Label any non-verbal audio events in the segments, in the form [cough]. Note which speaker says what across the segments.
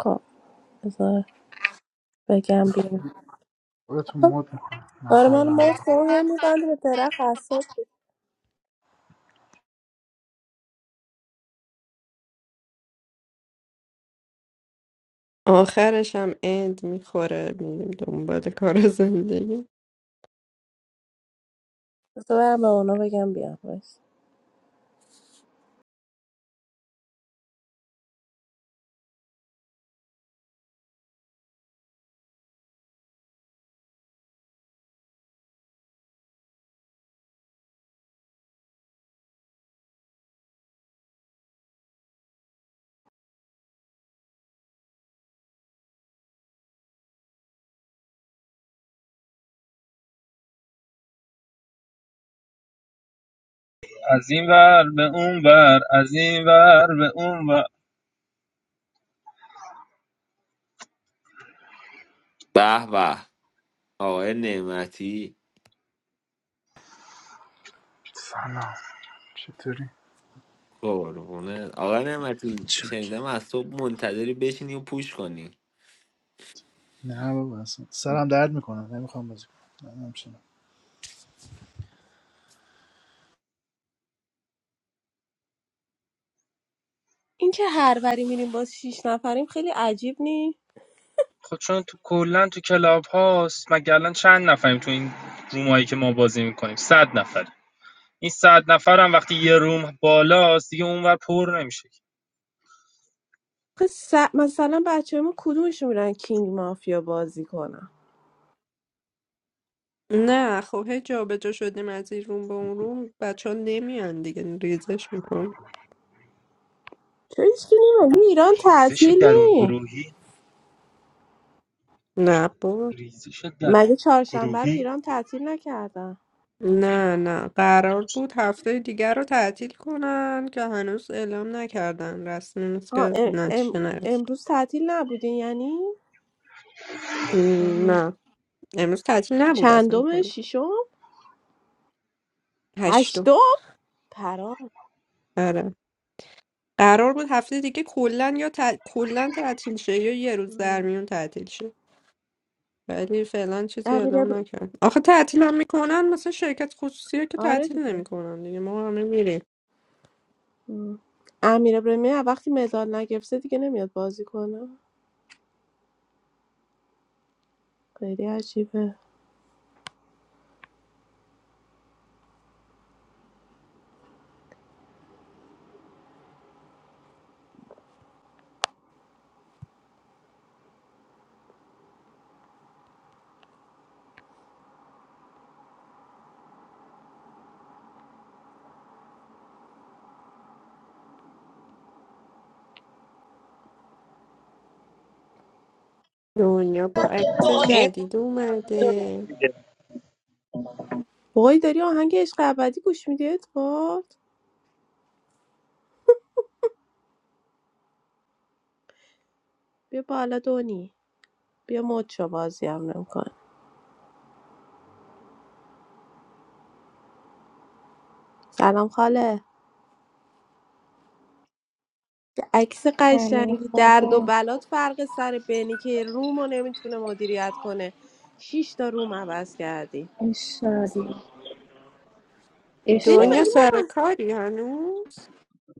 Speaker 1: خب بذار بگم بیام
Speaker 2: خودتو مود میکنم نه
Speaker 1: آره من
Speaker 2: حالا
Speaker 1: موت کن هی میبنده به درخت اصلا
Speaker 3: آخرش هم اند میخوره میریم دنبال کار زندگی
Speaker 1: بذار برم به اونا بگم بیام بس
Speaker 4: از این ور به اون ور از این ور به اون ور
Speaker 5: به به آقای نعمتی
Speaker 2: سلام چطوری؟
Speaker 5: قربونه آقای نعمتی
Speaker 2: چاک
Speaker 5: شنیدم از صبح منتظری بشینی و پوش کنی
Speaker 2: نه بابا اصلا سرم درد میکنم نمیخوام بازی کنم نه نمی‌شنم.
Speaker 1: اینکه هر وری میریم باز شیش نفریم خیلی عجیب نی
Speaker 4: خب چون تو کلا تو کلاب هاست مگه الان چند نفریم تو این رومایی که ما بازی میکنیم صد نفر این صد نفر هم وقتی یه روم بالاست دیگه اون ور پر نمیشه
Speaker 1: خب س... مثلا بچه ما کدومشون میرن کینگ مافیا بازی کنن
Speaker 3: نه خب هی جابجا شدیم از این روم به اون روم بچه ها نمیان دیگه ریزش میکن
Speaker 1: چرا هیچکی نی مگه ایران
Speaker 4: ریزش
Speaker 1: تعطیل
Speaker 4: درون
Speaker 1: نی
Speaker 4: گروهی
Speaker 3: نه بابا
Speaker 4: ریزش درون
Speaker 1: مگه چهارشنبه رو
Speaker 4: گروهی
Speaker 1: ایران تعطیل نکردن
Speaker 3: نه نه قرار بود هفته دیگر رو تعطیل کنن که هنوز اعلام نکردن رسمی نیست
Speaker 1: آه
Speaker 3: که
Speaker 1: ام... ام...
Speaker 3: نتیجه نرسید
Speaker 1: امروز تعطیل نبودین یعنی
Speaker 3: م،
Speaker 1: آها.
Speaker 3: نه امروز تعطیل نبود اصلا
Speaker 1: چندم
Speaker 3: کلا
Speaker 1: ششم
Speaker 3: هشتم
Speaker 1: هشتم پرام
Speaker 3: آره قرار بود هفته دیگه کلا یا تع... کلا تعطیل شه یا یه روز در میون تعطیل شه ولی فعلا چیزی
Speaker 1: امیر
Speaker 3: اعلام نکرد آخه تعطیل هم میکنن مثلا شرکت خصوصی ها که
Speaker 1: آره
Speaker 3: تعطیل
Speaker 1: دیگه
Speaker 3: نمیکنن دیگه ما همه میریم
Speaker 1: ام. امیر ابراهیمی از وقتی مدال نگرفته دیگه نمیاد بازی کنه خیلی عجیبه
Speaker 3: دنیا با عکس
Speaker 6: این
Speaker 3: جدید اومده
Speaker 1: وای داری آهنگ عشق ابدی گوش میدی ادوارد بیا بالا دونی بیا مد شو بازی هم نمیکن سلام خاله یه عکس
Speaker 7: I'm gonna
Speaker 1: قشنگی
Speaker 7: go
Speaker 1: درد و
Speaker 7: to
Speaker 1: بلات فرق سر بنی که روم رو نمیتونه مدیریت کنه شیش تا روم عوض کردی
Speaker 7: Ishadi.
Speaker 1: بینی
Speaker 3: دنیا
Speaker 1: مگه
Speaker 7: Ishadi.
Speaker 1: ما
Speaker 3: سر
Speaker 1: مس...
Speaker 3: کاری هنوز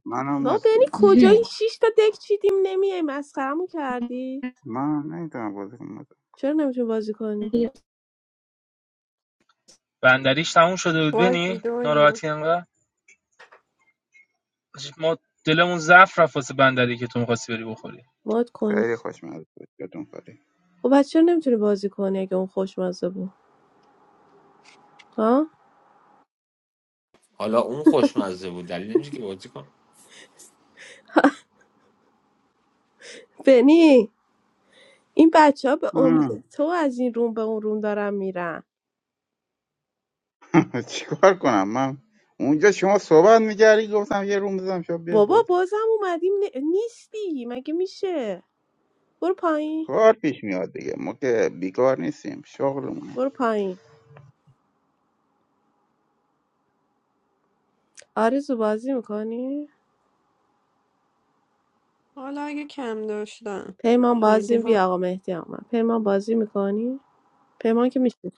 Speaker 8: منم
Speaker 1: ما
Speaker 8: مستم
Speaker 1: بینی
Speaker 8: بچه
Speaker 1: کجایی شیش تا دک چیدیم نمیای مسخرمو کردی
Speaker 8: من نمیتونم بازی کنم بچه.
Speaker 1: چرا نمیتونی بازی کنی
Speaker 4: بندریش تموم شده بود
Speaker 3: باگی
Speaker 4: بنی
Speaker 3: دنیا
Speaker 4: ناراحتی انقدر ما دلمون ضعف رفت واسه بندری که تو میخواستی بری بخوری
Speaker 1: مد کنی
Speaker 8: خیلی خوشمزه بود یادتون خالی
Speaker 1: خب بچه چرا نمیتونی بازی کنی اگه اون خوشمزه بود ها
Speaker 5: حالا اون خوشمزه بود دلیل نمیشه که بازی کن
Speaker 1: بنی این بچه ها به
Speaker 8: منم
Speaker 1: امید تو از این روم به اون روم دارن میرن
Speaker 8: [laughs] چیکار کنم من اونجا شما صحبت میکردی گفتم یه روم بزنم شما بیا
Speaker 1: بابا
Speaker 8: بود
Speaker 1: بازم اومدیم ن- نیستی مگه میشه برو پایین
Speaker 8: کار پیش میاد دیگه ما که بیکار نیستیم شغلمونه
Speaker 1: برو پایین آرزو بازی میکنی
Speaker 3: حالا اگه کم داشتن
Speaker 1: پیمان
Speaker 3: خیلی
Speaker 1: بازی
Speaker 3: ها
Speaker 1: بیا آقا مهدی آمد پیمان بازی میکنی پیمان که میشه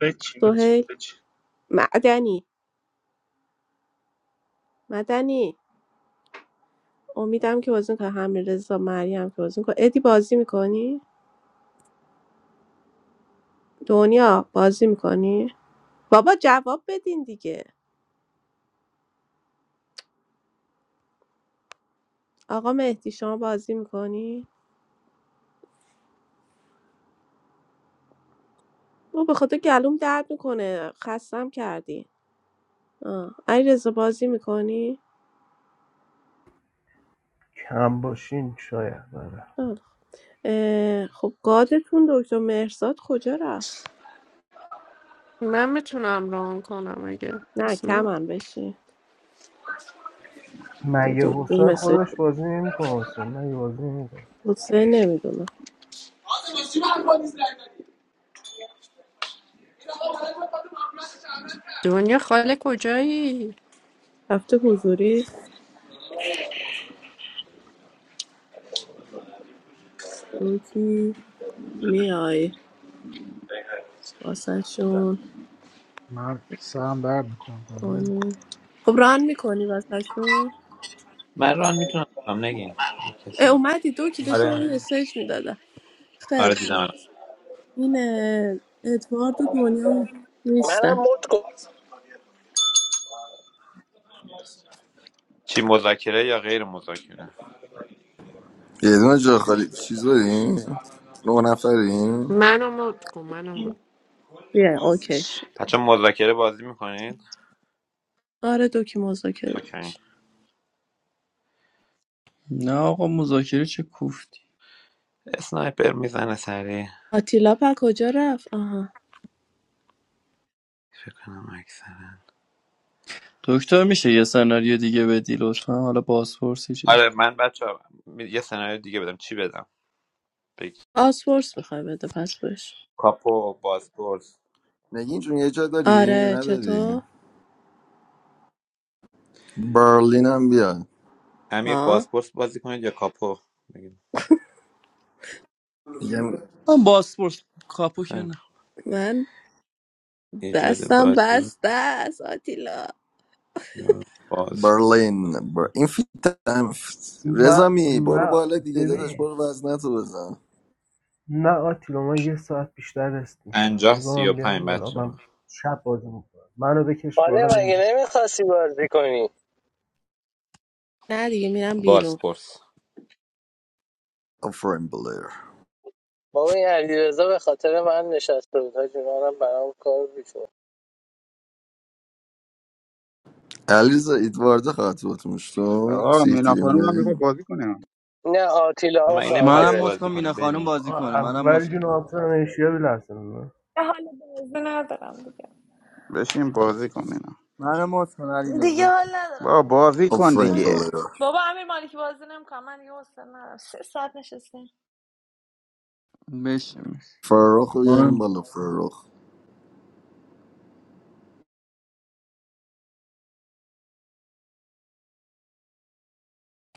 Speaker 4: بچین بچین
Speaker 1: سهیل
Speaker 4: بچین
Speaker 1: معدنی مدنی امیدم که بازی میکنه همین رضا مریم که بازی میکنه ادی بازی میکنی دنیا بازی میکنی بابا جواب بدین دیگه آقا مهدی شما بازی میکنی؟ او به خاطر گلوم درد میکنه خستم کردی علی رضا بازی میکنی؟
Speaker 9: کم باشین شاید آره
Speaker 1: خب گادتون دکتر مهرزاد کجا رفت؟
Speaker 3: من میتونم ران کنم اگه
Speaker 1: نه
Speaker 3: کس نه
Speaker 1: کمن بشین دو-
Speaker 9: مگه
Speaker 1: دکتر
Speaker 9: حسین
Speaker 1: مسیج
Speaker 9: خودش بازی نمیکنه حسین مگه بازی نمیکنه
Speaker 1: حسین نمیدونم
Speaker 3: دنیا خاله کجایی
Speaker 1: هفته حضوری دوکی میای واسه شون
Speaker 2: من سرم درد میکنم بازی نمی‌کنم.
Speaker 1: کنی خب ران میکنی واسه شون
Speaker 10: من ران میتونم بکنم نگین یه کسی
Speaker 1: اومدی دوکی داشتم
Speaker 10: آره
Speaker 1: من مسیج میدادم
Speaker 10: آره دیدم الان.
Speaker 1: این اه، ادوارد و دنیا می-
Speaker 6: منم
Speaker 1: نیستن
Speaker 6: مد کن
Speaker 10: چی مذاکره یا غیر مذاکره
Speaker 11: یه دونه جا خالی چیز داریم؟ نه نفریم؟
Speaker 3: منو مد کن منو مد
Speaker 1: بیا اوکی شد
Speaker 10: بچه مذاکره بازی میکنید
Speaker 1: آره دو که مذاکره بودش
Speaker 10: اوکی
Speaker 12: نه آقا مذاکره چه کوفتی
Speaker 10: اسنایپر میزنه سری
Speaker 1: آتیلا پر کجا رفت آها
Speaker 10: کنم اکثر
Speaker 12: دکتر میشه یه سناریو دیگه بدی لطفا حالا بازپرسی چیزی
Speaker 10: آره من بچه یه سناریو دیگه بدم چی بدم بگی
Speaker 1: آسپورس میخوای بده پس بش
Speaker 10: کاپو بازپورس
Speaker 11: نگین جون یه جا داری یا
Speaker 1: آره
Speaker 11: نداری؟
Speaker 1: چطور
Speaker 11: برلین هم بیا
Speaker 10: امیر
Speaker 1: ها
Speaker 10: بازپورس بازی کنید یا کاپو بگید
Speaker 11: میگم
Speaker 12: من بازپرس کاپو که
Speaker 10: خیلی
Speaker 12: نه
Speaker 1: من
Speaker 10: ایجاد
Speaker 1: دستم
Speaker 10: بازی
Speaker 1: بسته است آتیلا
Speaker 10: یا باز
Speaker 11: برلین بر... این فیت هم فیت.
Speaker 9: من
Speaker 11: رضا می برو
Speaker 9: من
Speaker 11: بالا دیگه داداش
Speaker 9: ببین
Speaker 11: برو وزنتو بزن
Speaker 9: نه آتیلا من یه ساعت بیشتر رست نیستم
Speaker 10: پنجاه
Speaker 9: بذار
Speaker 10: سی و
Speaker 9: من
Speaker 10: پنج
Speaker 9: بیام بالا
Speaker 10: بچه
Speaker 9: من شب بازی میکنم منو بکش بالا
Speaker 6: حالا مگه
Speaker 9: نگی
Speaker 6: نمیخواستی بازی کنی
Speaker 1: نه دیگه میرم بیرون
Speaker 10: بازپورس
Speaker 11: آفرین بلیر
Speaker 6: بابا این علیرضا به خاطر من نشسته بود حاجی منم برام کار بیشون
Speaker 11: علیرضا ایدوارد خاطبت مشتو
Speaker 8: آقا مینا
Speaker 11: سیهتیریم
Speaker 8: خانم هم
Speaker 11: به
Speaker 8: میخواد بازی کنه
Speaker 6: نه آتیلا هم
Speaker 10: من این نمیخواد
Speaker 12: منم
Speaker 6: خاطره
Speaker 12: مت
Speaker 10: بازی
Speaker 12: کن مینا
Speaker 10: کنیم
Speaker 12: خانم
Speaker 10: بنی
Speaker 12: بازی
Speaker 9: آقا،
Speaker 12: کنه منم
Speaker 9: اول
Speaker 12: مت
Speaker 9: جون آتیلا نشیا بلرزه من
Speaker 13: دیگه حال بازی ندارم دیگه
Speaker 8: بشین بازی کن مینا
Speaker 12: منم
Speaker 8: بشین.
Speaker 12: مت کن علی
Speaker 13: دیگه
Speaker 12: رضا
Speaker 13: حال
Speaker 8: با
Speaker 13: ندارم
Speaker 8: بازی کن
Speaker 11: آفرین
Speaker 8: دیگه
Speaker 13: من-
Speaker 11: بلیر
Speaker 13: بابا امیر مالکی بازی نمیکنم من دیگه حوصله ندارم سه ساعت نشستیم
Speaker 12: بشه میشه
Speaker 11: فرخ رو بیاریم
Speaker 12: من
Speaker 11: بالا فرخ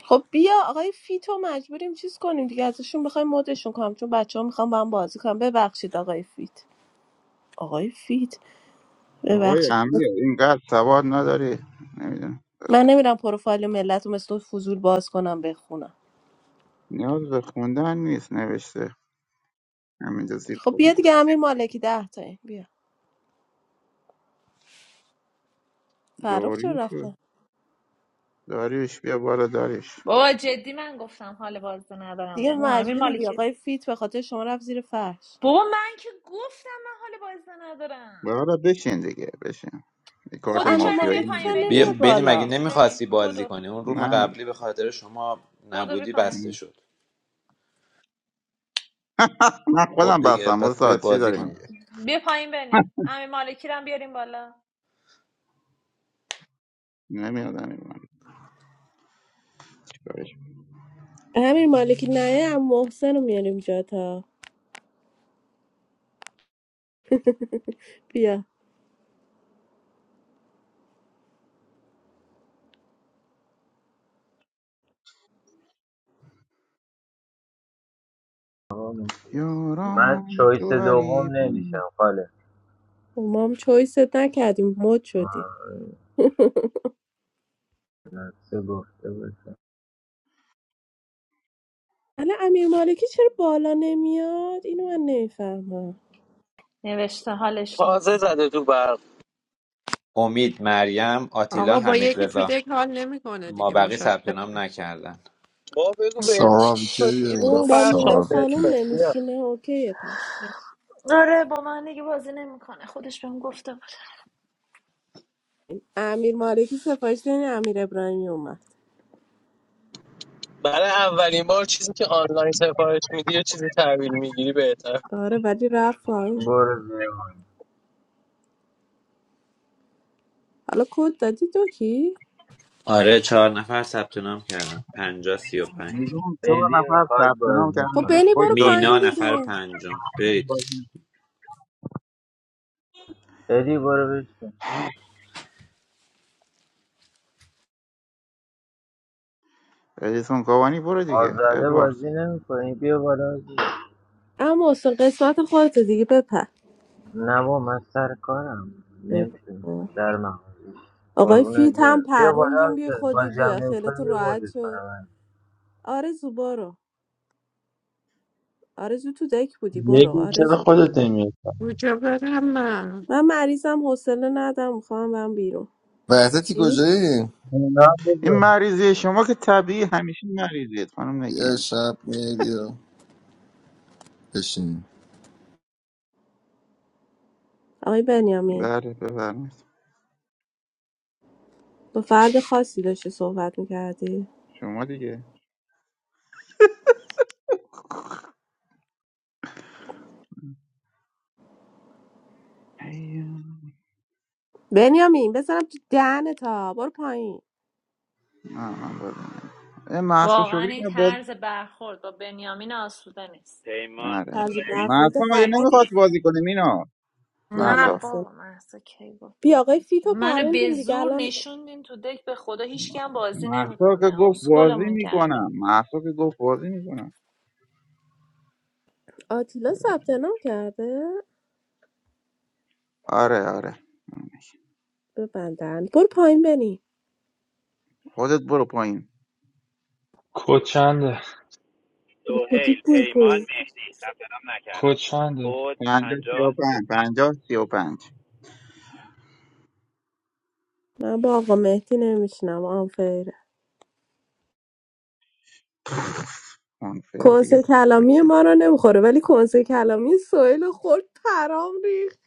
Speaker 1: خب بیا آقای فیتو مجبوریم چیز کنیم دیگه ازشون بخوایم مدشون کنم چون بچه ها میخوام با هم بازی کنم ببخشید آقای فیت آقای فیت
Speaker 8: آقای
Speaker 1: ببخشید
Speaker 8: امیر اینقدر سواد نداری نمیدونم
Speaker 1: من نمیرم پروفایل ملت رو مثل فضول باز کنم بخونم
Speaker 8: نیاز به خوندن نیست نوشته همینجا زیر
Speaker 1: خب بیا
Speaker 8: پایین
Speaker 1: دیگه امیر مالکی ده تاییم بیا فرخ چرا
Speaker 8: دوری شد.
Speaker 1: رفته
Speaker 8: داریوش بیا بالا داریوش
Speaker 13: بابا جدی من گفتم حال بازی ندارم
Speaker 1: دیگه
Speaker 13: بابا امیر
Speaker 1: مجبوریم بیا
Speaker 13: مالکی
Speaker 1: آقای فیت به خاطر شما رفت زیر فرش
Speaker 13: بابا من که گفتم من حال بازی ندارم
Speaker 8: بالا بشین دیگه بشین یه
Speaker 1: خب
Speaker 8: کارت
Speaker 13: خودت
Speaker 1: امیر
Speaker 13: چرا نمیای
Speaker 8: مافیایی
Speaker 1: مالکی
Speaker 13: پایین
Speaker 1: چرا
Speaker 8: میگیره
Speaker 10: بیا
Speaker 8: دیگه
Speaker 1: نمیاد
Speaker 13: بنی بیا
Speaker 10: بنی مگه
Speaker 1: بالا
Speaker 13: پایین بنی
Speaker 10: نمیخواستی بازی
Speaker 13: بدو
Speaker 10: کنی اون روم
Speaker 8: من
Speaker 10: قبلی به خاطر شما
Speaker 13: بدو بیا
Speaker 10: نبودی بسته
Speaker 13: پایین
Speaker 10: شد
Speaker 8: من
Speaker 10: خب
Speaker 8: خودم
Speaker 10: دیگه
Speaker 8: بستم و
Speaker 10: پس بیا
Speaker 8: ساعت چی
Speaker 10: بازی
Speaker 8: داره
Speaker 10: کنی
Speaker 8: میگه
Speaker 13: بیا پایین بنی امیر مالکی رو هم بیاریم بالا
Speaker 8: نمیادم من چیکارش کنم.
Speaker 1: امیر مالکی نه ام محسن رو میاریم جا تا بیا
Speaker 14: من
Speaker 8: یاران
Speaker 14: چویس
Speaker 8: تو
Speaker 14: دوم
Speaker 8: غریبان
Speaker 14: نمیشم خاله
Speaker 1: ما هم چویست نکردیم مد شدی
Speaker 14: آه، لطفه گفته باشه
Speaker 1: الان امیر مالکی چرا بالا نمیاد اینو من نمیفهمم
Speaker 13: نوشته حالش
Speaker 6: تازه
Speaker 13: نیست
Speaker 6: زده تو برق
Speaker 10: امید مریم آتیلا
Speaker 3: آقا با
Speaker 10: حمید
Speaker 3: یکی تو
Speaker 10: رضا
Speaker 3: دک حال نمیکنه
Speaker 10: ما
Speaker 3: دیگه
Speaker 10: بقی
Speaker 3: مشخص
Speaker 10: ثبت نام نکردن
Speaker 6: با بگو به
Speaker 11: سارا ویکر
Speaker 13: چی
Speaker 11: بیار بالا
Speaker 1: اون با
Speaker 6: فرش
Speaker 13: بابا
Speaker 1: مینا
Speaker 11: سارا ویکر
Speaker 1: خانوم
Speaker 6: نه
Speaker 1: نمیشینه اوکیه پس
Speaker 13: آره با من دیگه بازی نمیکنه خودش بهم گفته
Speaker 1: امیر مالکی سفارش دادین امیر ابراهیمی اومد
Speaker 6: برای اولین بار چیزی که آنلاین سفارش میدی یه چیزی تحویل میگیری بهتر
Speaker 1: آره ولی رفت پایین.
Speaker 14: برو زیر من
Speaker 1: حالا کد دادی تو کی
Speaker 10: آره چهار نفر ثبت نام کردن پنجا سی و پنج
Speaker 8: میلیون چهار
Speaker 14: بدی
Speaker 8: نفر
Speaker 14: میخواد
Speaker 8: ثبت نام
Speaker 14: بازی
Speaker 1: خب
Speaker 8: کردن
Speaker 14: کنه
Speaker 8: یک
Speaker 1: بنی
Speaker 8: خوش
Speaker 1: برو
Speaker 8: دادی
Speaker 10: مینا
Speaker 1: پایین
Speaker 10: نفر
Speaker 1: دیگه
Speaker 10: پنجم برید
Speaker 14: بدی برو بشین
Speaker 8: ادیسون کاوانی برو دیگه
Speaker 14: آزاده
Speaker 8: ادوارد
Speaker 14: بازی نمیکنی بیا بالا بازی
Speaker 1: اما حسین قسمت خودتو دیگه بپر
Speaker 14: نه با من سر کارم
Speaker 1: بپر.
Speaker 14: نمیتونم در مغازه
Speaker 1: آقای
Speaker 14: قربونت
Speaker 1: فیت هم
Speaker 14: برم بیا بالا
Speaker 1: پروندیم بی
Speaker 14: بازی
Speaker 1: خودی
Speaker 14: بازی هم
Speaker 1: بیا
Speaker 14: نمیکنی
Speaker 1: خیالتون
Speaker 14: بیا
Speaker 1: راحت
Speaker 14: مدت
Speaker 1: شد
Speaker 14: کنم
Speaker 1: آرزو برو آرزو تو دک بودی برو
Speaker 15: نگین چرا
Speaker 1: آرزو
Speaker 15: خودت نمیاد
Speaker 3: کجا برم من
Speaker 1: من مریضم حوصله ندم میخوام برم بیرون
Speaker 11: وحدتی
Speaker 1: چی؟
Speaker 11: کجایی؟
Speaker 15: اونا هم
Speaker 8: این
Speaker 15: بذار
Speaker 8: مریضی شما که طبیعی همیشه مریضید خانم
Speaker 11: بیا
Speaker 8: نگین
Speaker 11: شب میای بیا بشین
Speaker 1: آقای بنیامین
Speaker 8: بله بفرمایید
Speaker 1: با فرد خاصی داشتی صحبت میکردی
Speaker 8: شما دیگه هی،
Speaker 1: بنیامین بزنم تو دهن تا برو پایین
Speaker 8: نه من بازی نمی‌کنم. این محصول
Speaker 13: واقعا
Speaker 8: شکری
Speaker 13: این
Speaker 8: که
Speaker 13: طرز برخورد با بنیامین آسوده نیست
Speaker 10: پیمان
Speaker 8: آره
Speaker 1: طرز برخورد
Speaker 8: محسا مگه
Speaker 1: غلط
Speaker 8: نمیخواد بازی کنه مینا
Speaker 1: نه
Speaker 13: نه
Speaker 8: محسا
Speaker 1: محسن
Speaker 13: بابا محسا کی گفت
Speaker 1: بیا
Speaker 13: من
Speaker 1: آقای
Speaker 13: بازی
Speaker 1: فیتو
Speaker 13: کنم. منو به
Speaker 1: پروندیم دیگه
Speaker 13: زور
Speaker 1: الان
Speaker 13: نشوندین تو دک به خدا هیچکی هم بازی
Speaker 8: محسا که
Speaker 13: نمیکنه
Speaker 8: گفت بازی
Speaker 13: اسکلمون
Speaker 8: میکنم
Speaker 13: کرده
Speaker 8: محسا که گفت بازی میکنم
Speaker 1: آتیلا ثبت نام کرده
Speaker 8: آره آره
Speaker 1: ببندن برو پایین بنی
Speaker 8: خودت برو پایین
Speaker 1: به خودی
Speaker 10: دوهیل
Speaker 1: برو
Speaker 10: پیمان
Speaker 1: پایین
Speaker 10: مهدی ثبت نام نکردم بود
Speaker 8: پنجاه سی و
Speaker 10: پنجاه سی و-
Speaker 8: پنج پنجاه سی و پنج
Speaker 1: من با آقا مهدی نمیشنم آنفیره
Speaker 8: اونفر دیگه
Speaker 1: کنسه کلامی
Speaker 8: اوکی
Speaker 1: ما رو نمیخوره ولی کنسه کلامی سویل خورد پرام ریخت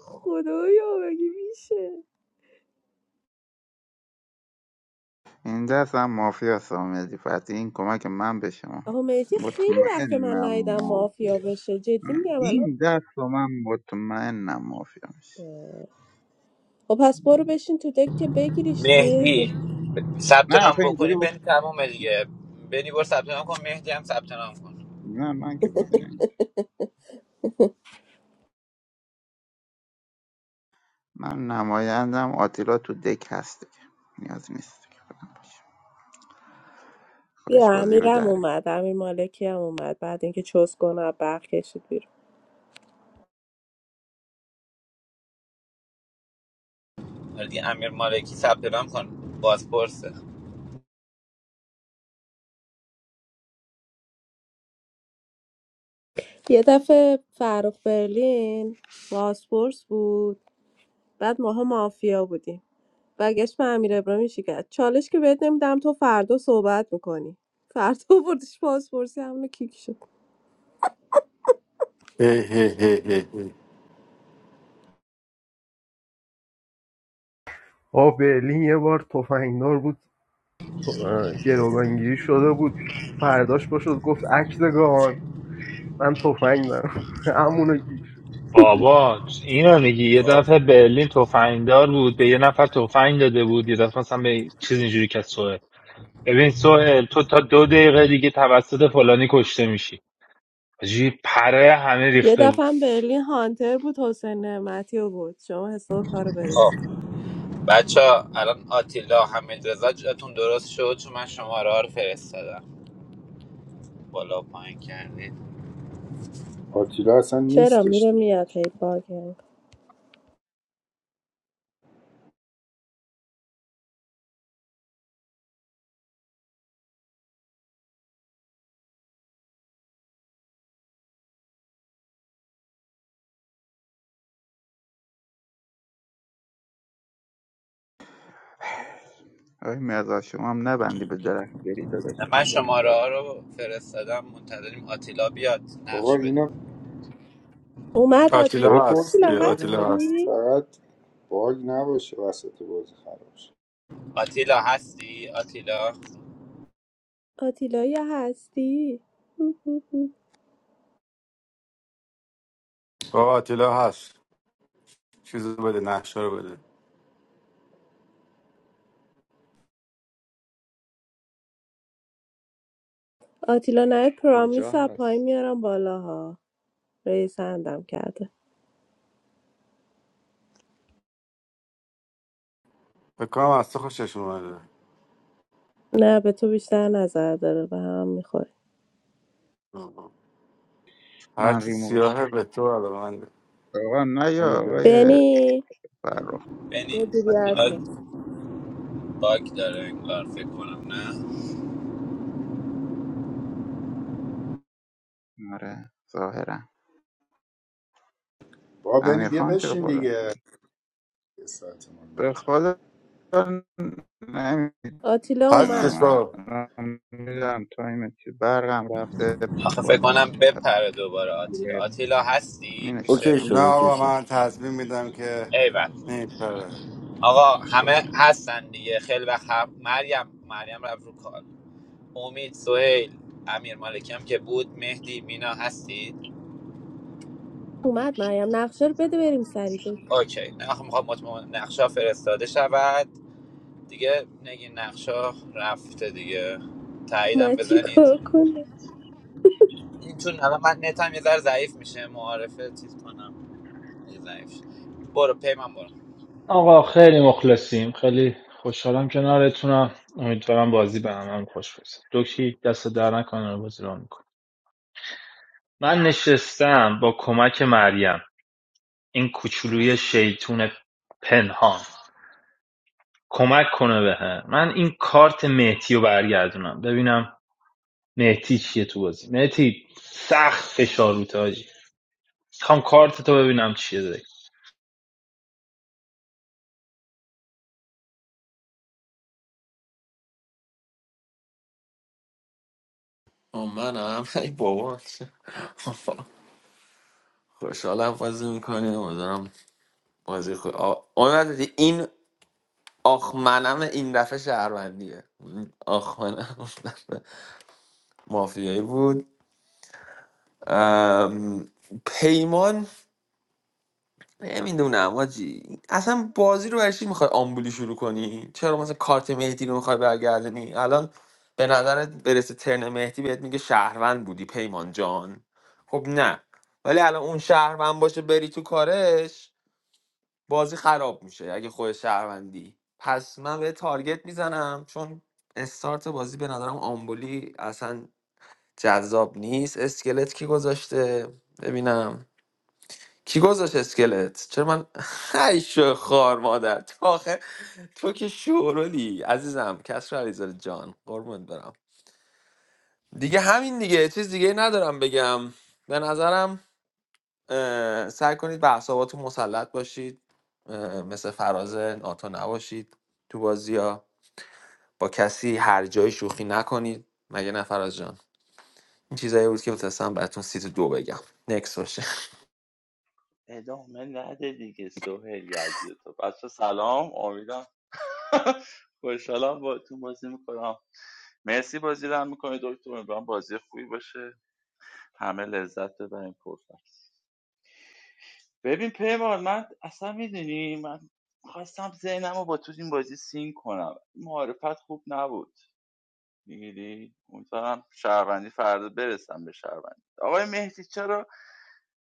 Speaker 1: خدایا مگه میشه
Speaker 8: این دست هم مافیا سامدی فتی این کمک من به شما
Speaker 1: آقا مهدی خیلی وقت من
Speaker 8: مطمئنم
Speaker 1: ندیدم مافیا
Speaker 8: مافیا
Speaker 1: بشه جدی میگم الان
Speaker 8: این دست رو من مطمئنم مافیا میشه
Speaker 1: خب پس برو بشین تو دک که بگیریش
Speaker 10: مهدی
Speaker 1: ریزی.
Speaker 10: ثبت
Speaker 8: نه
Speaker 10: نام
Speaker 8: آخه اینجوری
Speaker 10: بکنی
Speaker 8: بود
Speaker 10: بنی تمام دیگه بنی برو ثبت نام کن مهدی هم ثبت نام کن
Speaker 8: نه من که بازی نمی‌کنم. من نمایندم آتیلا تو دک هست دیگه نیازی نیست که خودم باشم خودش
Speaker 1: بیا
Speaker 8: بازی رو در
Speaker 1: امیرم
Speaker 8: میاره.
Speaker 1: اومد امیر مالکی هم اومد بعد اینکه چوز کنه از برق کشید بیرون
Speaker 10: دی امیر مالکی ثبت نام کن بازپرسه
Speaker 1: یه دفعه فرخ برلین بازپرس بود بعد ماها مافیا بودیم برگشت به امیر ابراهیمی شکرد چالش که بهت نمیدم تو فردا صحبت میکنی فردا بردش بازپرسی همونو کیک شد
Speaker 16: هی هی هی هی هی.
Speaker 9: آه برلین یه بار تفنگدار بود تو- اه، گروگانگیری شده بود فرداش پاشد گفت عکس گان من تفنگ دارم [laughs] همونو کیک
Speaker 4: بابا اینو میگی یه
Speaker 10: خب
Speaker 4: دفعه برلین تفنگدار بود به یه نفر تفنگ داده بود یه دفعه مثلا به چیز اینجوری که سوه ببین سوه تو تا دو دقیقه دیگه توسط فلانی کشته میشی حاجی پره همه
Speaker 1: یه
Speaker 4: ریخته بود
Speaker 1: دفعه هم برلین هانتر بود حسین نعمتی رو بود شما حساب کارو برس
Speaker 10: خب بچه ها الان آتیلا حمید رضا جاتون درست شد چون من شماره ها رو فرستادم بالا و پایین کردید
Speaker 17: آتیلا اصلا
Speaker 1: چرا
Speaker 17: نیستش
Speaker 1: میره
Speaker 17: تو
Speaker 1: میاد
Speaker 17: دک
Speaker 1: هی باگر
Speaker 8: آقای مرزا شما هم نبندی به درخت بری داداش
Speaker 10: من
Speaker 8: این کار.
Speaker 10: شماره ها رو فرستادم منتظریم آتیلا بیاد
Speaker 17: آقا
Speaker 10: نقش
Speaker 17: اینو
Speaker 10: بدیم
Speaker 1: اومد آتیلا
Speaker 16: آتیلا هست
Speaker 17: بپرسید
Speaker 1: آتیلا
Speaker 16: بیا،
Speaker 17: ببینید
Speaker 16: آتیلا هست
Speaker 1: هستی؟
Speaker 17: فقط باگ نباشه وسط بازی خراب شه
Speaker 10: آتیلا هستی آتیلا
Speaker 1: آتیلا یا هستی؟ [laughs]
Speaker 16: بابا آتیلا هست چیزو بده نقشه رو بده
Speaker 1: آتیلا نه پرامیس
Speaker 15: کجا
Speaker 1: از پایین
Speaker 15: هست
Speaker 1: میارم بالا ها رئیس اندم کرده
Speaker 16: فکر کنم از تو خوشش اومده
Speaker 1: نه به تو بیشتر نظر داره به هم میخوره
Speaker 16: آها.
Speaker 8: من
Speaker 16: هرچی
Speaker 8: ریمووش
Speaker 16: سیاهه به تو علاقه من
Speaker 8: کردم آقا نه یا
Speaker 16: نمیدونم
Speaker 8: آقای
Speaker 1: بنی
Speaker 8: فرخ
Speaker 10: بنی
Speaker 1: مدیریت
Speaker 8: آره
Speaker 1: کن
Speaker 10: آتیلا باگ داره انگار فکر کنم نه
Speaker 8: آره ظاهرا
Speaker 17: با بنی
Speaker 8: امیر
Speaker 17: بیا
Speaker 8: خان چرا
Speaker 17: بشین
Speaker 8: بالا
Speaker 17: دیگه یه ساعت من
Speaker 8: به
Speaker 17: معطل.
Speaker 8: خدا نمیدونم
Speaker 1: آتیلا
Speaker 16: هستش
Speaker 1: اومد
Speaker 16: بابا
Speaker 8: الان میدونم تایم چی برقم رفته
Speaker 10: آخه فکر
Speaker 8: بازیتون
Speaker 10: کنم بپره دوباره آتیلا
Speaker 8: خراب
Speaker 10: آتیلا
Speaker 8: می
Speaker 10: هستی میشه
Speaker 11: اوکی
Speaker 8: نشستم
Speaker 11: شد
Speaker 16: نه
Speaker 11: اوکی
Speaker 16: آقا
Speaker 11: شد
Speaker 16: من تصمیم میدم که
Speaker 10: ایول
Speaker 16: نمیپره
Speaker 10: آقا همه هستن دیگه خیلی وقت هم مریم مریم رفت رو کار امید سهیل امیر مالکی هم که بود مهدی مینا هستید
Speaker 1: اومد مریم نقشه رو بده بریم سری دور
Speaker 10: اوکی نخ میخوام مطمئن نقشا فرستاده شود دیگه نگین نقشا رفته دیگه تاییدم
Speaker 1: من چی
Speaker 10: بزنید
Speaker 1: کار کنم
Speaker 10: این چون الان من نتم یه ذره ضعیف میشه معارفه چیز کنم یه ضعیف شه. برو پیمان برو
Speaker 4: آقا خیلی مخلصیم خیلی خوشحالم کنارتونم امیدوارم بازی به همه هم خوش برسه دوکی دست در نکنه بازی رو میکنه من نشستم با کمک مریم این کوچولوی شیطون پنهان کمک کنه بهم من این کارت مهدی رو برگردونم ببینم مهدی چیه تو بازی مهدی سخت فشار رو تاجی میخوام کارت تو ببینم چیه دیگه
Speaker 5: آه، من هم [laughs] ای بابا خوشحالم بازی میکنی امیدوارم بازی خود آه دیدی این آخ منم این دفعه شهروندیه این آخ منم [laughs] اون دفعه مافیایی بود ام، پیمان نمیدونم آجی اصلا بازی رو برشی میخوای آمبولی شروع کنی چرا مثلا کارت مهدی رو میخوای برگردونی الان به نظرت برسه ترن مهدی بهت میگه شهروند بودی پیمان جان خب نه ولی الان اون شهروند باشه بری تو کارش بازی خراب میشه اگه خود شهروندی پس من به تارگت میزنم چون استارت بازی به نظرم آمبولی اصلا جذاب نیست اسکلت کی گذاشته ببینم کی گذاشت اسکلت چرا من [laughs] ای شو خار مادر تو آخه تو که شورولی عزیزم کسر علیزاده جان قربونت برم دیگه همین دیگه چیز دیگه ندارم بگم به نظرم اه، سعی کنید به اعصاباتون مسلط باشید اه، مثل فراز ناتو نباشید تو بازی ها با کسی هر جای شوخی نکنید مگه نه فراز جان این چیزایی بود که بتونستم براتون سیت دو بگم نکس باشه
Speaker 15: ادامه نده دیگه سوهل یزید تو بچه سلام امیدم [laughs] خوشحالم با تو بازی میکنم مرسی بازی رو هم میکنی دکتر امیدوارم بازی خوبی باشه همه لذت ببریم پرفکت ببین پیمان من اصلا میدونی من خواستم ذهنم رو با تو این بازی سین کنم معرفت خوب نبود میگیری امیدوارم شهروندی فردا برسم به شهروندی آقای مهدی چرا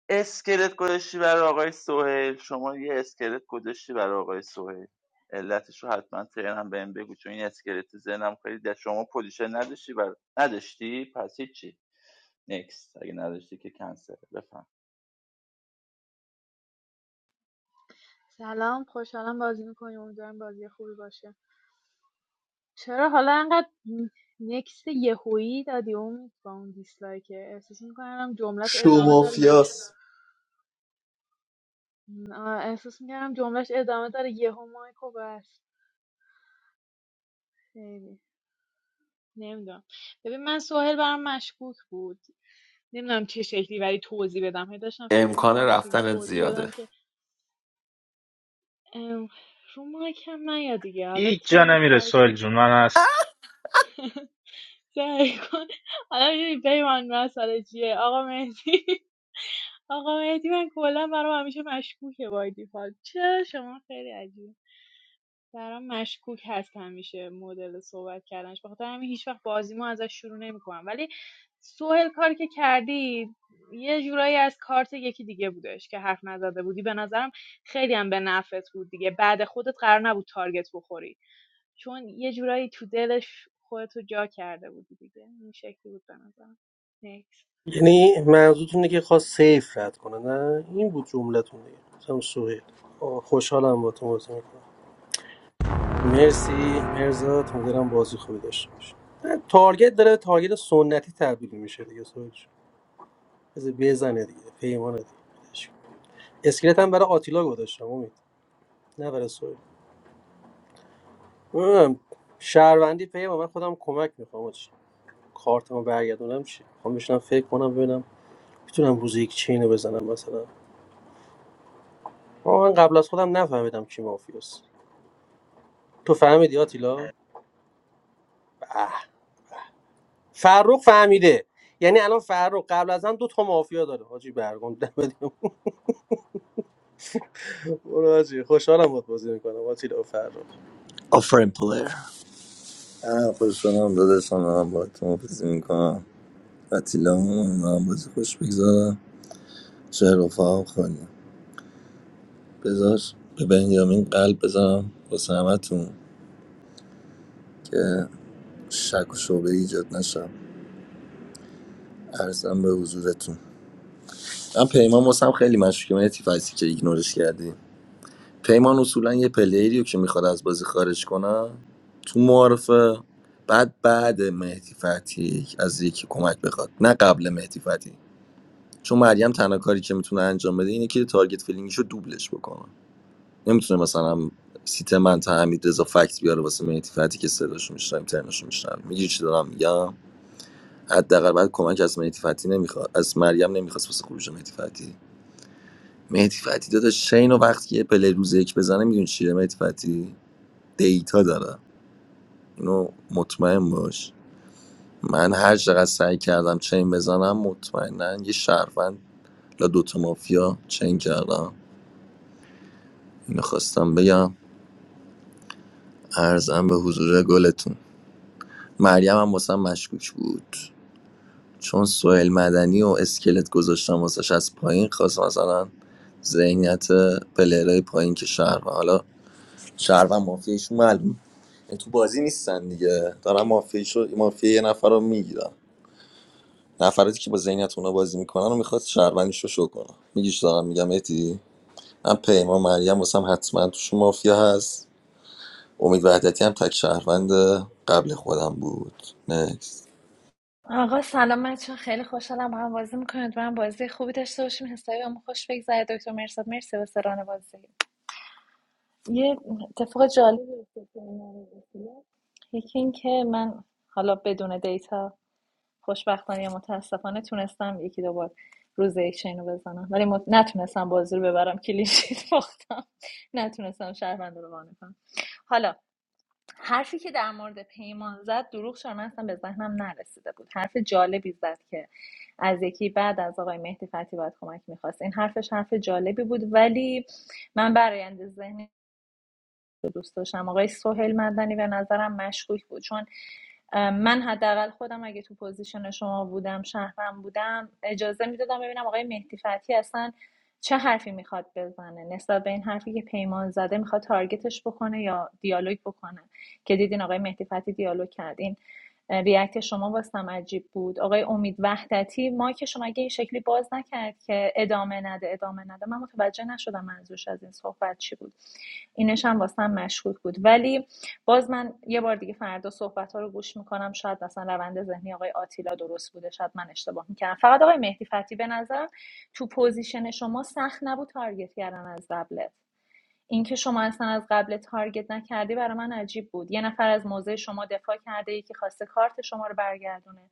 Speaker 15: اسکلت گذاشتی برای آقای سوهل شما یه اسکلت گذاشتی برای آقای سوهل علتش رو حتما ترنم بهم بگو چون این اسکلت تو ذهنم خیلی در شما پوزیشن نداشتی بر... نداشتی پس هیچی نکست اگه نداشتی که کنسل بفهم
Speaker 18: سلام خوشحالم بازی میکنیم امیدوارم بازی خوبی باشه چرا حالا انقدر نکست یهویی دادی امید با اون دیسلایک احساس میکنم جملت
Speaker 12: شو
Speaker 18: ادامه داره یهو
Speaker 12: مافیاس
Speaker 18: آه، احساس میکنم جملش ادامه داره یهو مایکو بس خیلی نمیدونم ببین من سوهل برام مشکوک بود نمیدونم چه شکلی ولی توضیح بدم هی داشتم فکر
Speaker 5: امکان
Speaker 18: میکردم چه شکلی
Speaker 5: رفتن
Speaker 18: توضیح
Speaker 5: زیاده
Speaker 18: بدم که ام، رو مایکم نیا دیگه حالا
Speaker 4: هیچ جا
Speaker 18: ترنت
Speaker 4: نمیره
Speaker 18: سعی
Speaker 4: سوهل جون من هست
Speaker 18: سعی کن حالا می‌دونی پیمان مسئله چیه آقا مهدی آقا مهدی من کلا برام همیشه مشکوکه بای دیفالت چه شما خیلی عجیب برام مشکوک هست همیشه مدل صحبت کردنش بخاطر همین هیچ وقت بازیمو ازش شروع نمیکنم ولی سوهل کاری که کردی یه جورایی از کارت یکی دیگه بودش که حرف نزده بودی به نظرم خیلی هم به نفعت بود دیگه بعد خودت قرار نبود تارگت بخوری چون یه جورایی تو دلش خودتو جا کرده بودی دیگه این شکلی بود به نظرم Next.
Speaker 19: یعنی منظورتون اینه که خواست سیف رد کنه نه این بود جملتون دیگه گفتم سوهیل آه، خوشحالم با تو بازی میکنم مرسی مرزا امیدوارم بازی خوبی داشته باشه نه، تارگت داره تارگت سنتی تبدیل میشه دیگه سوهیل جون. بذار بزنه دیگه پیمانه دیگه ولش کن. اسکلت هم برای آتیلا گذاشتم امید نه برای سوهیل نمی‌دونم، شهروندی پیمان من خودم کمک میخوام چی کارتمو برگردونم چی میخوام بشنم فکر کنم ببینم میتونم روز یک چینو بزنم مثلا آه، من قبل از خودم نفهمیدم کی مافیاست تو فهمیدی آتیلا به. فرخ فهمیده یعنی الان فرخ قبل از هم دو تا مافیا داره حاجی برگام دمت گرم. برو حاجی خوشحالم باهات بازی میکنم آتیلا و فرخ
Speaker 11: آفرین پلیر آه، خوش شدم داداشم دارم با تو بازی میکنم قتیلا من بازی خوش بگذارم شهر رفاقم خالی بذار به بنیامین قلب بذارم واسه همتون شک و شعبه ایجاد نشم ارزم به حضورتون من پیمان واسم خیلی مشکوکه من تیفایسی که ایگنورش کردی پیمان اصولا یه پلیریو که میخواد از بازی خارج کنه تو معارفه بعد بعد مهدی فتحی از یکی کمک بخواد نه قبل مهدی فتحی. چون مریم تنها کاری که میتونه انجام بده اینه که تارگت فیلینگشو دوبلش بکنه نمیتونه مثلا سیت من تا حمید فکت بیاره واسه مهدی فتی که صداشو میشنویم ترنشو میشنویم میگی چی دارم میگم حداقل بعد کمک از مهدی فتی نمیخواد از مریم نمیخواست واسه خروج مهدی فتی مهدی فتی داداش چین و وقتی که پلی روز یک بزنه میدون چیه مهدی فتی دیتا داره اینو مطمئن باش من هر چقدر سعی کردم چین بزنم مطمئنا یه شهروند لا دوتا مافیا چین کردم میخواستم بگم ارزم به حضور گلتون مریم هم واسم مشکوک بود چون سوئیل مدنی و اسکلت گذاشتم واسش از پایین خواست مثلا ذهنیت پلیرهای پایین که شهر حالا شهر و مافیایشون معلوم یعنی تو بازی نیستن دیگه دارن مافیایشو مافیای یه نفر رو میگیرن نفراتی که با ذهنیت اونا بازی میکنن و میخواد شهروندیش رو شو کنه میگیش دارم میگم اتی من پیمان مریم واسم حتما توش مافیا هست امید وحدتی هم تک شهروند قبل خودم بود نکس
Speaker 13: آقا سلام بچه خیلی خوشحالم با هم بازی میکنید و بازی خوبی داشته باشیم حسابی هم خوش بگذره دکتر مرساد مرسی واسه ران بازی یه اتفاق جالبی افتاد تو این مورد. یکی اینکه من حالا بدون دیتا خوشبختانه یا متاسفانه تونستم یکی دو بار روز یک چین رو بزنم ولی مت... نتونستم بازی رو ببرم کلیشیت باختم نتونستم شهروند رو قانع کنم حالا حرفی که در مورد پیمان زد دروغ شد من اصلا به ذهنم نرسیده بود حرف جالبی زد که از یکی بعد از آقای مهدی فتی باید کمک میخواست این حرفش حرف جالبی بود ولی من برایند ذهنی رو دوست داشتم آقای سهیل مدنی به نظرم مشکوک بود چون من حداقل خودم اگه تو پوزیشن شما بودم شهرم بودم اجازه میدادم ببینم آقای مهدی فتحی اصلا چه حرفی میخواد بزنه نسبت به این حرفی که پیمان زده میخواد تارگتش بکنه یا دیالوگ بکنه که دیدین آقای مهدی فتحی دیالوگ کردین ریاکت شما واسم عجیب بود آقای امید وحدتی ما که شما اگه این شکلی باز نکرد که ادامه نده ادامه نده من متوجه نشدم منظورش از این صحبت چی بود اینش هم واسم مشکوک بود ولی باز من یه بار دیگه فردا صحبت ها رو گوش میکنم شاید مثلا روند ذهنی آقای آتیلا درست بوده شاید من اشتباه میکردم فقط آقای مهدی فتی به نظر تو پوزیشن شما سخت نبود تارگت کردن از قبلت اینکه شما اصلا از قبل تارگت نکردی برای من عجیب بود یه نفر از موضع شما دفاع کرده یکی خواسته کارت شما رو برگردونه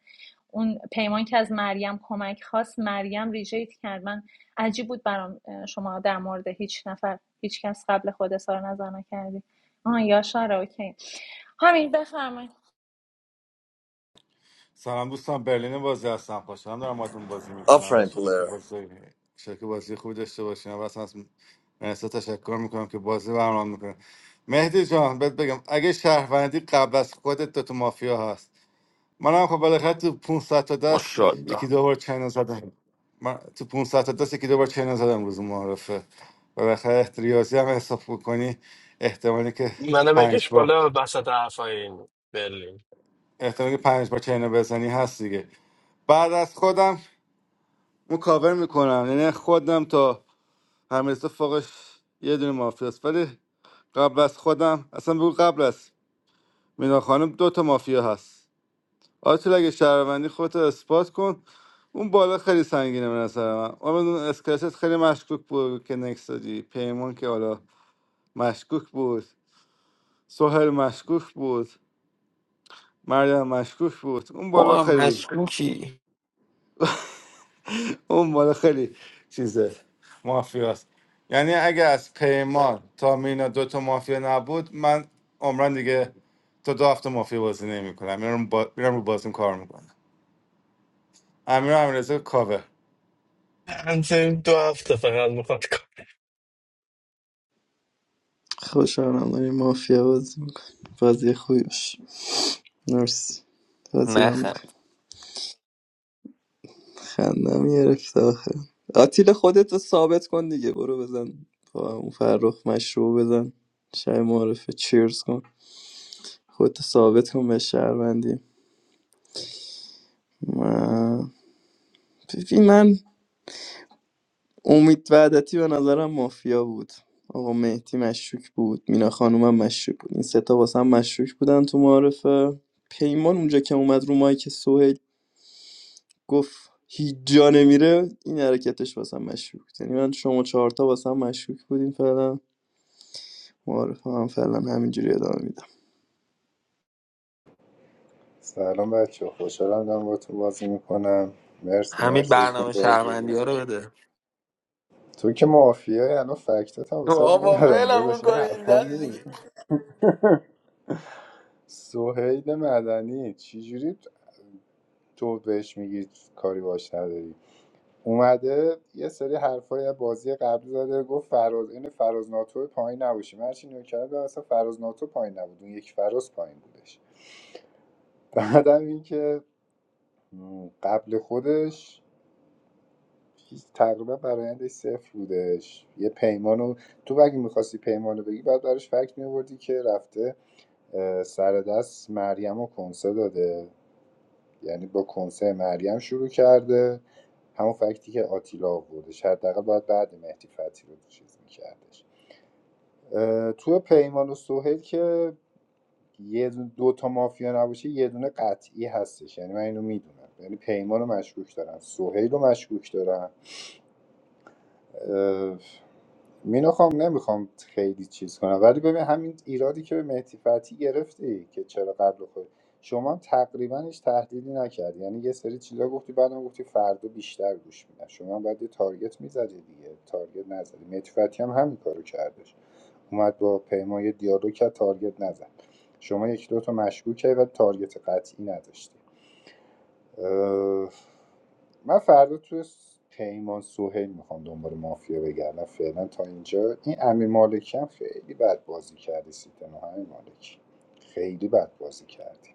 Speaker 13: اون پیمان که از مریم کمک خواست مریم ریجیت کرد من عجیب بود برام شما در مورد هیچ نفر هیچ کس قبل خود اظهار نظر نکردی آه یاشار اوکی همین بفرما.
Speaker 16: سلام دوستان برلین بازی هستم خوشحالم دارم باهاتون بازی میکنم ان
Speaker 11: آفرین
Speaker 16: که
Speaker 11: پلیر
Speaker 16: بازی شبکه بازی خوبی داشته باشین اول اصلا از مرسی تشکر میکنم که بازی برنامه میکنه مهدی جان بهت بگم اگه شهروندی قبل از خودت تو, تو مافیا هست منم خب بالاخره تو 500 تا دست
Speaker 5: ماشاءالله
Speaker 16: یکی دو بار چینا زدم من تو 500 تا دست یکی دو بار چینا زدم روز معارفه بالاخره ریاضی هم حساب بکنی احتمالی که
Speaker 20: منو
Speaker 16: پنج
Speaker 20: بکش
Speaker 16: بار
Speaker 20: بالا وسط حرفای این برلین
Speaker 16: احتمالی که پنج بار چینا بزنی هست دیگه بعد از خودم اون کاور میکنم یعنی خودم تا همیرسا فوقش یه دونه مافیاست ولی قبل از خودم اصلا بگو قبل از مینا خانم دو تا مافیا هست آرتول اگه شهروندی خودت رو اثبات کن اون بالا خیلی سنگینه به نظر من اما اون اسکلت خیلی مشکوک بود که نکس دادی پیمان که حالا مشکوک بود سهل مشکوک بود مریم مشکوک بود اون
Speaker 5: تو
Speaker 16: بالا
Speaker 5: هم
Speaker 16: خیلی
Speaker 5: مشکوکی
Speaker 16: اون مال خیلی چیزه مافیاست یعنی اگه از پیمان تا مینا دو تا مافیا نبود من عمران دیگه تا دو هفته مافیا بازی نمیکنم میرم با... میرم رو بازیم کار میکنم امیر امیرزا کاوه
Speaker 20: انتظار دو هفته فقط میخواد کار
Speaker 12: خوشحالم داریم مافیا بازی میکنیم بازی خوبی باشه مرسی بازی را میکنیم
Speaker 5: نخند
Speaker 12: خندم گرفت آخه آتیل خودت رو ثابت کن دیگه برو بزن با اون فرخ مشروع بزن شب معرفه چیرز کن. خودتو ثابت کن به شهروندی من فیفی من امید وعدتی به نظرم مافیا بود آقا مهدی مشکوک بود مینا خانومم مشکوک بود این سه تا واسه هم مشکوک بودن تو معارفه پیمان اونجا که اومد رو مایک سهیل گفت هیچ جا نمیره این حرکتش واسه هم مشکوک بود یعنی من شما چهارتا واسه هم مشکوک بودین فعلا معارفه هم فعلا همینجوری ادامه میدم
Speaker 17: سلام بچه خوشحالم دارم با تو بازی میکنم مرسی
Speaker 5: همین
Speaker 17: مرسی بهتون
Speaker 5: برنامه
Speaker 17: بازی
Speaker 5: شهروندی ها رو بده
Speaker 17: تو که معافیه الان فکتات هم واسه
Speaker 5: بابا
Speaker 17: میارم
Speaker 5: فعلا
Speaker 17: داداش این
Speaker 5: میکنی این
Speaker 17: حرفا
Speaker 5: دست
Speaker 17: نیست
Speaker 5: دیگه
Speaker 17: سهیل مدنی چجوری تو بهش میگی کاری باش نداری اومده یه سری حرفای از بازی قبلی زده گفت فراز این فراز ناتو پایین نباشه من هرچی نگاه کردم دیدم اصلا فراز ناتو پایین نبود اون یک فراز پایین بودش بعدم اینکه م، قبل خودش هیچ- تقریبا برایندش صفر بودش یه پیمانو تو اگه میخواستی پیمانو بگی بعد براش فکت میوردی که رفته اه، سر دست مریم و کنسه داده یعنی با کنسه مریم شروع کرده همون فکتی که آتیلا آوردش حداقل باید بعد مهدی فتحی رو چیز میکردش تو پیمان و سوهل که یه دو, دو تا مافیا نباشه یه دونه قطعی هستش یعنی من اینو میدونم یعنی پیمان رو مشکوک دارم سوهیل رو مشکوک دارم مینو خام نمیخوام خیلی چیز کنم ولی ببین همین ایرادی که به مهدی فتحی گرفتی که چرا قبل خود شما هم تقریبا هیچ تحلیلی نکردی یعنی یه سری چیزا گفتی بعدم گفتی فردا بیشتر گوش میدن شما هم باید یه تارگت میزدی دیگه تارگت نزدی مهدی فتحی هم همین کارو کردش اومد با پیمای دیالوگ کرد تارگت نزد شما یک دو تا مشکوک کردی و تارگت قطعی نداشتی اه، من فردا توی س- پیمان سوهیل میخوام دنبال مافیا بگردم فعلا تا اینجا این امیر مالکی هم خیلی بد بازی کردی سیتنا امیر مالکی خیلی بد بازی کردی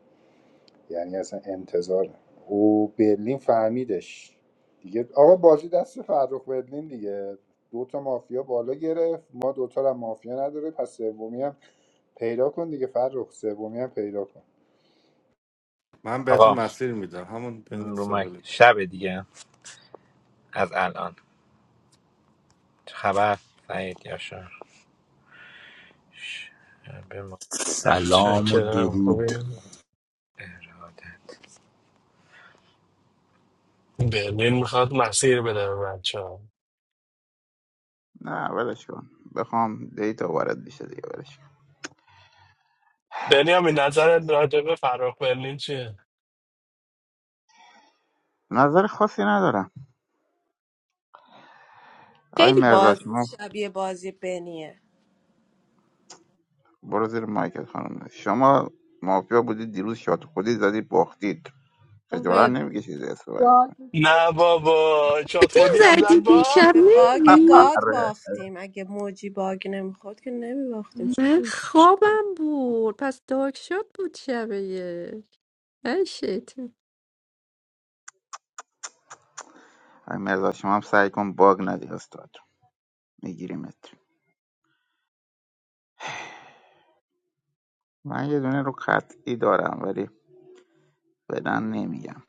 Speaker 17: یعنی اصلا انتظار نه. او برلین فهمیدش دیگه آقا بازی دست فرخ برلین دیگه دو تا مافیا بالا گرفت ما دوتا رو هم مافیا نداره پس سومی هم پیدا کن دیگه فرخ سومی هم پیدا کن
Speaker 16: من بهتون
Speaker 10: آقا
Speaker 16: مسیر میدم همون بین
Speaker 10: م، رو مایک
Speaker 16: سهیل
Speaker 10: شب دیگه از الان چه خبر سعید یاشار شب ما.
Speaker 21: Salam
Speaker 20: چکرم خوبی
Speaker 21: alaikum.
Speaker 20: برلین میخواد مسیر بده به بچه ها
Speaker 8: نه ولش کن بخوام دیتا وارد بشه دیگه ولش کن.
Speaker 20: بنیامین نظرت راجع به فراخ برلین چیه؟
Speaker 8: نظر خاصی ندارم آقای
Speaker 1: خیلی
Speaker 8: مرزا شما
Speaker 1: بازی شبیه بازی بنیه
Speaker 8: برو زیر مایکت خانم شما مافیا بودید دیروز شاد خودی زدید باختید
Speaker 1: ما
Speaker 8: خجالت
Speaker 1: به
Speaker 8: نمیکشید اسم بند
Speaker 1: باگ
Speaker 20: نه بابا چات
Speaker 3: این
Speaker 20: خودی هم زد
Speaker 3: ساعتی
Speaker 20: با
Speaker 3: بیشتر
Speaker 1: به باگ
Speaker 3: نیی
Speaker 1: گاد
Speaker 8: آره
Speaker 1: باختیم اگه موجی باگ نمیخورد که نمیباختیم
Speaker 3: من خوابم بود پس دوکش بود شبهیشیت نمیتونم
Speaker 8: آقای مرزا شما هم سعی کن باگ ندی استاد میگیریمت من یه دونه رو قطعی دارم ولی بدن نمیگم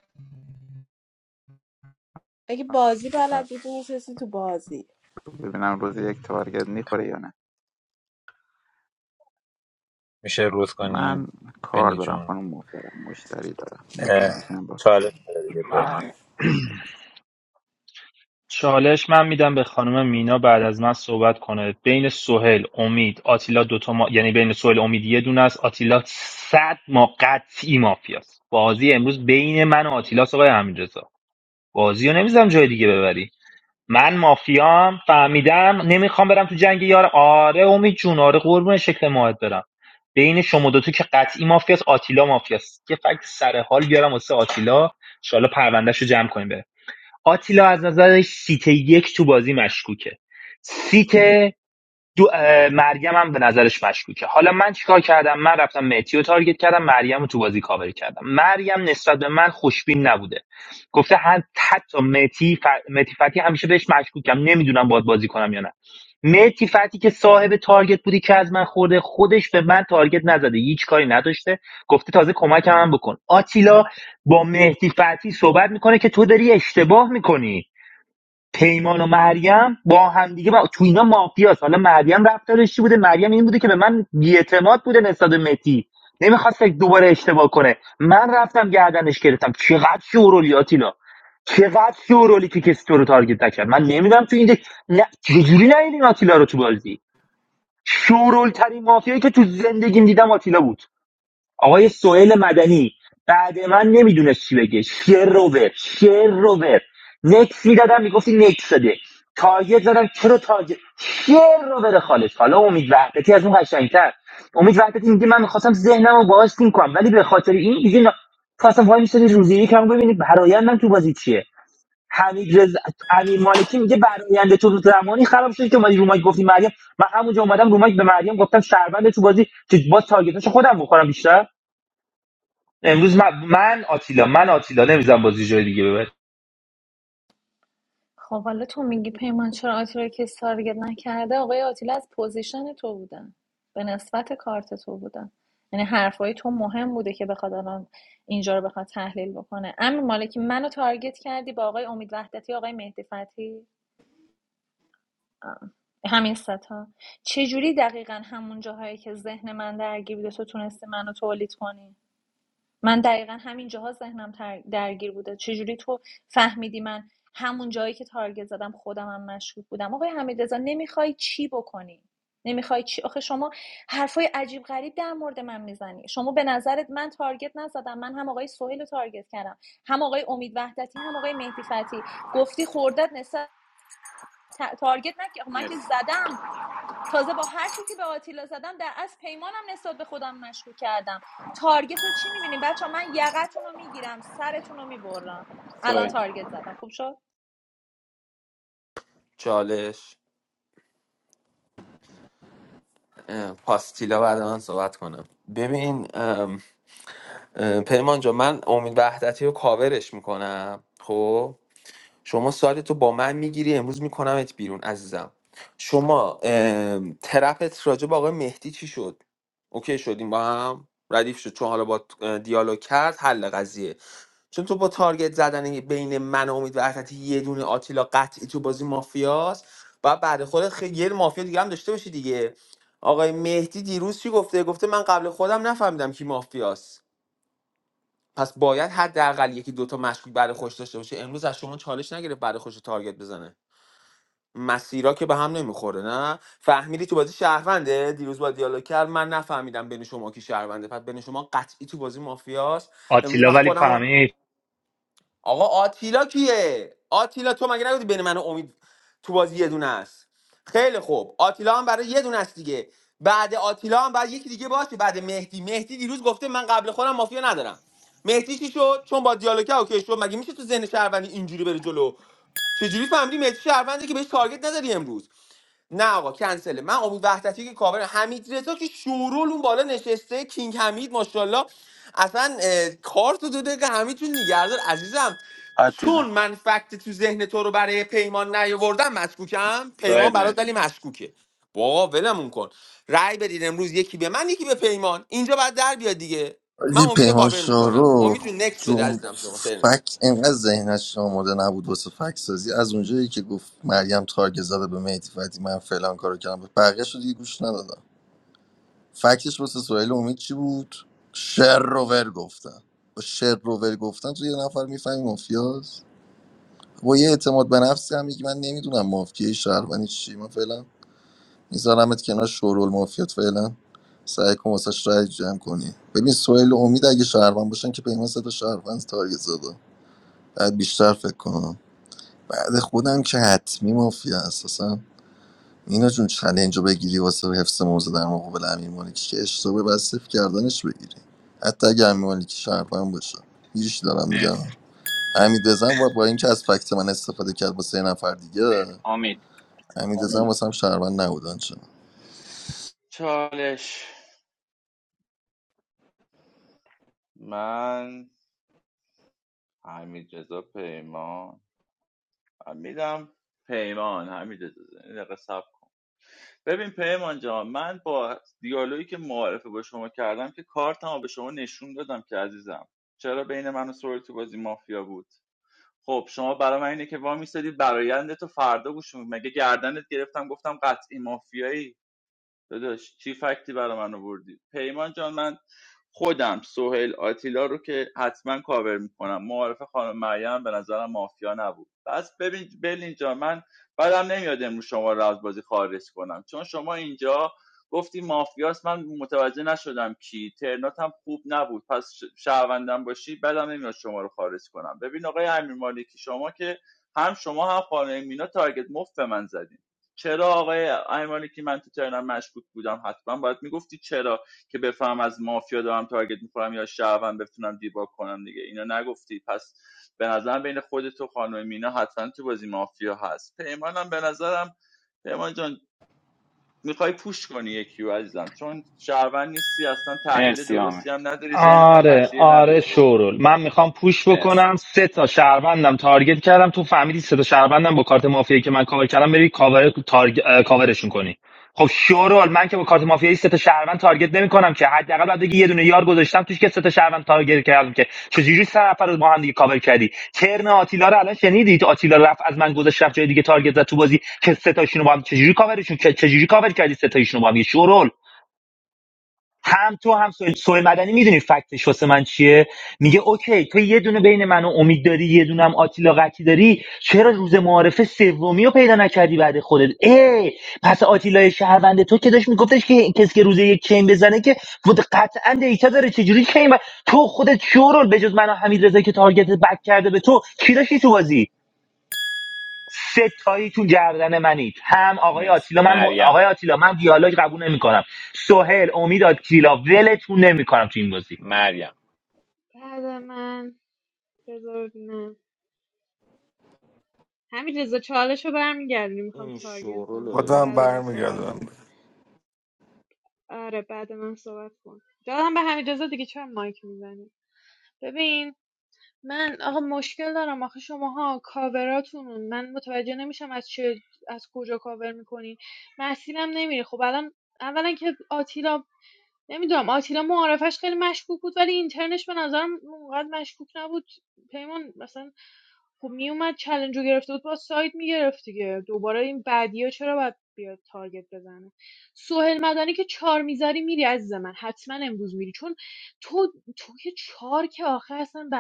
Speaker 1: اگه بازی بلد بودی میشستی تو بازی
Speaker 8: ببینم روز یک تارگت میخوره یا نه
Speaker 10: میشه روز
Speaker 8: من
Speaker 10: کنیم
Speaker 8: کار
Speaker 10: بنی
Speaker 8: دارم
Speaker 10: جون
Speaker 8: خانم محترم مشتری دارم
Speaker 10: اه،
Speaker 8: نمیتونم بشینم با
Speaker 10: چالش داره دیگه پیمان
Speaker 4: چالش من میدم به خانم مینا بعد از من صحبت کنه بین سهل امید آتیلا دوتا ما... یعنی بین سهل امید یه دونه است آتیلا صد ما قطعی مافیاست بازی امروز بین من و آتیلا آقای همین بازی رو نمیذارم جای دیگه ببری من مافیام فهمیدم نمیخوام برم تو جنگ یار آره امید جون آره قربون شکل ماهت برم بین شما دوتو که قطعی مافیاست آتیلا مافیاست یه فکت سر حال بیارم واسه آتیلا انشالله پروندهش رو جمع کنیم بره آتیلا از نظر سیت یک تو بازی مشکوکه سیت دو اه، مریم هم به نظرش مشکوکه حالا من چیکار کردم من رفتم مهدی تارگت کردم مریم رو تو بازی کاور کردم مریم نسبت به من خوشبین نبوده گفته هر- حتی مهدی ف... مهدی فتی همیشه بهش مشکوکم نمیدونم باید بازی کنم یا نه مهدی فتی که صاحب تارگت بودی که از من خورده خودش به من تارگت نزده هیچ کاری نداشته گفته تازه کمکم هم بکن آتیلا با مهدی فتی صحبت میکنه که تو داری اشتباه میکنی پیمان و مریم با هم دیگه با... تو اینا مافیاست حالا مریم رفتارش چی بوده مریم این بوده که به من بیاعتماد بوده نسبت به متی نمیخواست دوباره اشتباه کنه من رفتم گردنش گرفتم چقدر شورولی آتیلا چقدر شورولی که کسی تو رو تارگت نکرد من نمیدونم تو اینجا نه چجوری نیدین آتیلا رو تو بازی شورول ترین مافیایی که تو زندگیم دیدم آتیلا بود آقای سوئیل مدنی بعد من نمیدونست چی بگه شعر روور شعر روور نکس میدادم میگفتی نکس داده تارگت زدم چرا تارگت شعر روور خالص حالا امید وحدتی از اون قشنگتر امید وحدتی میگه من میخواستم ذهنم رو باهاش تیم کنم ولی به خاطر این دیگه نا... تو اصلا وای میسادی روزی یکم ببینی برایندم تو بازی چیه حمید رز... امیر مالکی میگه براینده تو زمانی خراب شد که اومدی رو مایک گفتی مریم من همونجا اومدم رو مایک به مریم گفتم شهروند تو بازی که باز تارگتاشو خودم بخورم بیشتر امروز من, من آتیلا من آتیلا نمیزم بازی جای دیگه ببره
Speaker 13: خب حالا تو میگی پیمان چرا آتیلا رو کسی تارگت نکرده آقای آتیلا از پوزیشن تو بودن به نسبت کارت تو بودن یعنی حرفای تو مهم بوده که بخواد الان اینجا رو بخواد تحلیل بکنه امیر مالکی منو تارگت کردی با آقای امید وحدتی آقای مهدی فتحی آه. همین ستا چجوری دقیقا همون جاهایی که ذهن من درگیر بوده تو تونستی منو تولید کنی من دقیقا همین جاها ذهنم تر- درگیر بوده چجوری تو فهمیدی من همون جایی که تارگت زدم خودم هم مشکوک بودم آقای حمیدرضا نمیخوای چی بکنی نمیخوای چی آخه شما حرفای عجیب غریب در مورد من میزنی شما به نظرت من تارگت نزدم من هم آقای سهیل رو تارگت کردم هم آقای امید وحدتی هم آقای مهدی فتی گفتی خوردت نسبت تارگت نکردم من که
Speaker 10: مرسی
Speaker 13: زدم تازه با حرفی که به آتیلا زدم در از پیمانم نسبت به خودم مشکوک کردم تارگت رو چی میبینیم بچه من یقتون رو میگیرم سرتون رو میبرم الان
Speaker 10: سوید
Speaker 13: تارگت زدم خوب شد
Speaker 5: چالش اه، پاستیلا بعد من صحبت کنم ببین ام، اه، پیمان جا من امید وحدتی رو کاورش میکنم خب شما سایدتو با من میگیری امروز میکنمت بیرون عزیزم شما ام، ترپت راجع به آقای مهدی چی شد اوکی شدیم با هم ردیف شد چون حالا با دیالوگ کرد حل قضیه چون تو با تارگت زدن بین من و امید وحدتی یه دونه آتیلا قطعی تو بازی مافیاست و بعد خودت خیلی یه مافیا دیگه هم داشته باشی دیگه آقای مهدی دیروز چی گفته گفته من قبل خودم نفهمیدم کی مافیاست پس باید حداقل یکی دوتا مشکوک برای خودش داشته باشه امروز از شما چالش نگرفت برای خودش تارگت بزنه مسیرها که به هم نمیخوره نه فهمیدی تو بازی شهرونده دیروز با دیالوگ کرد من نفهمیدم بین شما کی شهرونده پس بین شما قطعی تو بازی مافیاست امروز
Speaker 4: آتیلا
Speaker 5: من
Speaker 4: ولی
Speaker 5: خودم
Speaker 4: فهمید
Speaker 5: آقا آتیلا کیه آتیلا تو مگه نگفتی بین من و امید تو بازی یه دونه است خیلی خوب آتیلا هم برای یه دونه است دیگه بعد آتیلا هم بعد یکی دیگه باشه بعد مهدی مهدی دیروز گفته من قبل خودم مافیا ندارم مهدی چی شد چون با دیالوگ اوکی شد مگه میشه تو ذهن شهروندی اینجوری بره جلو چجوری فهمیدی مهدی شهروندی که بهش تارگت نداری امروز نه آقا کنسله من امید وحدتی که کاور حمید رضا که شورول اون بالا نشسته کینگ حمید ماشاءالله اصلا اه، کار تو دو دقیقه حمید جون نگهدار عزیزم چون
Speaker 10: آتیلا
Speaker 5: من فکت تو ذهن تو رو برای پیمان نیاوردم مشکوکم پیمان
Speaker 10: سوید
Speaker 5: برات ولی
Speaker 10: مرسی
Speaker 5: مشکوکه بابا ولمون کن رأی بدید امروز یکی به من یکی به پیمان اینجا بعد در بیاد دیگه من
Speaker 11: آجی
Speaker 5: امید
Speaker 11: پیمان
Speaker 5: کاور این میکنم شو امید
Speaker 11: شاروخ
Speaker 5: جون نکس بده
Speaker 11: جم
Speaker 5: عزیزم شما ترم
Speaker 11: فک انقدر ذهنش آماده نبود واسه فک سازی از اونجایی که گفت مریم تارگت زده به مهدی فتی من فلان کارو کردم بقیه‌شو دیگه گوش ندادم فکتش واسه سوهیل امید چی بود شر رو ور گفتن با شر رو ور گفتن تو یه نفر میفهمی مافیاس با یه اعتماد به نفسی هم میگی من نمیدونم مافیای شهروندی چی من فعلا میذارمت کنار شورول مافیات فعلا سعی کن واسش رای جمع کنی ببین سویل و امید اگه شهروند باشن که پیمان سه تا شهروند تارگت زده بعد بیشتر فکر کنم بعد خودم که حتمی مافیا اساسا اینا جون چلنج رو بگیری واسه حفظ موضوع در مقابل امیر مالکی که اشتباه بس صفر کردنش بگیری حتی اگه امیر مالکی شهروند باشه هیچ دارم میگم
Speaker 10: مرسی
Speaker 11: حمید زن با با اینکه از فکت من استفاده کرد واسه یه نفر دیگه
Speaker 10: امید
Speaker 11: حمید زن واسه هم شهروند نبودن چون
Speaker 15: چالش من حمید رضا پیمان میدم پیمان حمید رضا یه دقیقه صبر ببین پیمان جان من با دیالوگی که معارفه با شما کردم که کارتمو به شما نشون دادم که عزیزم چرا بین من و سوری تو بازی مافیا بود خب شما برای من اینه که وا میستادی برایندتو فردا گوش می‌دی. مگه گردنت گرفتم گفتم قطعی مافیایی داداش چی فکتی برای من آوردی پیمان جان من خودم سهیل آتیلا رو که حتما کاور میکنم معارف خانم مریم به نظرم مافیا نبود بس ببین بلین جان من بعدم نمیاد امروز شما رو از بازی خارج کنم چون شما اینجا گفتی مافیاست من متوجه نشدم کی ترنات هم خوب نبود پس ش- شهروندم باشی بعدم نمیاد شما رو خارج کنم ببین آقای امیر مالکی شما که هم شما هم خانه مینا تارگت مفت به من زدی چرا آقای ایرانی که من تو ترنم مشکوک بودم حتما باید میگفتی چرا که بفهم از مافیا دارم تارگت میخورم یا شعبم بتونم دیباگ کنم دیگه اینا نگفتی پس به نظرم بین خودت و خانم مینا حتما تو بازی مافیا هست پیمانم به نظرم پیمان جان میخوای پوش کنی یکی رو عزیزم چون شهروند نیستی اصلا تحلیل
Speaker 10: مرسی
Speaker 15: درستی
Speaker 10: امید
Speaker 15: هم نداری ذهنت هم
Speaker 4: آره
Speaker 15: مسیر
Speaker 4: آره
Speaker 15: نداره قربونت
Speaker 4: شورول من میخوام پوش
Speaker 10: مرسی
Speaker 4: بکنم سه تا شهروندم تارگت کردم تو فهمیدی سه تا شهروندم با کارت مافیایی که من کاور کردم بری کاور تارگ... اه، کاورشون کنی خب شورول من که با کارت مافیایی سه تا شهروند تارگت نمیکنم که حداقل بعد بگی یه دونه یار گذاشتم توش که سه تا شهروند تارگت کردم که چجوری سه نفر رو با هم دیگه کاور کردی ترن آتیلا رو الان شنیدید آتیلا رفت از من گذشت رفت جای دیگه تارگت زد تو بازی که سه تاشون رو با هم چجوری کاورشون چجوری کاور کردی سه تاشون رو با هم شورول هم تو هم سوی, سوی مدنی میدونی فکتش واسه من چیه میگه اوکی تو یه دونه بین من و امید داری یه دونه هم آتیلا قطی داری چرا روز معارفه سومی رو پیدا نکردی بعد خودت ای پس آتیلا شهروند تو که داشت میگفتش که کسی که روز یک چین بزنه که بود قطعا دیتا داره چجوری چین ب... تو خودت شورول بجز من و حمید که تارگت بک کرده به تو کی داشتی تو بازی سه تاییتون گردن منید هم آقای
Speaker 10: مرسی
Speaker 4: آتیلا من م...
Speaker 10: مریم
Speaker 4: آقای آتیلا من دیالوگ قبول نمیکنم سهیل امید آتیلا ولتون نمیکنم تو این بازی
Speaker 10: مریم
Speaker 18: بعد من بذار ببینم همین رضا چالش رو برمیگردونی میخوام
Speaker 5: این شورو
Speaker 18: تارگتم
Speaker 5: رو
Speaker 18: کنم
Speaker 5: ببین
Speaker 16: هم
Speaker 18: بعد من صحبت
Speaker 16: برمیگردم
Speaker 18: کن آره بعد من صحبت کن دادم به همین رضا دیگه چرا مایک میزنی ببین من آقا مشکل دارم آخه شماها کاوراتونون من متوجه نمیشم از چه از کجا کاور میکنین مسیرم نمیره خب الان اولا که آتیلا نمیدونم آتیلا معارفش خیلی مشکوک بود ولی اینترنش به نظرم اونقدر مشکوک نبود پیمان مثلا خب میومد چلنج رو گرفته بود با ساید میگرفت دیگه دوباره این بعدیا چرا باید بیاد تارگت بزنه سوهل مدنی که چار میذاری میری عزیز من حتما امروز میری چون تو تو که چار که آخه اصلا ب...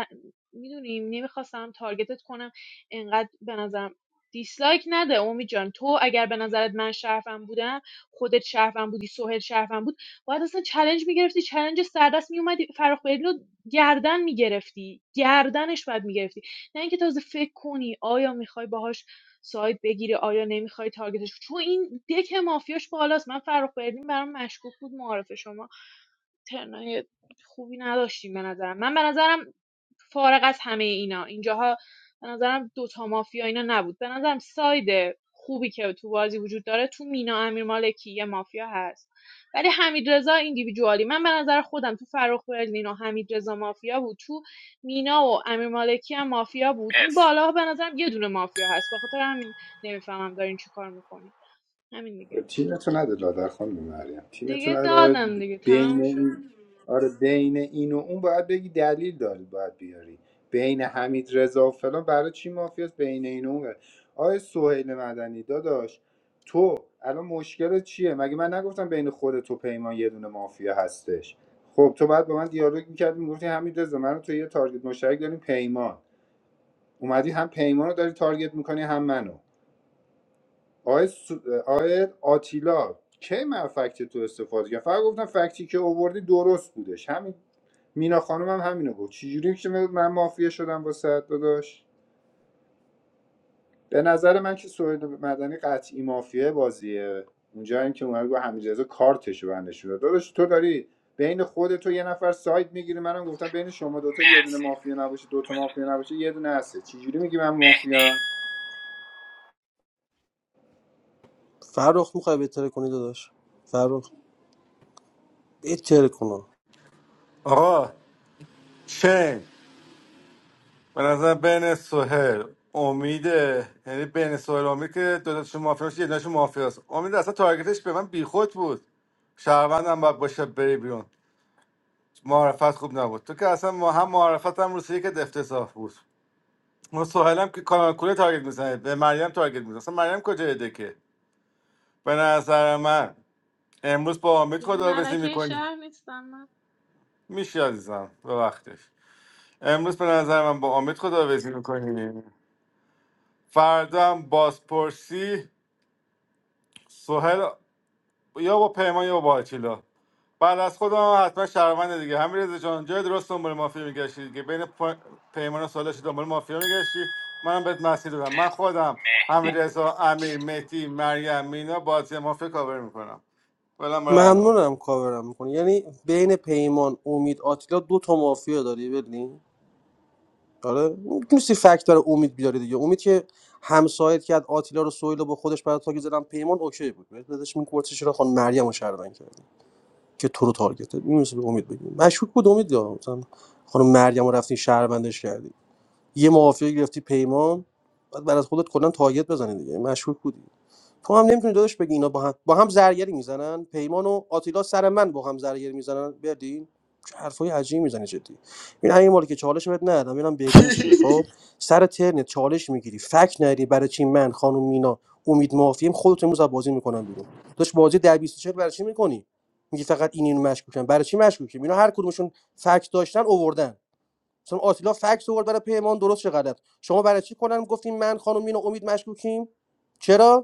Speaker 18: میدونیم نمیخواستم تارگتت کنم انقدر به نظرم دیسلایک نده اومی جان تو اگر به نظرت من شرفم بودم خودت شرفم بودی سوهل شرفم بود باید اصلا چالش میگرفتی چلنج سردست میومدی فرخ بهلی رو گردن میگرفتی گردنش باید میگرفتی نه اینکه تازه فکر کنی آیا میخوای باهاش ساید بگیری آیا نمیخوای تارگتش چون این دک مافیاش بالاست من فرخ برلین برام مشکوک بود معارف شما ترنای خوبی نداشتیم به نظرم من به نظرم فارغ از همه اینا اینجاها به نظرم دوتا مافیا اینا نبود به نظرم ساید خوبی که تو بازی وجود داره تو مینا امیرمالکی یه مافیا هست ولی حمید رضا ایندیویدوالی من به نظر خودم تو فرخ برلین و حمید رضا مافیا بود تو مینا و امیرمالکی مالکی هم مافیا بود این
Speaker 10: مرسی
Speaker 18: بالا به نظرم یه دونه مافیا هست به خاطر همین نمیفهمم دارین چی کار میکنین همین دیگه
Speaker 17: تیمتو نده لادر خانم مریم تیمتو
Speaker 18: دیگه
Speaker 17: نده
Speaker 18: دادم دیگه
Speaker 17: بین
Speaker 18: تمام شد
Speaker 17: این آره بین این و اون باید بگی دلیل داری باید بیاری بین حمید رضا و فلان برای چی مافیاست بین این و اون آیا سهیل مدنی داداش تو الان مشکل چیه مگه من نگفتم بین خود تو پیمان یه دونه مافیا هستش خب تو بعد با من دیالوگ میکردی میگفتی حمید رضا من و تو یه تارگت مشترک داریم پیمان اومدی هم پیمان رو داری تارگت میکنی هم منو آقای, سو... آقای آتیلا کی من فکت تو استفاده کردم فقط گفتم فکتی که اووردی درست بودش همین مینا خانم هم همینو گفت چجوری که من مافیا شدم واسه داداش به نظر من که سوهیل مدنی قطعی مافیا بازیه اونجا این که اومد گفت حمیدرضا کارتش رو بنده شده داداش تو داری بین خودت و یه نفر ساید میگیری منم گفتم بین شما دوتا یه دونه
Speaker 10: مرسی
Speaker 17: مافیا نباشه دوتا مافیا نباشه یه دونه هسته چجوری میگی من مافیا
Speaker 19: فرخ میخوای بهتره کنی داداش فرخ بهتره کنم
Speaker 16: آقا چین به نظر بین سهیل امیده. یعنی بین سهیل و امید که دو تاشون مافیا باشه، یه دونشون مافیاست امید اصلا تارگتش به من بیخود بود شهروندم باید باشه بری بیرون معرفت خوب نبود تو که اصلا ما هم معرفت هم روسیه که افتضاح بود ما سهیلم که کانال کوله تارگت میزنه به مریم تارگت میزنه اصلا مریم کجای دکه به نظر من امروز با امید
Speaker 18: یعنی
Speaker 16: خداحافظی
Speaker 18: ملکه
Speaker 16: میکنی
Speaker 18: شهر نیستم من
Speaker 16: میشی عزیزم به وقتش امروز به نظر من با امید خداحافظی میکنی فردا هم بازپرسی سهیل یا با پیمان یا با آتیلا بعد از خودم هم حتما شهروند دیگه همین رضا جان جای درست دنبال مافیا میگشتی دیگه بین پ- پیمان و سالش دنبال مافیا میگشتی منم بهت مسیر دادم من
Speaker 10: مرسی
Speaker 16: خودم
Speaker 10: مهدی
Speaker 16: همین رضا امیر مهدی مریم مینا بازی مافیا کاور میکنم ولم برای الان
Speaker 19: ممنونم کاورم میکنی یعنی بین پیمان امید آتیلا دو تا مافیا داری ببین آره میتونستی فکت برای امید بیاری دیگه امید که همسایت کرد آتیلا رو سویل رو با خودش برای تاگ زدن پیمان اوکی بود بهت دادش این کورتش رو خانم مریم رو شردن کردی که تو رو تارگت میتونستی به امید بگیم مشکوک بود امید یا مثلا خانم مریم رو رفتین شهروندش کردی یه معافی گرفتی پیمان بعد برات خودت کلا تارگت بزنی دیگه مشکوک بودی تو هم نمیتونی داداش بگی اینا با هم با هم زرگری میزنن پیمان و آتیلا سر من با هم زرگری میزنن بردین چه حرفای عجیبی میزنی جدی این همین مالی که چالش بهت ندادم ببینم برلین چیه خب
Speaker 11: [laughs]
Speaker 19: سر ترنت چالش میگیری فک نری برای چی من خانم مینا امید معافیم خودت امروز از بازی میکنم بیرون داش بازی در 24 برای چی میکنی میگی فقط این اینو مشکوکن برای چی مشکوکی اینا هر کدومشون فک داشتن اووردن مثلا آتیلا فکس آورد برای پیمان درست چه غلط شما برای چی کنن گفتیم من خانم مینا امید مشکوکیم چرا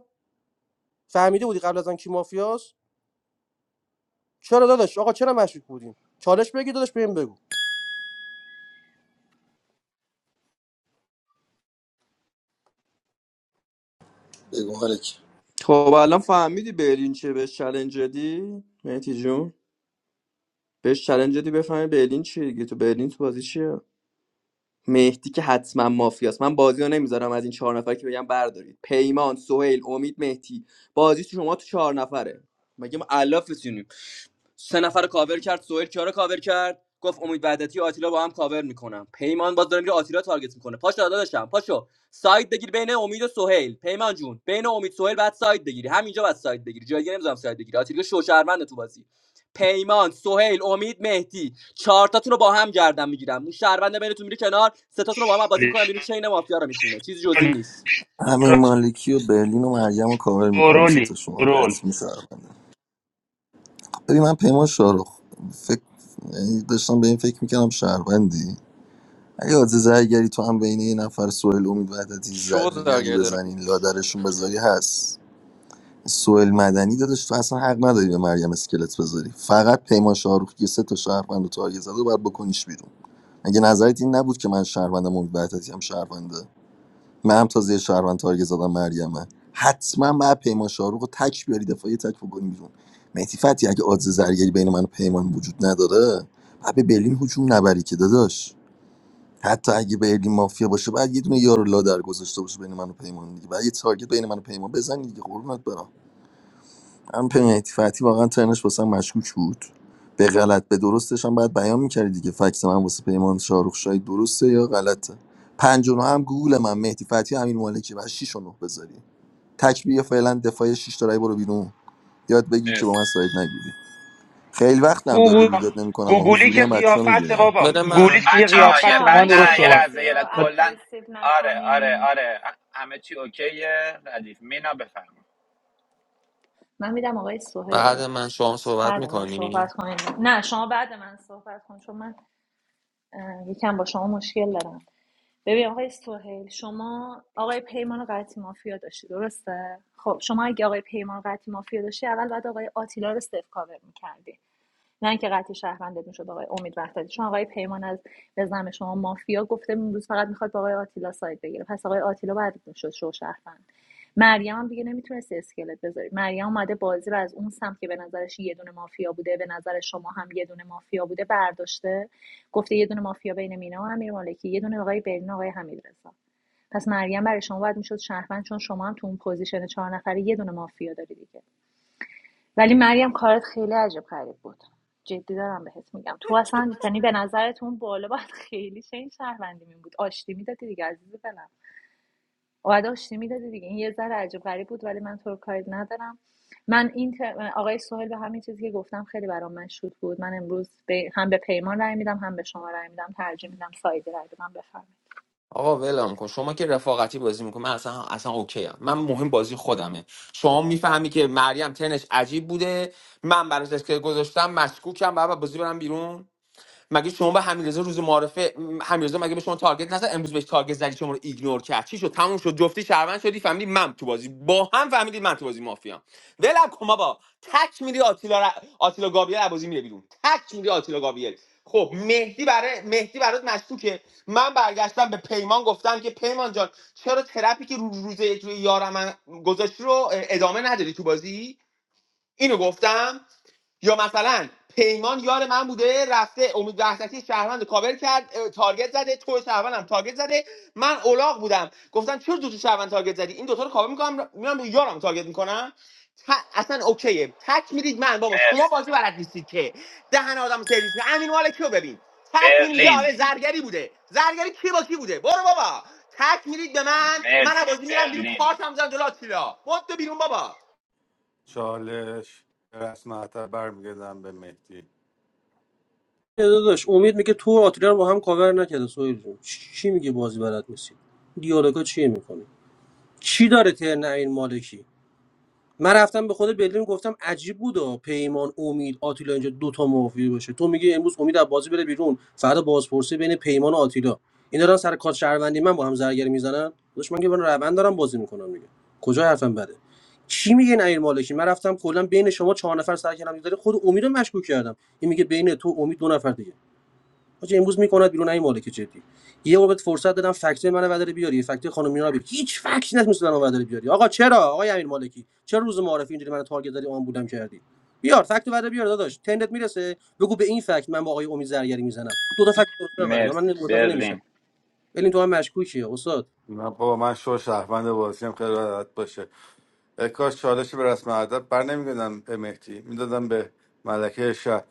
Speaker 19: فهمیده بودی قبل از آن کی مافیاست چرا داداش آقا چرا مشکوک بودیم چالش بگیر داداش بهم بگو
Speaker 11: بگو مالک.
Speaker 12: خب الان فهمیدی برلین چه به چلنج دادی مهدی جون بهش چلنج دادی بفهمی برلین چیه دیگه تو برلین تو بازی چیه مهدی که حتما مافیاست من بازی رو نمیذارم از این چهار نفر که بگم بردارید پیمان سهیل امید مهدی بازی تو شما تو چهار نفره مگه ما الاف سه نفر رو کاور کرد سهیل کیا رو کاور کرد گفت امید وحدتی آتیلا با هم کاور میکنم پیمان باز داره میره آتیلا تارگت میکنه پاشو داداشم پاشو ساید بگیر بین امید و سهیل پیمان جون بین امید سهیل بعد ساید بگیری همینجا بعد ساید بگیری جای دیگه نمیذارم ساید بگیری آتیلا شو شوشرمند تو بازی پیمان سهیل امید مهدی چهار تاتون رو با هم گردن میگیرم اون شهروند بینتون میره کنار سه تاتون رو با هم بازی میکنم بیرون چین مافیا رو میخونه چیزی جزی نیست
Speaker 11: همین مالکی و برلین و مریم رو کاور میکنم
Speaker 4: گرولی
Speaker 11: ستاشون رو
Speaker 4: گرول
Speaker 11: حتمی شهرونده ببین من پیمان شاروخ فکر یعنی داشتم به این فکر میکردم شهروندی اگه از زرگری تو هم بین یه نفر سوئل امید وحدتی
Speaker 12: شو
Speaker 11: زرگری
Speaker 12: زاگردم
Speaker 11: بزنین لادرشون بذاری هست سوئل مدنی دادش تو اصلا حق نداری به مریم اسکلت بذاری فقط پیمان شاروخ که سه تا شهروند رو تارگت زده و باید بکنیش بیرون اگه نظرت این نبود که من شهروندم امید وحدتی هم شهرونده من هم تازه یه شهروند تارگت زدم مریمه حتما بعد پیمان شاروخ رو تک بیاری دفاعی تک بکنی بیرون مهدی فتی اگه آدز زرگری بین من و پیمان وجود نداره بعد به برلین هجوم نبری که داداش حتی اگه برلین مافیا باشه بعد یه دونه یارو لادر گذاشته باشه بین من و پیمان دیگه بعد یه تارگت بین من و پیمان بزنی دیگه قربونت برم من پنیتی فتی واقعا ترنش واسم مشکوک بود به غلط به درستش هم باید بیان میکردی دیگه فکس من واسه پیمان شاروخ شاهی درسته یا غلطه پنج و نه هم گوگل من مهدی فتی امین مالکی و 6 و نه بذاری تکبیه فعلا دفاع 6 تا رای برو بیرون یاد بگی که با
Speaker 10: مرسی
Speaker 11: من ساید نگیری خیلی وقت هم داد و
Speaker 4: گوگو-
Speaker 11: بیداد نمیکنم و
Speaker 4: گوگولی
Speaker 11: حضوری
Speaker 4: که
Speaker 11: هم بچه ها
Speaker 4: قیافت
Speaker 11: میبینم
Speaker 4: بابا
Speaker 5: بده
Speaker 4: گوگولی
Speaker 5: من
Speaker 4: که
Speaker 10: بچه ها
Speaker 13: بچه
Speaker 10: یه
Speaker 4: قیافت با
Speaker 10: بعد
Speaker 4: من
Speaker 13: میشه
Speaker 4: درست
Speaker 10: نه یه
Speaker 4: صحبت
Speaker 13: بازی
Speaker 10: لحظه یه
Speaker 13: رو
Speaker 10: لحظه کلن
Speaker 13: اگریسیو
Speaker 10: آره آره
Speaker 13: نکنین
Speaker 10: آره همه چی اوکیه ردیف مینا بفرما
Speaker 13: من میدم آقای سوهل
Speaker 5: بعد من شما صحبت
Speaker 13: بعد من
Speaker 5: میکنی
Speaker 13: صحبت کنین نه شما بعد من صحبت کن چون من یکم با شما مشکل دارم ببین آقای سهیل شما آقای پیمان قطعی مافیا داشتی درسته خب شما اگه آقای پیمان قطعی مافیا داشتی اول باید آقای آتیلا رو صفر کاور میکردی نه اینکه قطعی شهروندت میشد آقای امید وحدتی چون آقای پیمان از به زعم شما مافیا گفته امروز فقط میخواد با آقای آتیلا ساید بگیره پس آقای آتیلا بعد میشد شو شهروند مریم هم دیگه نمیتونست اسکلت بذاری مریم اومده بازی رو از اون سمت که به نظرش یه دونه مافیا بوده به نظر شما هم یه دونه مافیا بوده برداشته گفته یه دونه مافیا بین مینا و امیر مالکی یه دونه آقای برین و آقای حمیدرضا پس مریم برای شما باید میشد شهروند چون شما هم تو اون پوزیشن چهار نفره یه دونه مافیا داری دیگه ولی مریم کارت خیلی عجب غریب بود جدی دارم بهت میگم تو اصلا یعنی به نظرت اون بالا باید [laughs] خیلی چه این شهروندی می بود آشتی میدادی دیگه عزیز دلم باید آشتی میدادی دیگه این یه ذره عجب غریب بود ولی من تو رو کاری ندارم من این آقای سهیل به همین چیزی که گفتم خیلی برام مشهود بود من امروز به- هم به پیمان رای میدم هم به شما رای میدم ترجیح میدم سایدی رای بدم بفرمایید
Speaker 5: آقا ولم کن شما که رفاقتی بازی میکنه من اصلا اصلا اوکی ام من مهم بازی خودمه شما میفهمی که مریم تنش عجیب بوده من براش اسکل گذاشتم مشکوکم بعد بازی برم بیرون مگه شما به حمیدرضا روز معارفه م، حمیدرضا مگه به شما تارگت نزد امروز بهش تارگت زدی شما رو ایگنور کرد چی شد تموم شد جفتی شهروند شدی فهمیدی من تو بازی با هم فهمیدید من تو بازی مافیام ولم کن بابا تک میری آتیلا ر... آتیلا گابریل از بازی میره بیرون تک میری آتیلا گابریل خب مهدی برای مهدی برات مشکوکه من برگشتم به پیمان گفتم که پیمان جان چرا ترپی که رو روز یک روی یارم من گذاشتی رو ادامه نداری تو بازی اینو گفتم یا مثلا پیمان یار من بوده رفته امید وحدتی شهروند کاور کرد تارگت زده تو شهروندم تارگت زده من اولاغ بودم گفتم چرا دو تا شهروند تارگت زدی این دوتا رو کاور میکنم میرم به یارم تارگت میکنم اصلا اوکیه تک میرید من بابا شما
Speaker 10: مرسی
Speaker 5: بازی بلد نیستید که دهن آدم سرویس می امین مالکی رو ببین تک میرید یه
Speaker 10: برلین
Speaker 5: آره زرگری بوده زرگری کی با کی بوده برو بابا تک میرید به من من از
Speaker 10: مرسی
Speaker 5: بازی میرم بیرون
Speaker 10: برلین
Speaker 5: کارتم زدم جلو آتیلا بود بیرون بابا
Speaker 16: چالش رسم حتی برمیگردم به مهدی
Speaker 19: یه داداش امید میگه تو و آتیلا رو با هم کاور نکرده سویل جون چی میگه بازی بلد نیستی دیالوگا چی میکنی؟ چی داره ترن این مالکی من رفتم به خود برلین گفتم عجیب بود و پیمان امید آتیلا اینجا دوتا مافیا باشه تو میگی امروز امید از بازی بره بیرون فردا بازپرسی بین پیمان و آتیلا اینا دارن سر کار شهروندی من با هم زرگری میزنن داش من که من روند دارم بازی میکنم دیگه کجا حرفم بده چی میگه نیر مالکی من رفتم کلا بین شما چهار نفر سر کردم داره خود امید رو مشکوک کردم این میگه بین تو امید دو نفر دیگه حاجی امروز میکند بیرون این مالک جدی یه بار بهت فرصت دادم فکتای منو وداره بیاری فکتای خانم مینا بیاری هیچ فکتی نتونست منو وداره بیاری آقا چرا آقای امیر مالکی چرا روز معارفه اینجوری منو تارگت دادی آن بودم کردی بیار فکت وداره بیار داداش تندت میرسه بگو به این فکت من با آقای امید زرگری میزنم دو تا فکت درست من وداره من
Speaker 10: مرسی
Speaker 19: متوجه
Speaker 10: برلین
Speaker 19: نمیشم ببین تو هم مشکوکی استاد
Speaker 16: نه بابا من شو شهروند بازی هم خیلی راحت باشه اه، کاش چالش به رسم ادب بر نمیگردم به مهدی میدادم به ملکه شهر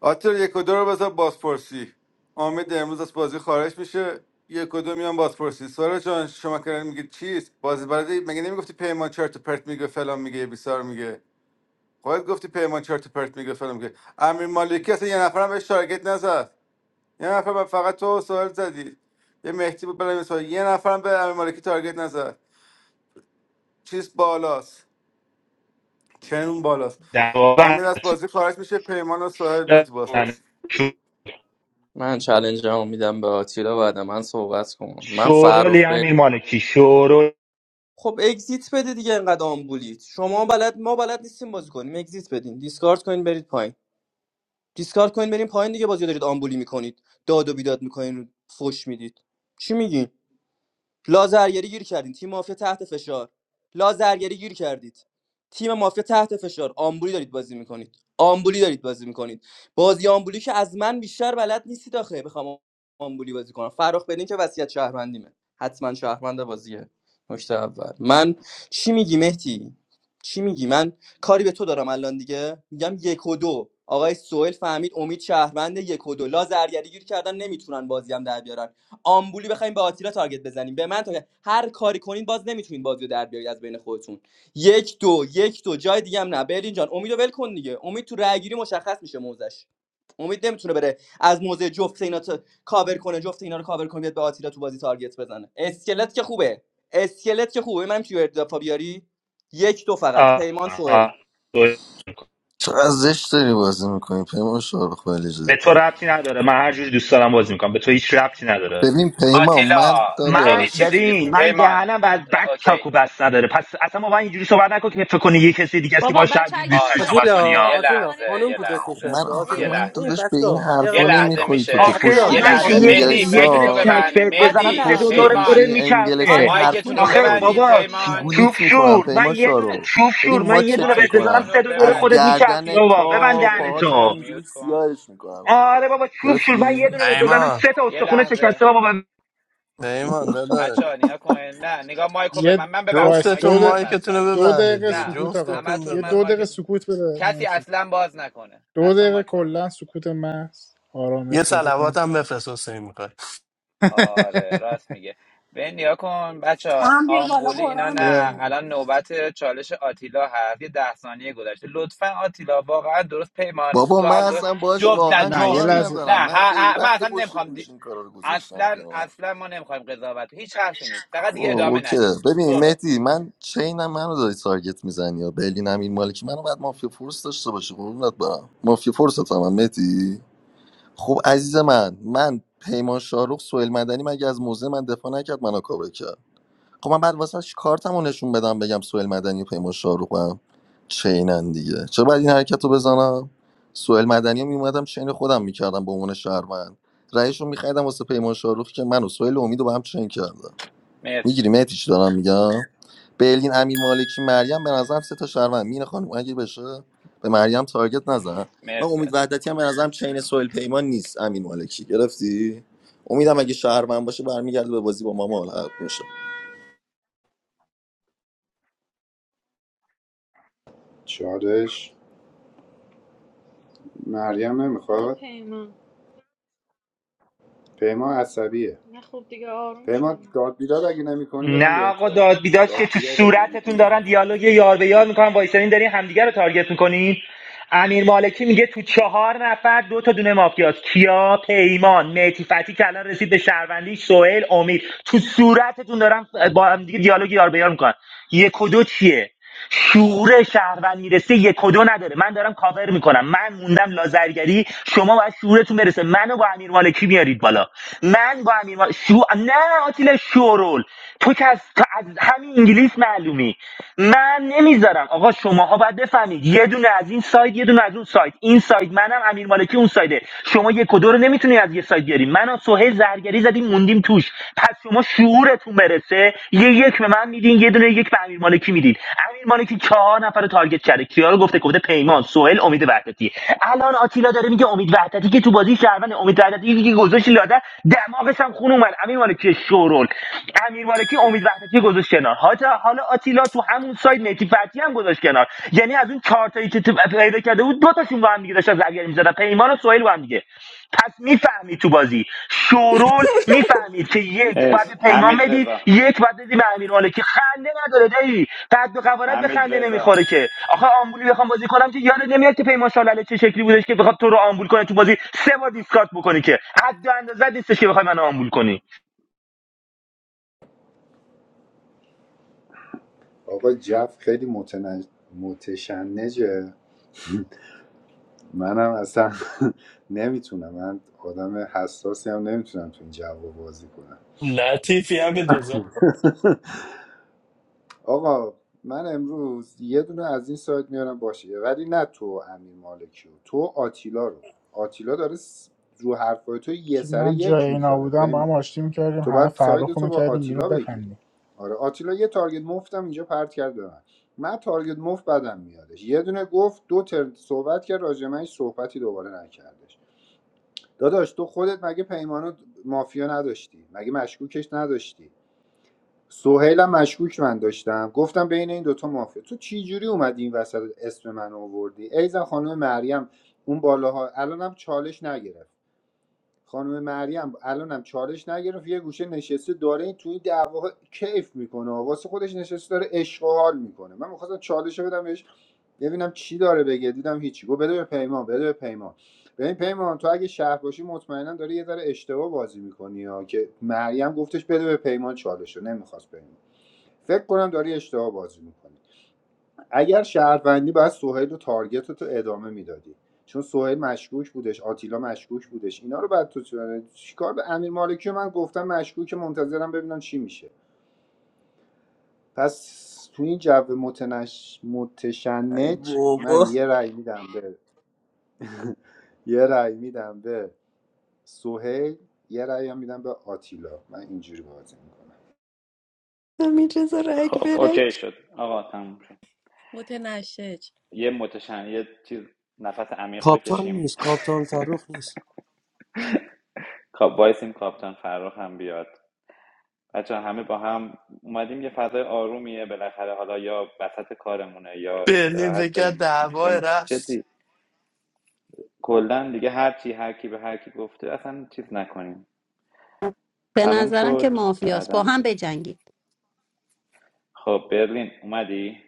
Speaker 16: آتر یک و دو رو بذار بازپرسی امید امروز از بازی خارج میشه یک و دو میان بازپرسی سارا جان شما کردن میگه چیست بازی برده مگه نمیگفتی پیمان چرت و پرت میگه فلان میگه بیسار میگه خودت گفتی پیمان چرت و پرت میگه فلان میگه امیر مالکی اصلا یه نفرم بهش تارگت نزد یه نفر به- فقط تو سوال زدی یه مهدی بود بلد نیست. یه نفرم به امیر مالکی تارگت نزد چیز بالاست چنون بالاست
Speaker 4: در
Speaker 16: امید از بازی خارج میشه پیمان و سوال میان تو بازپرسی
Speaker 12: من چالنجمو میدم به آتیلا بعد من صحبت کنم من
Speaker 4: شورولی
Speaker 12: فرخ
Speaker 4: امیر مالکی شورول
Speaker 12: خب اگزییت بده دیگه انقدر آمبولید شما بلد ما بلد نیستیم بازی کنیم اگزییت بدین دیسکارد کنین برید پایین دیسکارد کنین برید پایین دیگه بازی رو دارید آمبولی میکنید داد و بیداد میکنین فوش میدید چی میگین لازرگری گیر کردین تیم مافیا تحت فشار لازرگری گیر کردید تیم مافیا تحت فشار آمبولی دارید بازی میکنید آمبولی دارید بازی میکنید بازی آمبولی که از من بیشتر بلد نیستید آخه بخوام آمبولی بازی کنم فراخ بدین که وصیت شهروندیمه حتما شهروند بازیه نکته اول من چی میگی مهدی چی میگی من کاری به تو دارم الان دیگه میگم یک و دو آقای سوئل فهمید امید شهروند یک و دو لازرگری گیر کردن نمیتونن بازی هم در بیارن. آمبولی بخوایم به آتیلا تارگت بزنیم به من تارگت هر کاری کنین باز نمیتونین بازیو در بیارید از بین خودتون یک دو یک دو جای دیگه هم نه برلین جان امیدو ول کن دیگه امید تو رای گیری مشخص میشه موزش امید نمیتونه بره از موزه جفت اینا تا- کاور کنه جفت اینا رو کاور کنه بیاد به آتیلا تو بازی تارگت بزنه اسکلت که خوبه اسکلت که خوبه منم تو اردافا بیاری یک دو فقط پیمان سوئیل
Speaker 11: چقدر زشت داری بازی میکنی پیمان شاروخ ولی
Speaker 4: به تو
Speaker 11: جدی
Speaker 4: ربطی نداره من هر جوری دوست دارم بازی می‌کنم. به تو هیچ ربطی نداره
Speaker 11: ببین پیمان
Speaker 10: آتیلا
Speaker 11: من
Speaker 4: من
Speaker 10: خیلی چیز
Speaker 11: داداش
Speaker 4: ببین من دهنم
Speaker 10: پیمان
Speaker 4: بعد
Speaker 10: ر-
Speaker 4: بک چاکو
Speaker 10: اوکی
Speaker 4: بس نداره پس اصلا ما باید اینجوری صحبت نکن که فکر کنی یه کسی دیگه است که
Speaker 13: بابا
Speaker 4: باش
Speaker 13: بچه
Speaker 4: شاید
Speaker 13: اگه
Speaker 4: دوستش
Speaker 10: آره
Speaker 13: میخواین این
Speaker 4: صحبت کنی
Speaker 13: شکلی
Speaker 19: آتیلا
Speaker 10: یه
Speaker 4: ها
Speaker 13: بازی
Speaker 19: آتیلا
Speaker 13: کنین
Speaker 10: لحظه
Speaker 19: خانم
Speaker 10: یه
Speaker 19: تو دک
Speaker 13: نکنین
Speaker 10: لحظه
Speaker 11: من
Speaker 19: نشسته
Speaker 11: آخه
Speaker 10: یه
Speaker 19: آتیلا
Speaker 11: من
Speaker 19: این
Speaker 10: لحظه
Speaker 11: داداش به
Speaker 19: بچه
Speaker 11: این
Speaker 19: ها یه دقیقه
Speaker 10: یه
Speaker 11: حرفا
Speaker 19: وایسا
Speaker 10: لحظه
Speaker 11: نمیخوری تو که
Speaker 10: میشه
Speaker 13: بابا
Speaker 4: آخه
Speaker 13: میشه
Speaker 11: پشت
Speaker 19: آتیلا
Speaker 10: یه
Speaker 4: من
Speaker 11: گوشی
Speaker 13: آتیلا
Speaker 4: که
Speaker 10: لحظه
Speaker 19: خانم
Speaker 4: یه
Speaker 13: شما
Speaker 19: نشسته
Speaker 4: دونه
Speaker 10: مهدی
Speaker 13: ادامه
Speaker 4: یه
Speaker 10: مایک
Speaker 4: دونه
Speaker 10: تو
Speaker 11: انگلستان
Speaker 4: چک
Speaker 10: ببند
Speaker 13: ندی
Speaker 4: بهت بزنم
Speaker 10: مهدی
Speaker 4: سه
Speaker 13: آتیلا
Speaker 4: دو
Speaker 11: پشت
Speaker 4: دور خوره
Speaker 10: پیمان
Speaker 11: گوشی انگلستان این
Speaker 4: میچرخه
Speaker 13: آتیلا
Speaker 11: حرفا
Speaker 10: مایکتون
Speaker 13: میشه
Speaker 10: رو
Speaker 4: آخه
Speaker 13: مایکتو
Speaker 11: نمیخوری
Speaker 10: ببندید
Speaker 4: بابا
Speaker 10: پیمان
Speaker 13: ببندی
Speaker 4: چوب
Speaker 11: گوگولیت میکنم
Speaker 4: شور من
Speaker 11: پیما
Speaker 4: یه دونه
Speaker 11: شارو
Speaker 4: چوب شور
Speaker 11: ببین
Speaker 4: من یه دونه
Speaker 11: ماچت
Speaker 4: بهت بزنم
Speaker 10: مایکتون
Speaker 11: میکنم
Speaker 10: رو
Speaker 4: سه دو دور
Speaker 11: از
Speaker 4: خودت
Speaker 10: ببندید
Speaker 4: میچرخی
Speaker 11: گردن
Speaker 10: این
Speaker 4: بابا
Speaker 10: میوت
Speaker 4: ببند
Speaker 11: تا
Speaker 10: چجوری
Speaker 11: پاهات
Speaker 10: میشه
Speaker 4: دهنتو
Speaker 11: همینجوری
Speaker 10: میوت کن
Speaker 11: سیاهش میکنم
Speaker 4: آره بابا چوب شور من
Speaker 11: گرفتی؟
Speaker 4: یه دونه بهت بزنم
Speaker 20: پیمان
Speaker 4: سه تا
Speaker 10: یه
Speaker 4: استخونه
Speaker 10: لحظه
Speaker 4: شکسته بابا
Speaker 20: پیمان دادا
Speaker 10: بچه ها نگاه کن نه نگاه مایکو رو به من
Speaker 2: یه
Speaker 10: من ببخشید
Speaker 2: وایس
Speaker 10: مایک
Speaker 20: جفتتون
Speaker 2: دو,
Speaker 10: همه
Speaker 2: د...
Speaker 10: رو
Speaker 20: مایکتون
Speaker 10: بستم
Speaker 20: رو
Speaker 2: دو
Speaker 20: ببندید
Speaker 2: دقیقه
Speaker 20: دیگه
Speaker 10: نه
Speaker 2: سکوت آقا
Speaker 20: جفتتون
Speaker 10: همتون
Speaker 2: یه
Speaker 10: من
Speaker 2: دو دقیقه
Speaker 20: ببندید
Speaker 10: مایکتون
Speaker 2: سکوت بده
Speaker 10: کسی
Speaker 2: مرسی.
Speaker 10: اصلا باز نکنه
Speaker 2: دو
Speaker 10: اصلا
Speaker 2: دقیقه
Speaker 10: مایک باز نکنه
Speaker 2: کلا سکوت محض
Speaker 20: یه
Speaker 2: آرامش پیدا
Speaker 20: سلوات
Speaker 2: کنید
Speaker 20: هم بفرست حسین میخوای
Speaker 10: آره راست میگه به نیا کن بچه
Speaker 1: هم بیا بالا
Speaker 10: آمبولی اینا
Speaker 1: قرآن
Speaker 10: نه
Speaker 2: یه...
Speaker 1: بخون
Speaker 10: الان نوبت چالش آتیلا هست یه ده ثانیه گذشته لطفا آتیلا واقعا درست پیمان
Speaker 11: بابا
Speaker 10: تو
Speaker 11: من
Speaker 10: هم درست
Speaker 11: اصلا باش
Speaker 10: جفت نه
Speaker 11: واقعا
Speaker 2: نه یه
Speaker 11: کار
Speaker 10: جفتی
Speaker 2: لحظه
Speaker 11: ندارم
Speaker 10: نه
Speaker 11: من
Speaker 10: ه-
Speaker 11: خیلی
Speaker 10: ه- من
Speaker 11: وقت
Speaker 10: اصلا
Speaker 11: پشت
Speaker 10: نمیخوام دی...
Speaker 11: گوشی این کارا رو گذاشتم
Speaker 10: اصلا
Speaker 11: کنار
Speaker 10: اصلا ما نمیخوایم قضاوت هیچ حرفی نیست فقط دیگه
Speaker 11: اوه،
Speaker 10: ادامه
Speaker 11: اوکی
Speaker 10: ندید
Speaker 11: ببین
Speaker 10: برو
Speaker 11: مهدی من چینم منو داری تارگت میزنی یا برلینم این مالکی منو بعد مافیا فورس داشته باشی قربونت برم مافیا فورس هم مهدی خب عزیز من من پیمان شاروخ سوئیل مدنی مگه از موزه من دفاع نکرد منو کاور کرد خب من بعد واسه کارتمو نشون بدم بگم سوئیل مدنی و پیمان شاروخ هم چینن دیگه چرا باید این حرکت رو بزنم سوئیل مدنی رو میومدم چین خودم میکردم به عنوان شهروند رئیشو میخریدم واسه پیمان شاروخ که منو سوئیل و امید رو با هم چین کردم
Speaker 10: مرسی
Speaker 11: میگیری مهدی چی دارم میگم بلین امیر مالکی مریم به نظرم سه تا شهروند مین خانم اگه بشه به مریم تارگت نزن من
Speaker 10: مرسی
Speaker 11: امید وحدتی هم به نظرم چین سویل پیمان نیست امیر مالکی گرفتی امیدم اگه شهروند باشه برمیگرده به بازی با ما ملحق میشه
Speaker 17: چادش مریم
Speaker 18: بده
Speaker 17: نمیخواد
Speaker 18: پیمان
Speaker 17: پیما عصبیه
Speaker 18: نه خب دیگه آروم
Speaker 17: پیمان
Speaker 18: شد
Speaker 17: داد بیداد اگه نمی کنی بدم
Speaker 4: نه
Speaker 17: به
Speaker 4: آقا
Speaker 17: تا
Speaker 4: داد بیداد
Speaker 17: داد
Speaker 4: که تو
Speaker 17: بیداد اگه نمی
Speaker 4: صورتتون
Speaker 17: کنی
Speaker 4: دارن دیالوگ یار به یار میکنن وایسرین دارین همدیگه رو تارگت میکنین امیر مالکی میگه تو چهار نفر دو تا دونه مافیاست کیا پیمان مهدی فتی که الان رسید به شهروندی سهیل امید تو صورتتون دارن با همدیگه دیالوگ یار به یار میکنن یک و دو چیه شعور شهروند میرسه یک و دو نداره من دارم کاور میکنم من موندم لازرگری شما باید شعورتون برسه منو با امیر مالکی میارید بالا من با امیر مال... شو... نه آتیل شورول تو که از, تو از همین انگلیس معلومی من نمیذارم آقا شماها باید بفهمید یه دونه از این ساید یه دونه از اون ساید این ساید منم امیر مالکی اون سایده شما یک و دو رو نمیتونی از یه ساید بیاری من سهیل زرگری زدیم موندیم توش پس شما شعورتون برسه یه یک به من میدین یه دونه یک به امیر مالکی میدید امیر مالکی چهار نفر رو تارگت کرده کیا رو گفته گفته پیمان سهیل امید وحدتی الان آتیلا داره میگه امید وحدتی که تو بازی شهروند امید وحدتی که گذاشت لاده دماغش هم خون اومد امیر مالکی شورول امیر مالکی امید وحدتی گذاشت کنار حالا حالا آتیلا تو همون سایت نتی فتی هم گذاشت کنار یعنی از اون چهار تایی که تو- پیدا کرده بود دو تاشون با هم دیگه داشتن زرگری می‌زدن پیمان و سهیل با هم دیگه پس میفهمید تو بازی شورول میفهمید که یک باید
Speaker 10: مرسی
Speaker 4: پیمان
Speaker 10: حمید
Speaker 4: بدی
Speaker 10: رضا
Speaker 4: یک باید بدی به امیر مالکی خنده نداره دایی قد و قوارت به
Speaker 10: حمید
Speaker 4: خنده
Speaker 10: رضا
Speaker 4: نمیخوره که آخه آمبولی بخوام بازی کنم که یادت نمیاد که پیمان شالله چه شکلی بودش که بخواد تو رو آمبول کنه تو بازی سه بار دیسکارت بکنی که حد و اندازه نیستش که بخوای منو آمبول کنی
Speaker 17: آقا جف خیلی متنج... متشنجه منم اصلا [laughs] نمیتونم من آدم حساسی هم نمیتونم تو این جو بازی کنم
Speaker 20: لطیفی هم بندازم
Speaker 17: آقا من امروز یه دونه از این سایت میارم باشه ولی نه تو امیر مالکی و تو و آتیلا رو آتیلا داره س- رو حرفای تو یه سره
Speaker 2: من جای
Speaker 17: یک
Speaker 2: اینا
Speaker 17: میذاره
Speaker 2: بودم با هم
Speaker 17: پیمان
Speaker 2: آشتی میکردیم
Speaker 17: تو
Speaker 2: همه
Speaker 17: باید
Speaker 2: فرخ
Speaker 17: ساید
Speaker 2: رو
Speaker 17: تو با
Speaker 2: میکردیم بیرون
Speaker 17: آتیلا بگیری
Speaker 2: بخندیم
Speaker 17: آره آتیلا یه تارگت مفتم اینجا پرت کرد به من من تارگت مفت بدم میادش یه دونه گفت دو تر صحبت کرد راجع من هیچ صحبتی دوباره نکردش داداش تو خودت مگه پیمانو مافیا نداشتی مگه مشکوکش نداشتی سهیلم مشکوک من داشتم گفتم بین این دوتا مافیا تو چی جوری اومدی این وسط اسم من آوردی ایزن خانم مریم اون بالاها الانم چالش نگرفت خانم مریم الانم چالش نگرفت یه گوشه نشسته داره این توی دعوا کیف میکنه واسه خودش نشسته داره عشق و حال میکنه من میخواستم چالش رو بدم بهش ببینم چی داره بگه دیدم هیچی گفت بده به پیمان بده به پیمان به این پیمان تو اگه شهر باشی مطمئنا داری یه ذره اشتباه بازی میکنی ها که مریم گفتش بده به پیمان چالش رو نمیخواست پیمان فکر کنم داری اشتباه بازی میکنی اگر شهروندی باید سهیل و تارگت تو ادامه میدادی چون سهیل مشکوک بودش آتیلا مشکوک بودش اینا رو بعد تو چه- چیکار به امیر مالکی من گفتم مشکوک منتظرم ببینم چی میشه پس تو این جو متنش
Speaker 12: ای
Speaker 17: متشنج من
Speaker 12: بابا
Speaker 17: یه رأی میدم به [laughs] یه رأی میدم به سهیل یه رأی هم میدم به آتیلا من اینجوری بازی میکنم
Speaker 3: اینجا را
Speaker 10: خب
Speaker 3: اکبرن
Speaker 10: اوکی شد آقا تموم شد
Speaker 1: متنشج
Speaker 10: یه متشن یه چیز نفس عمیق
Speaker 19: کاپتان
Speaker 10: بکشیم
Speaker 19: نیست
Speaker 10: [laughs]
Speaker 19: کاپتان فروخ نیست
Speaker 10: خب وایسیم کاپتان فرخ هم بیاد بچه همه با هم اومدیم یه فضای آرومیه بالاخره حالا یا وسط کارمونه یا
Speaker 20: برلین فکر
Speaker 10: استراحت
Speaker 20: کرد
Speaker 10: داریم میکنیم یا
Speaker 20: دعوای
Speaker 10: میخوایم
Speaker 20: رفت
Speaker 10: جدی کلا دیگه هر چی هر کی به هر کی گفته اصلا چیز نکنیم
Speaker 22: به
Speaker 10: تموم
Speaker 22: نظرم که
Speaker 10: شد
Speaker 22: مافیاست با
Speaker 10: بعدا
Speaker 22: هم
Speaker 10: چیز.
Speaker 22: بجنگید
Speaker 10: خب برلین اومدی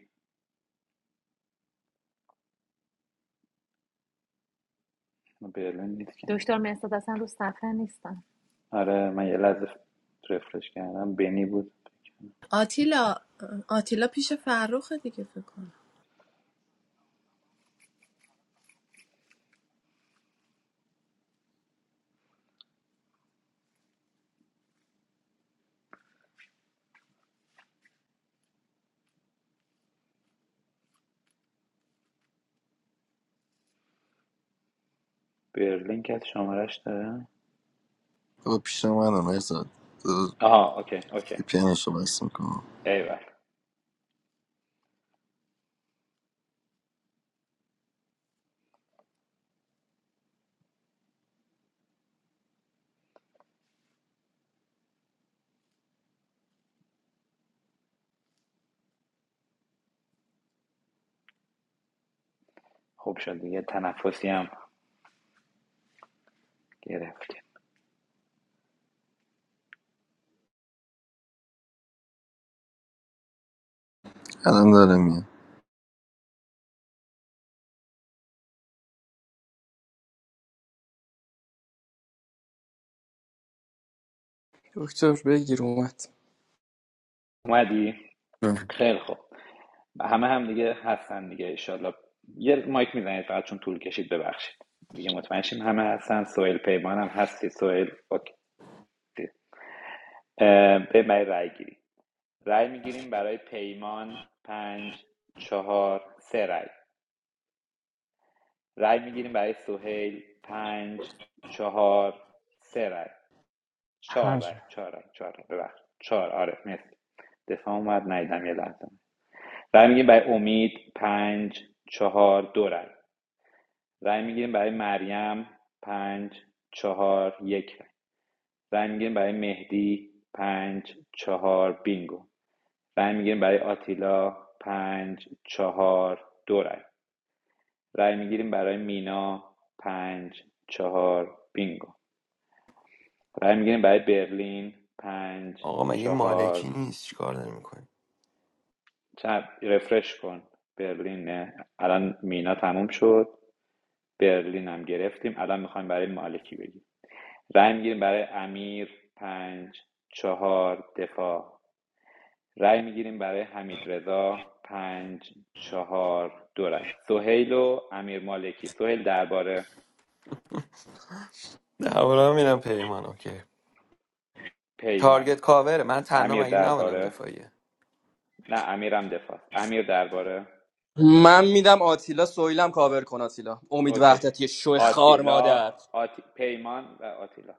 Speaker 10: برلین نیست که
Speaker 13: دکتر مهرداد اصلا رو صفحه نیستم
Speaker 10: آره من یه لحظه رفرش کردم بنی بود
Speaker 1: آتیلا آتیلا پیش فرخه دیگه فکر کنم
Speaker 10: برلین که از شمارش داره
Speaker 11: آقا پیش منم ارزاد
Speaker 10: آها اوکی اوکی
Speaker 11: پیانشو بس میکنم
Speaker 10: ایول خوب شد دیگه تنفسی هم گرفت
Speaker 11: الان داره میاد
Speaker 12: دکتر بگیر اومد
Speaker 10: اومدی؟ خیلی خوب همه هم دیگه هستن دیگه ایشالله یه مایک میزنید فقط چون طول کشید ببخشید دیگه مطمئن شیم همه هستن سوئیل پیمان هم هستی سوئیل اوکی اه، بریم برای رای گیری رای میگیریم برای پیمان پنج چهار سه رای رای میگیریم برای سوهیل پنج چهار سه رای چهار رای
Speaker 2: هنجه
Speaker 10: چهار رای چهار رای ببخشید چهار آره مرسی دفاع اومد نیدم یه لحظه رای میگیریم برای امید پنج چهار دو رای رای میگیریم برای مریم پنج چهار یک رای رای میگیریم برای مهدی پنج چهار بینگو رای میگیریم برای آتیلا پنج چهار دو رای رای میگیریم برای مینا پنج چهار بینگو رای میگیریم برای برلین پنج
Speaker 5: آقا مگه مالکی
Speaker 10: چهار
Speaker 5: نیست چیکار داری می‌کنی؟
Speaker 10: چپ رفرش کن برلین نه. الان مینا تموم شد برلین هم گرفتیم الان میخوایم برای مالکی بگیم رای میگیریم برای امیر پنج چهار دفاع رای میگیریم برای حمید رضا پنج چهار دو رأی سهیل و امیر مالکی سهیل درباره
Speaker 5: درباره میرم پیمان اوکی
Speaker 10: پیمان
Speaker 5: تارگت کاوره من تنها
Speaker 10: امیر
Speaker 5: مگه نبانم
Speaker 10: درباره
Speaker 5: دفاعیه
Speaker 10: نه امیرم دفاع امیر درباره
Speaker 12: من میدم آتیلا سویلم کاور کن آتیلا امید
Speaker 10: اوکی
Speaker 12: وحدتی شو خار
Speaker 10: آتیلا
Speaker 12: مادر
Speaker 10: آتی... پیمان و آتیلا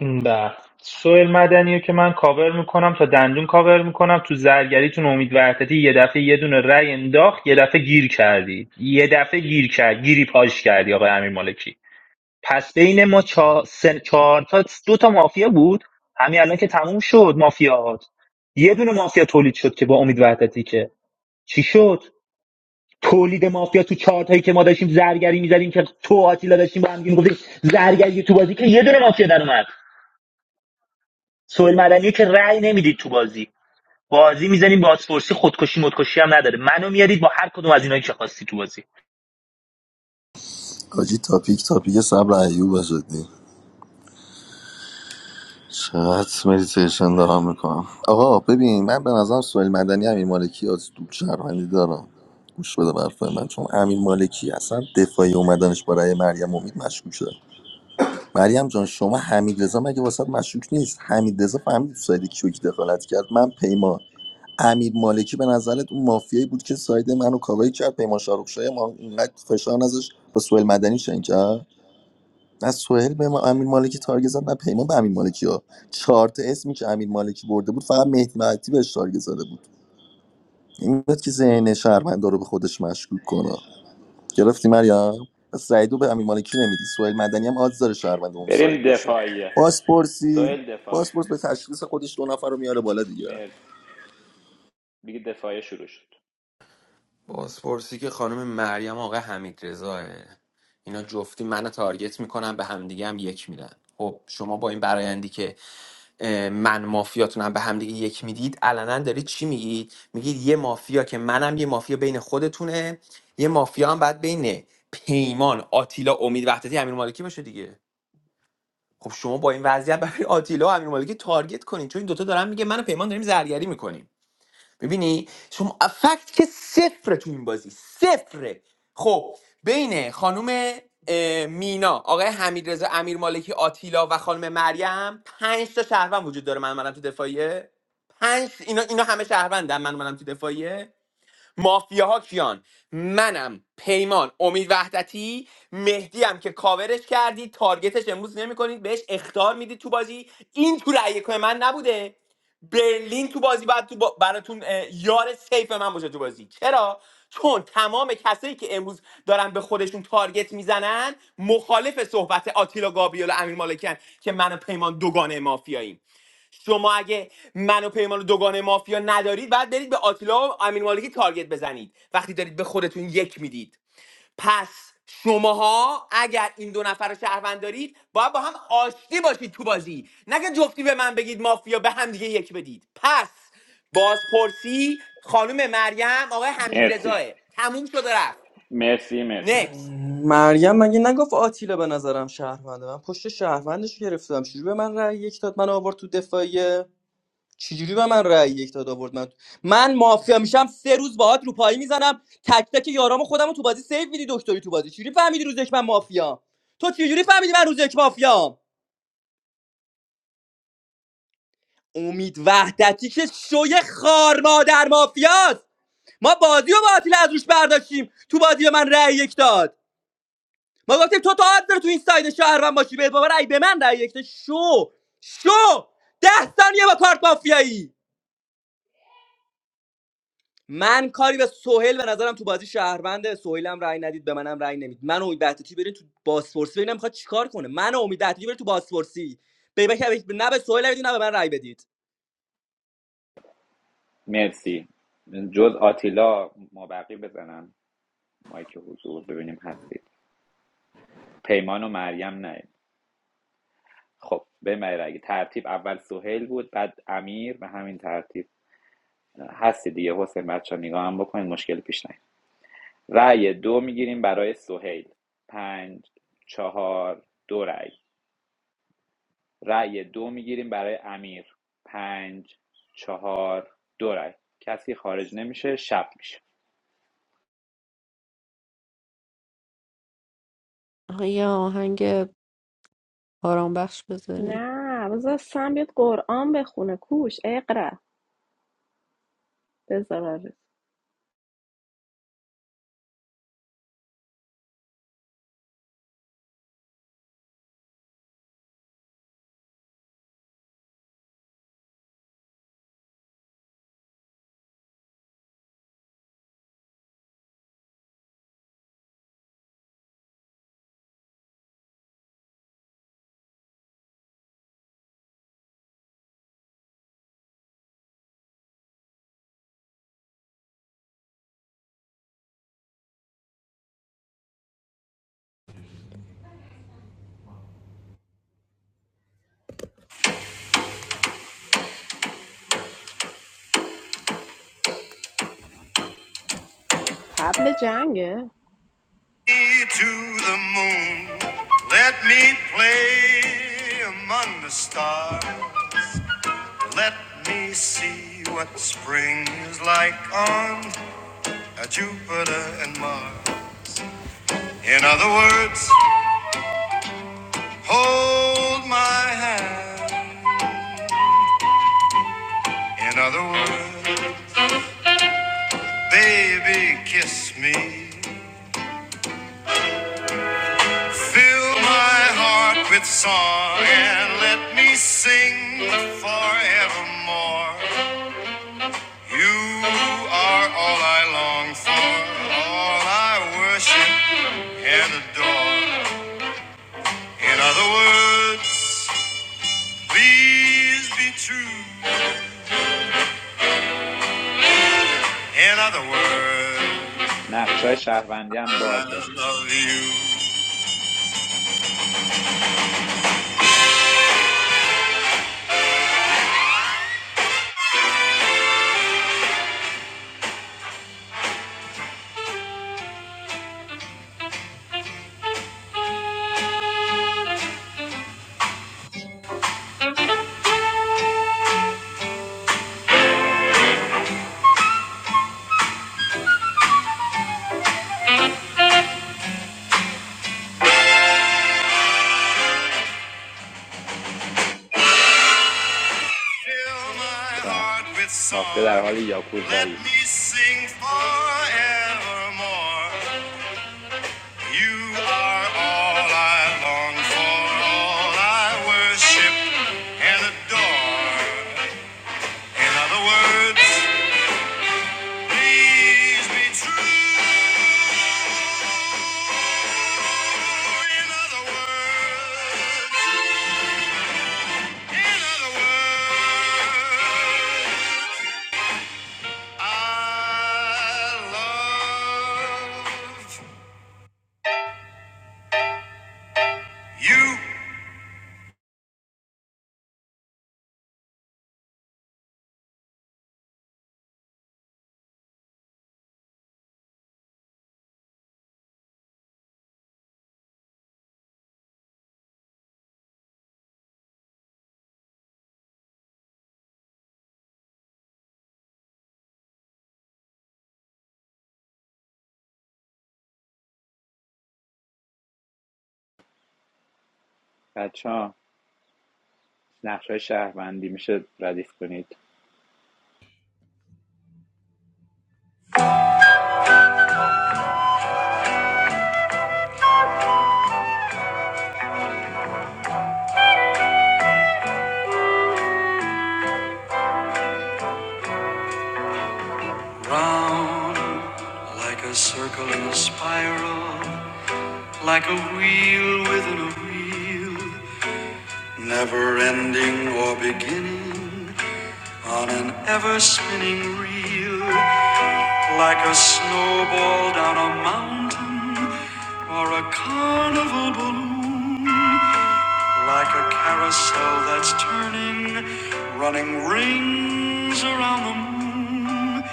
Speaker 4: به سوئیل مدنی رو که من کاور میکنم تا دندون کاور میکنم تو زرگریتون امید وحدتی یه دفعه یه دونه رأی انداخت یه دفعه گیر کردی یه دفعه گیر کرد گیری پاش کردی آقای امیر مالکی پس بین ما چهار, سه... چهار تا دو تا مافیا بود همین الان که تموم شد مافیات یه دونه مافیا تولید شد که با امید وحدتی که چی شد تولید مافیا تو چارتایی که ما داشتیم زرگری میزدیم که تو و آتیلا داشتیم با هم میگفتیم زرگری تو بازی که یه دونه مافیا در اومد سوئیل مدنی که رأی نمیدید تو بازی بازی میزنیم بازپرسی خودکشی مدکشی هم نداره منو میارید با هر کدوم از اینایی که خواستی تو بازی
Speaker 11: آجی تاپیک تاپیک صبر ایوب شدی چقدر مدیتیشن دارم میکنم آقا ببین من به نظرم سوال مدنی امیر مالکی از دو شهروندی دارم گوش بده برفای من چون امیر مالکی اصلا دفاعی اومدنش برای مریم امید مشکوکه مریم جان شما حمید رضا مگه واسه مشکوک نیست حمید رضا فهمید تو ساید کیوک دخالت کرد من پیمان امیر مالکی به نظرت اون مافیایی بود که ساید منو کاوی کرد پیمان شاروخشای ما اینقدر فشار نذاشت با سوال مدنی شنگ کرد نه سهیل به ما امیر مالکی تارگت زد نه پیمان به امیر مالکی ها چهار تا اسمی که امیر مالکی برده بود فقط مهدی مهدی بهش تارگت زده بود این بود که ذهن شهروندا رو به خودش مشکوک کنه گرفتی مریم پس سعیدو به امیر مالکی نمیدی سهیل مدنی هم آز داره شهروند اون
Speaker 10: بریم
Speaker 11: سایت باشه
Speaker 10: دفاعیه
Speaker 11: بازپرسی
Speaker 10: سهیل دفاع
Speaker 11: بازپرس به تشخیص خودش دو نفر رو میاره بالا دیگه
Speaker 10: مرسی دیگه دفاعیه شروع شد
Speaker 5: بازپرسی که خانم مریم آقا حمید رضاه اینا جفتی منو تارگت میکنن خب شما با این برایندی که اه، من مافیه کنن دید میگید یه مافیه یه مافیه آن خب شما با این وضعیت برای آتیلا و امیر مالکی تارگت کنین چون این دوتا دارن میگه منو پیمان داریم زرگری میکنیم ببینی شما فکت که صفر تو این بازی صفره خب بین خانم اه، مینا آقای حمیدرضا امیر مالکی آتیلا و خانم مریم پنج تا شهروند وجود داره من منم تو دفاعیه پنج اینا اینا همه شهروندن من منم تو دفاعیه مافیاها کیان منم پیمان امید وحدتی مهدی هم که کاورش کردی تارگتش امروز نمیکنید بهش اختار میدی تو بازی این تو رأی یکای من نبوده برلین تو بازی بعد تو با- براتون اه، یار سیف من باشه تو بازی چرا چون تمام کسایی که امروز دارن به خودشون تارگت میزنن مخالف صحبت آتیلا گابریل و امیر مالکن که من و پیمان دوگانه مافیاییم شما اگه من و پیمان و دوگانه مافیا ندارید بعد برید به آتیلا و امین مالکی تارگت بزنید وقتی دارید به خودتون یک میدید پس شماها اگر این دو نفر رو شهروند دارید باید با هم آشتی باشید تو بازی نگه جفتی به من بگید مافیا به هم دیگه یک بدید پس بازپرسی خانم مریم آقای حمید
Speaker 10: مرسی
Speaker 5: رضاه، تموم شد و رفت
Speaker 10: مرسی مرسی
Speaker 5: نکس
Speaker 12: مریم مگه نگفت آتیلا به نظرم شهرونده من پشت شهروندش رو گرفتم چجوری به من رأی یک داد من آورد تو دفاعیه چجوری به من رأی یک داد آورد من من مافیا میشم سه روز باهات رو پایی میزنم تک تک یارام خودم رو تو بازی سیو میدی دکتری تو بازی چجوری فهمیدی روزش من مافیا تو چجوری فهمیدی من روزش مافیا امید وحدتی که شوی خار مادر مافیاست ما بازی و باطیل از روش برداشتیم تو بازی به من رأی یک داد ما گفتیم تو تا حد داره تو این ساید شهروند باشی به بابا رأی به من رأی یک داد شو شو ده ثانیه با کارت مافیایی من کاری به سهیل به نظرم تو بازی شهرونده سهیل هم رأی ندید به منم رأی نمید من و امید وحدتی برین تو بازپرسی ببینم میخواد چیکار کنه من و امید وحدتی برین تو بازپرسی به به- نه به سهیل رأی بدید، نه به من رأی بدید
Speaker 10: مرسی جز آتیلا مابقی بزنن مایک حضور ببینیم هستید پیمان و مریم نه خب به اگه ترتیب اول سهیل بود بعد امیر به همین ترتیب هستی دیگه حسین بچه ها نگاه هم بکنید مشکل پیش نیاد رأی دو میگیریم برای سهیل پنج چهار دو رأی رأی دو میگیریم برای امیر پنج چهار دو رأی کسی خارج نمیشه شب میشه
Speaker 3: ایا هنگ باران بسپذیری
Speaker 1: نه بذار سم بیاد قرآن بخونه کوش اقرا بذار تبل جنگه
Speaker 3: In other words, baby, kiss me. Fill my heart with song and let me sing forevermore. You are all I long for, all I worship and adore. In other words, please be true. In other words,
Speaker 10: نقشای شهروندی هم بازه
Speaker 3: I love you. Fill my
Speaker 10: ببخشید
Speaker 3: heart with
Speaker 10: مافیا در
Speaker 3: song.
Speaker 10: حال
Speaker 3: Let
Speaker 10: یاکوزایی است
Speaker 3: me sing forevermore. You are all I long for, all I worship and adore. In other words, please be true. In other words, in other words. I love you.
Speaker 10: بچه ها نقشای شهروندی میشه ردیف کنید
Speaker 3: Round like a circle in a spiral, like a wheel within a wheel, never ending or beginning on an ever spinning reel, like a snowball down a mountain or a carnival balloon. Like a carousel that's turning, running rings around the moon.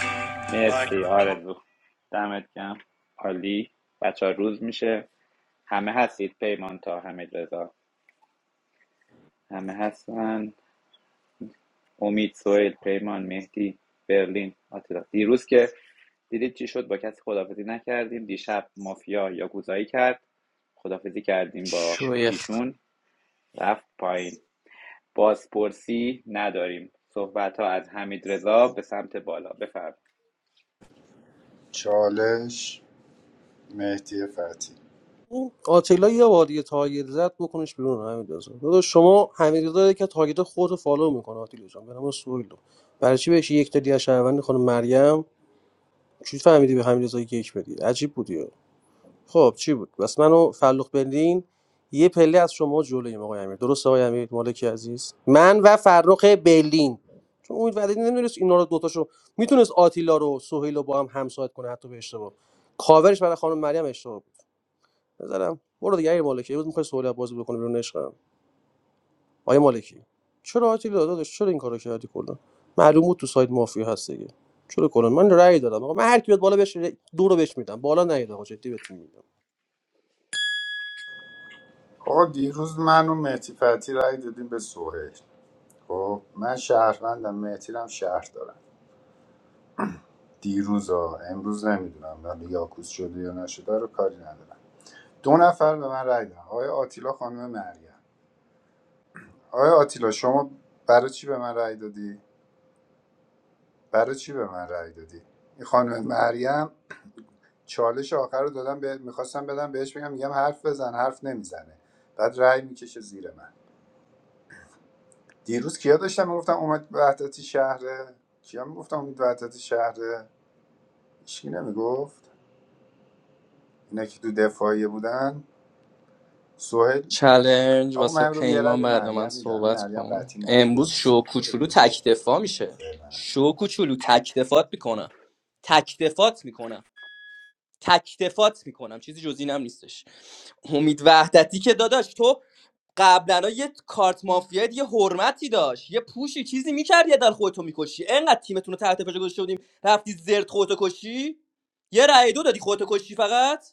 Speaker 3: Like
Speaker 10: مرسی آرزو دمت گم عالی بچه ها روز میشه همه هستید پیمان تا همه رضا همه هستن امید سوئیل پیمان مهدی برلین آتیلا دیروز که دیدید چی شد با کسی خدافزی نکردیم دیشب مافیا یاکوزایی کرد خدافزی کردیم با
Speaker 12: شوی
Speaker 10: ایشون رفت پایین بازپرسی نداریم صحبت ها از حمید به سمت بالا بفرم
Speaker 17: چالش مهدی فتحی
Speaker 19: این آتیلا یه بار دیگه تارگت زد بکنش بیرون حمید رضا داداش شما حمید داره که تارگت خودتو فالو میکنه آتیلا جان به نام سویل رو. برای چی بهش یک تا دیگه از شهروند خانم مریم چی فهمیدی به حمید رضا یک بدی عجیب بودی خب چی بود بس منو فلوخ بندین یه پله از شما جلویم آقای امیر درست آقای امیر مالکی عزیز من و فرخ برلین چون امید وحدتی نمیدونست اینا رو دوتاشو میتونست آتیلا رو سهیل رو با هم همساعد کنه حتی به اشتباه کاورش برای خانم مریم اشتباه بزنم برو دیگه امیر مالکی امروز میخوای سوال بازی بکنه بیرون عشقم آیا مالکی چرا آتیل داداش چرا این کارو کردی کلا معلوم بود تو سایت مافیا هست دیگه چرا کلا من رأی دادم آقا من هر کی بیاد بالا بهش ر- دو رو بهش میدم بالا نیاد آقا جدی بهتون میگم
Speaker 17: آقا دیروز من و مهدی فتی رأی دادیم به سهیل خب من شهروندم مهتیرم شهر دارم دیروز ها امروز نمیدونم ولی یاکوس شده یا نشده رو کاری ندارم دو نفر به من رای دادن آقای آتیلا خانم مریم آقای آتیلا شما برای چی به من رای دادی برای چی به من رای دادی این خانم مریم چالش آخر رو دادم به میخواستم بدم بهش بگم میگم حرف بزن حرف نمیزنه بعد رای میکشه زیر من دیروز کیا داشتم میگفتم امید وحدتی شهره کیا میگفتم امید وحدتی شهره هیچکی نمیگفت اینا که تو دفاعیه بودن سهیل.
Speaker 12: چلنج
Speaker 17: آقا
Speaker 12: واسه
Speaker 17: من رو یه رای
Speaker 12: پیمان
Speaker 17: به
Speaker 12: بعد من
Speaker 17: مریم میدم
Speaker 12: صحبت
Speaker 17: مریم
Speaker 12: کن
Speaker 17: قطعی مافیه
Speaker 12: امروز شو
Speaker 17: بازیه بره
Speaker 12: کوچولو
Speaker 17: بیرون
Speaker 12: تکدفاع میشه
Speaker 17: فعلا
Speaker 12: شو کوچولو تکدفات میکنم تکدفات میکنم تکدفات میکنم چیزی جز اینم نیستش امید وحدتی که داداش تو قبلا یه کارت مافیایی یه حرمتی داشت یه پوشی چیزی میکرد یه در خودتو میکشی انقدر تیمتون رو تحت فشار گذاشته بودیم رفتی زرد خودتو کشی یه رای دو دادی خودتو کشی فقط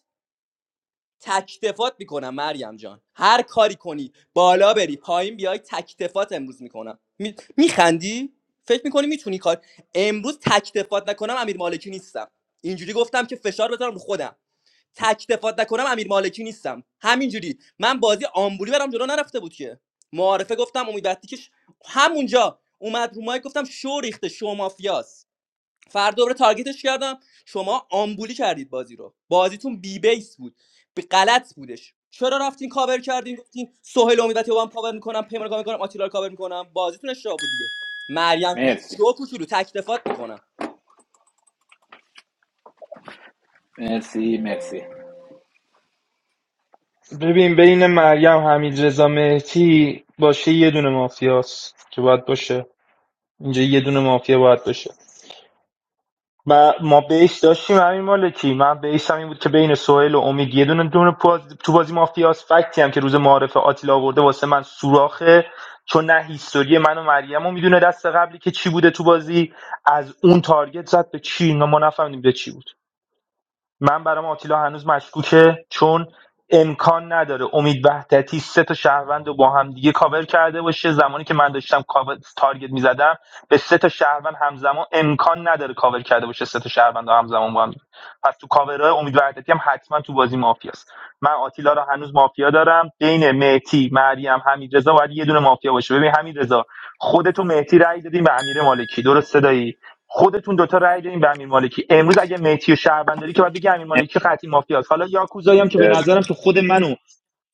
Speaker 12: تکتفات میکنم مریم جان هر کاری کنی بالا بری پایین بیای تکتفات امروز میکنم می... میخندی فکر میکنی میتونی کار امروز تکتفات نکنم امیر مالکی نیستم اینجوری گفتم که فشار بذارم رو خودم تکتفات نکنم امیر مالکی نیستم همینجوری من بازی آمبولی برام جلو نرفته بود که معارفه گفتم امید که همونجا اومد رو مایک گفتم شو ریخته شو مافیاس. فرد دوباره تارگتش کردم شما آمبولی کردید بازی رو بازیتون بی بیس بود به غلط بودش چرا رفتین کاور کردین گفتین سهیل امیدتی رو هم کاور میکنم پیمان کاور میکنم آتیلا رو کاور میکنم بازیتون اشتباه بود دیگه مریم کوچولو
Speaker 10: مرسی
Speaker 12: شو کوچولو تکتفات میکنم
Speaker 10: مرسی مرسی
Speaker 4: ببین بین مریم حمید رضا مهدی باشه یه دونه مافیاست که باید باشه اینجا یه دونه مافیا باید باشه و ما بیس داشتیم همین مالکی من بیس هم این بود که بین سوهل و امید یه دونه دونه تو بازی مافیاس فکتی هم که روز معارف آتیلا آورده واسه من سوراخه چون نه هیستوری من و مریم رو میدونه دست قبلی که چی بوده تو بازی از اون تارگت زد به چی ما ما نفهمیدیم به چی بود من برام آتیلا هنوز مشکوکه چون امکان نداره امید وحدتی سه تا شهروند رو با هم دیگه کاور کرده باشه زمانی که من داشتم کاور تارگت میزدم به سه تا شهروند همزمان امکان نداره کاور کرده باشه سه تا شهروند رو همزمان با هم پس تو کاورهای امید وحدتی هم حتما تو بازی مافیاست من آتیلا رو هنوز مافیا دارم بین مهتی مریم حمیدرضا باید یه دونه مافیا باشه ببین حمیدرضا خودت و مهتی رأی دادیم به امیر مالکی درست خودتون دوتا رأی دادین به امیر مالکی امروز اگه میتی و شهروند داری که باید بگی امیر مالکی قطعی مافیاست حالا یاکوزایی هم که به نظرم تو خود من و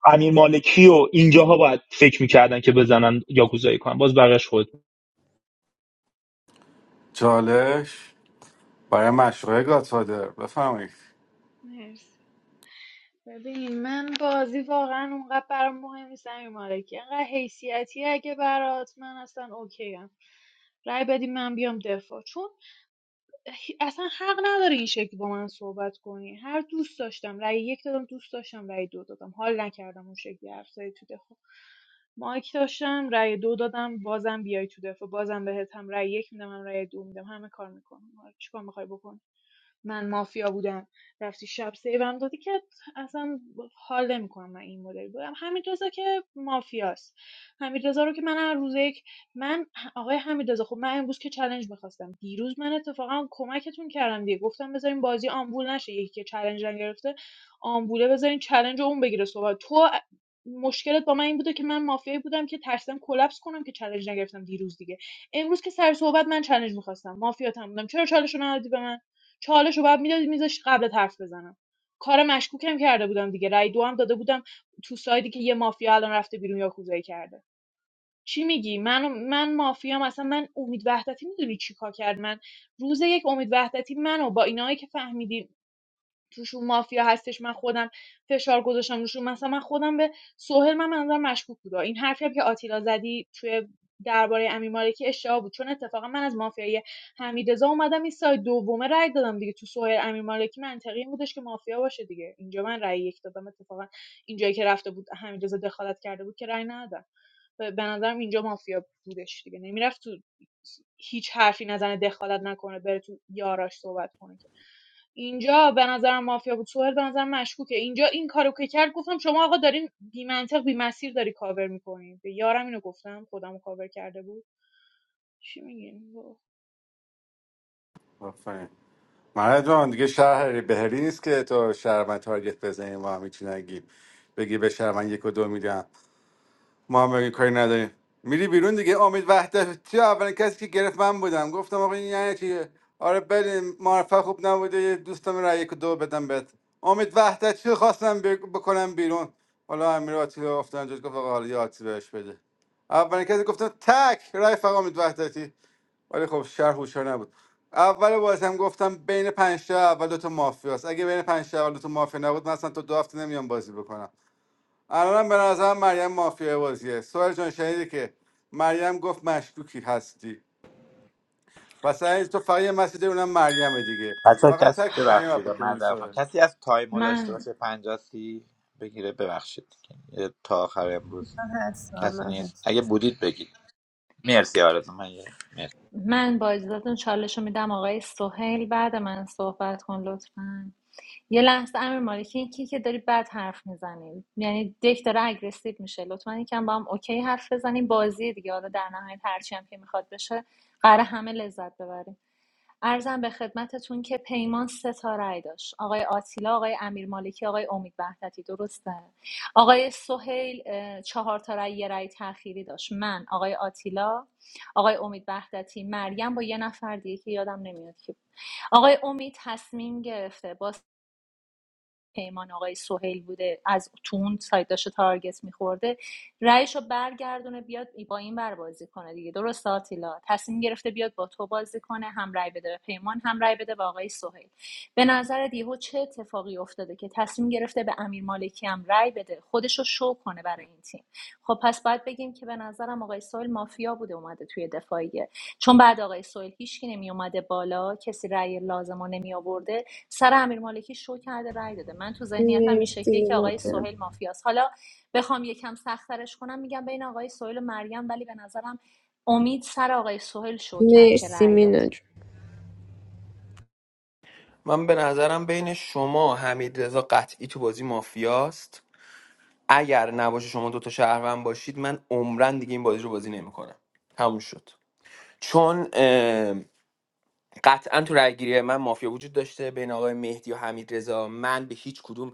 Speaker 4: امیر مالکی و اینجاها باید فکر میکردن که بزنن یاکوزایی کنن باز بقیش خود
Speaker 16: چالش برای مشروع گاتفادر بفرمایید
Speaker 18: مرسی ببین من بازی واقعا اونقدر برام مهم نیست امیر مالکی انقدر حیثیتی اگه برات من اصلا اوکی ام. رای بدیم من بیام دفاع چون هی- اصلا حق نداره این شکل با من صحبت کنی هر دوست داشتم رأی یک دادم دوست داشتم رأی دو دادم حال نکردم اون شکلی حرف زدی تو دفاع مایک داشتم رأی دو دادم بازم بیای تو دفاع بازم بهت هم رأی یک میدم هم رأی دو میدم همه کار میکنم چیکار میخوای بکنی من مافیا بودم رفتی شب سیوم دادی که اصلا حال نمیکنم من این مدل بودم همین رضا که مافیاست همین رضا رو که من هر روز یک من آقای حمیدرضا خب من امروز که چالش میخواستم دیروز من اتفاقا کمکتون کردم دیگه گفتم بذارین بازی آمبول نشه یکی که چالش نگرفته آمبوله بذارین چلنج رو اون بگیره صحبت تو مشکلت با من این بوده که من مافیایی بودم که ترسیدم کلپس کنم که چالش نگرفتم دیروز دیگه امروز که سر صحبت من چالش میخواستم مافیاتم بودم چرا چالش رو ندادی به من چالش رو بعد میدادی میذاشت قبل حرف بزنم کار مشکوکم کرده بودم دیگه رای دو هم داده بودم تو سایدی که یه مافیا الان رفته بیرون یا کوزایی کرده چی میگی من من مافیام اصلا من امید وحدتی میدونی چیکار کرد من روز یک امید وحدتی منو با اینایی که فهمیدین توشون مافیا هستش من خودم فشار گذاشتم روشون مثلا من خودم به سهیل من منظورم مشکوک بود این حرفی هم که آتیلا زدی توی درباره امیر مالکی اشتباه بود چون اتفاقا من از مافیای حمیدرضا اومدم این سایت دومه رای دادم دیگه تو سهیل امیر مالکی منطقی این بودش که مافیا باشه دیگه اینجا من رأی یک دادم اتفاقا اینجایی که رفته بود حمیدرضا دخالت کرده بود که رأی ندادم به به نظرم اینجا مافیا بودش دیگه نمیرفت تو هیچ حرفی نزنه دخالت نکنه بره تو یاراش صحبت کنه که اینجا به نظرم مافیا بود سوهر به نظرم مشکوکه اینجا این کارو که کرد گفتم شما آقا دارین بی منطق بی مسیر داری کاور میکنین به یارم اینو گفتم خودم کاور کرده بود چی میگین
Speaker 16: آفرین مرد جان دیگه شهر بهری نیست که تو شهرمن تارگت بزنی ما هم هیچی نگیم بگی به شهر من یک و دو میدم ما هم بگی کاری نداریم میری بیرون دیگه امید وحدتی اولین کسی که گرفت من بودم گفتم آقا این یعنی چیه آره بریم معرفه خوب نبوده یه دوستم را یک و دو بدم بهت امید وحدتی رو خواستم ب- بکنم بیرون حالا امیر آتی رو افتادن جد گفت آقا حالا یه آتی بهش بده اولین کسی گفتم تک رای فقط امید وحدتی ولی خب شهر هوشیار نبود اول بازی هم گفتم بین پنج تا اول دو تا مافیاست اگه بین پنج تا اول دو تا مافیا نبود من اصلا تو دو هفته نمیام بازی بکنم الانم به نظرم مریم مافیا بازیه سوال جان شنیدی که مریم گفت مشکوکی هستی و سعی تو فقط یه مسجد اونم مریم دیگه
Speaker 10: بچه
Speaker 16: فقط
Speaker 10: کسی
Speaker 16: تک مریم رو
Speaker 10: ببخشید
Speaker 16: بکنی
Speaker 10: معذرت خواهم
Speaker 16: سوال
Speaker 10: کسی از تایمو داشته
Speaker 13: من
Speaker 10: باشه 50 سی بگیره ببخشید یه تا آخر امروز کسی نیست
Speaker 3: هست
Speaker 10: اگه بودید بگید مرسی آرزو من یه- مرسی.
Speaker 13: من با اجازهتون چالش رو میدم آقای سهیل بعد من صحبت کن لطفا یه لحظه امیر مالکی این کی که داری بد حرف میزنی یعنی دک داره اگریسیو میشه لطفا یکم با هم اوکی حرف بزنیم بازی دیگه حالا در نهایت هرچی هم که میخواد بشه قراره همه لذت ببریم عرضم به خدمتتون که پیمان سه تا رأی داشت آقای آتیلا آقای امیر مالکی آقای امید وحدتی درسته آقای سهیل چهار تا رأی یه رأی تأخیری داشت من آقای آتیلا آقای امید وحدتی مریم با یه نفر دیگه که یادم نمیاد کی، آقای امید تصمیم گرفته با. پیمان آقای سهیل بوده از تو اون سایت داشته تارگت میخورده رأیش برگردونه بیاد با این بر بازی کنه دیگه درست آتیلا تصمیم گرفته بیاد با تو بازی کنه هم رأی بده به پیمان هم رأی بده به آقای سهیل به نظر دیهو چه اتفاقی افتاده که تصمیم گرفته به امیر مالکی هم رأی بده خودشو شو کنه برای این تیم خب پس باید بگیم که به نظرم آقای سهیل مافیا بوده اومده توی دفاعیه چون بعد آقای سهیل هیچکی نمی اومده بالا کسی رأی لازم رو نمی آورده سر امیر مالکی شو کرده رای داده من تو ذهنیتم این
Speaker 3: مرسی
Speaker 13: شکلیه که
Speaker 3: مینا
Speaker 13: آقای
Speaker 3: جون
Speaker 13: سهیل مافیاست حالا بخوام یکم سختترش کنم میگم بین آقای سهیل و مریم ولی به نظرم امید سر آقای سهیل شو کرد که
Speaker 3: مرسی
Speaker 13: رای داد
Speaker 3: مینا جون
Speaker 5: من به نظرم بین شما حمید رضا قطعی تو بازی مافیاست اگر نباشه شما دوتا شهروند باشید من عمرن دیگه این بازی رو بازی نمیکنم تموم شد چون قطعا تو رأیگیری من مافیا وجود داشته بین آقای مهدی و حمید من به هیچ کدوم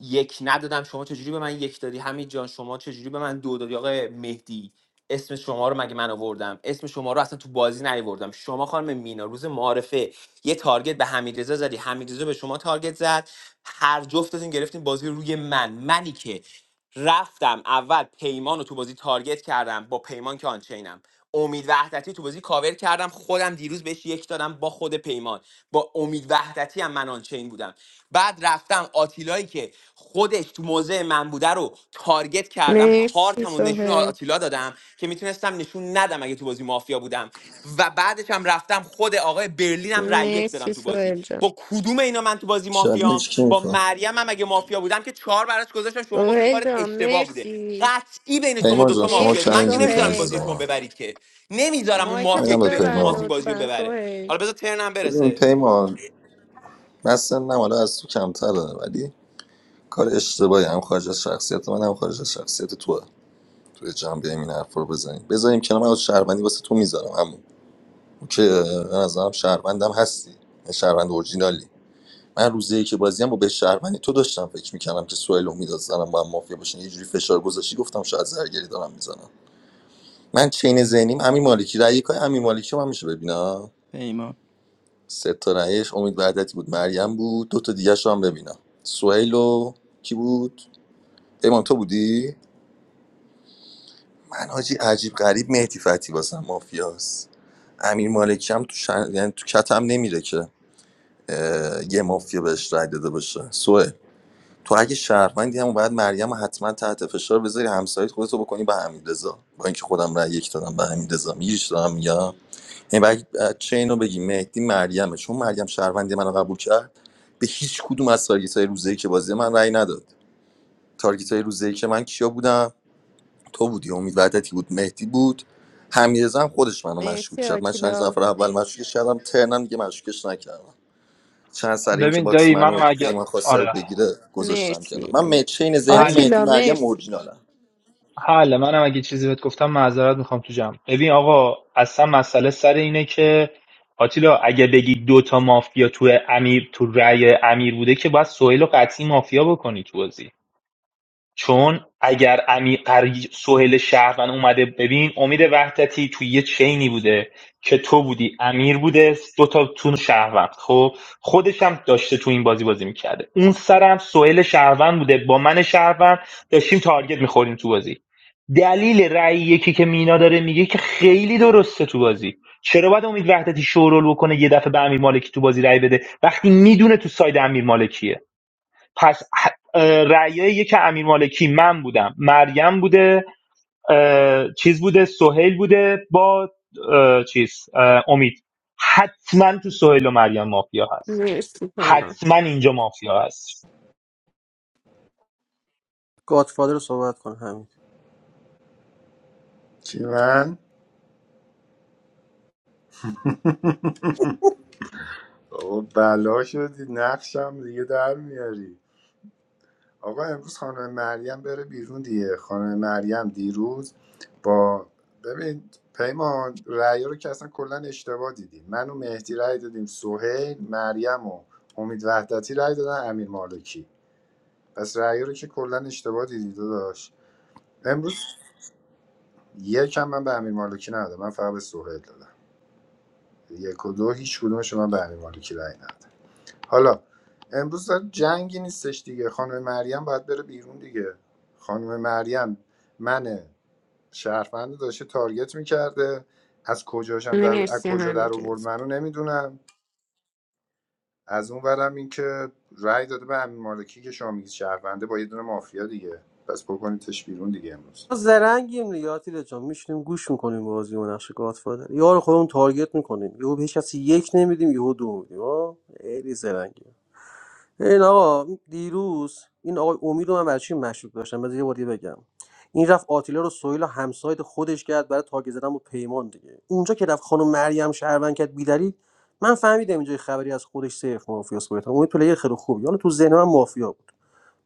Speaker 5: یک ندادم شما چجوری به من یک دادی حمید جان شما چجوری به من دو دادی آقای مهدی اسم شما رو مگه من آوردم اسم شما رو اصلا تو بازی نیاوردم شما خانم مینا روز معارفه یه تارگت به حمیدرضا زدی حمیدرضا به شما تارگت زد هر جفتتون گرفتین بازی روی من منی که رفتم اول پیمان رو تو بازی تارگت کردم با پیمان که آنچینم امید وحدتی تو بازی کاور کردم خودم دیروز بهش یک دادم با خود پیمان با امید وحدتی هم من آنچین بودم بعد رفتم آتیلایی که خودش تو موضع من بوده رو تارگت کردم
Speaker 3: مرسی
Speaker 5: کارتم و نشون
Speaker 3: سهیل
Speaker 5: آتیلا دادم که میتونستم نشون ندم اگه تو بازی مافیا بودم و بعدش هم رفتم خود آقای برلین هم رای یک دادم
Speaker 3: مرسی
Speaker 5: تو بازی
Speaker 3: سهیل جان
Speaker 5: با کدوم اینا من تو بازی مافیام
Speaker 11: چالش کی
Speaker 5: با
Speaker 11: میخوام
Speaker 5: مریم هم اگه مافیا بودم که چهار براش گذاشتم شما گفتی
Speaker 3: سهیل
Speaker 5: کارت
Speaker 3: جان
Speaker 5: اشتباه بوده
Speaker 3: مرسی
Speaker 5: قطعی بین شما
Speaker 11: پیمان جان
Speaker 5: دوتا
Speaker 11: شما
Speaker 5: مافیاست
Speaker 3: مرسی
Speaker 5: من که
Speaker 11: چالش میخوای
Speaker 5: نمیذارم
Speaker 3: سوهل
Speaker 5: بازی شما
Speaker 11: عزیزم
Speaker 5: ببرید که نمیذارم اون مافیا
Speaker 3: مایکتو
Speaker 11: همینم
Speaker 5: که
Speaker 11: به
Speaker 5: بین
Speaker 3: ببند
Speaker 5: شما
Speaker 11: پیمان
Speaker 5: این بازی رو
Speaker 3: لطفا
Speaker 5: ببره
Speaker 3: سهیل
Speaker 5: حالا بذار ترنم
Speaker 11: ببین
Speaker 5: برسه
Speaker 11: پیمان مثلا حالا از تو کمتره ولی کار اشتباهی هم خارج از شخصیت من هم خارج از شخصیت توه توی جمع بیایم این حرف رو بزنیم بذاریم کنار من از شهروندی واسه تو میذارم همون اوکی به نظرم شهروندم هستی یه شهروند اورجینالی من روزی که بازیم با به شهروندی تو داشتم فکر میکردم که سوئیل امید از زنم با هم مافیا باشن یه جوری فشار گذاشتی گفتم شاید زرگری دارم میزنم من چین ذهنیم امین مالکی رأی کای امین مالکی رو من میشه ببینم
Speaker 12: پیمان
Speaker 11: سه تا رأیش امید وحدتی بود مریم بود دو تا دیگه هم ببینم سوئیل و کی بود ایمان تو بودی من حاجی عجیب غریب مهدی فتی واسم مافیاست امیر مالکی هم تو شن... یعنی تو کتم نمیره که اه، یه مافیا بهش رای داده باشه سوه تو اگه شهروندی هم باید مریم رو حتما تحت فشار بذاری همسایت خودتو بکنی به همین رضا با اینکه خودم رای یک دادم به همین رضا میگیری چی دارم میگم یعنی باید چه اینو بگی مهدی مریمه چون مریم شهروندی منو قبول کرد به هیچ کدوم از تارگیت های روزه که بازی من رای نداد تارگیت های روزه که من کیا بودم تو بودی امید وحدتی بود مهدی بود حمیدرضا هم خودش منو مشکوک
Speaker 3: مرسی
Speaker 11: کرد من چند
Speaker 3: آتیلا
Speaker 11: نفر اول مشکوکش کردم ترنم دیگه مشکوکش نکردم چند سر اینکه
Speaker 4: ببین
Speaker 11: باکس
Speaker 4: دایی
Speaker 11: منو
Speaker 4: منم اگه
Speaker 11: پیمان خواسته
Speaker 4: آره
Speaker 11: بگیره گذاشتم کنار
Speaker 3: مرسی
Speaker 11: من مه- چین ذهنی
Speaker 4: حل
Speaker 11: مهدی
Speaker 3: آتیلا
Speaker 11: مریم
Speaker 3: مرسی
Speaker 11: اورجینالم
Speaker 4: حل منم اگه چیزی بهت گفتم معذرت میخوام تو جمع ببین آقا اصلا مسئله سر اینه که آتیلا اگه بگی دوتا مافیا تو امیر تو رأی امیر بوده که باید سهیل و قطعی مافیا بکنی تو بازی چون اگر امیر سهیل شهروند اومده ببین امید وحدتی توی یه چینی بوده که تو بودی امیر بوده دو تا تون شهروند خب خودش هم داشته تو این بازی بازی میکرده اون سرم سهیل شهروند بوده با من شهروند داشتیم تارگت میخوریم تو بازی دلیل رأی یکی که مینا داره میگه که خیلی درسته تو بازی چرا باید امید وحدتی شورول بکنه یه دفعه به امیر مالکی تو بازی رأی بده وقتی میدونه تو ساید امیر مالکیه پس اه، رأیای یک امیر مالکی من بودم مریم بوده چیز بوده سهیل بوده با چیز امید حتما تو سهیل و مریم مافیا هست
Speaker 3: مرسی پیمان
Speaker 4: حتما اینجا مافیا هست
Speaker 19: گادفادر رو صحبت کن همین
Speaker 17: چی من بابا بلا شدی نقشم دیگه در میاری آقا امروز خانم مریم بره بیرون دیگه خانم مریم دیروز با ببین پیمان رأی رو که اصلا کلا اشتباه دیدیم من و مهدی رأی دادیم سهیل مریم و امید وحدتی رأی دادن امیر مالکی پس رأی رو که کلا اشتباه دیدی داداش امروز یکم من به امیر مالکی ندادم من فقط به سهیل دادم یک و دو هیچ کدومش من به امیر مالکی رأی ندادم حالا امروز جنگی نیستش دیگه خانم مریم باید بره بیرون دیگه خانم مریم من شهروند رو داشته تارگت میکرده از کجاشم در از
Speaker 3: مرسی
Speaker 17: کجا
Speaker 3: همه
Speaker 17: در آورد
Speaker 3: جز
Speaker 17: منو نمیدونم از اون برم اینکه رأی داده به امیر مالکی که شما میگید شهرونده با یه دونه مافیا دیگه پس بکنیدش بیرون دیگه امروز
Speaker 19: ما زرنگیم دیگه آتیل جان میشینیم گوش میکنیم بازی و نقش گادفادر یارو خودمون تارگت میکنیم یهو به هیچ کسی یک نمیدیم یهو دو میدیم ها خیلی زرنگیم ببین آقا دیروز این آقای امید رو من برای چی مشروط داشتم بذار یه بار دیگه بگم این رفت آتیلا رو سویل و همسایت خودش کرد برای تاگ زدن با پیمان دیگه اونجا که رفت خانم مریم شهروند کرد بیدری من فهمیدم اینجا خبری از خودش صرف مافیاس بود امید پلیر خیلی خوبی حالا تو ذهن من مافیا بود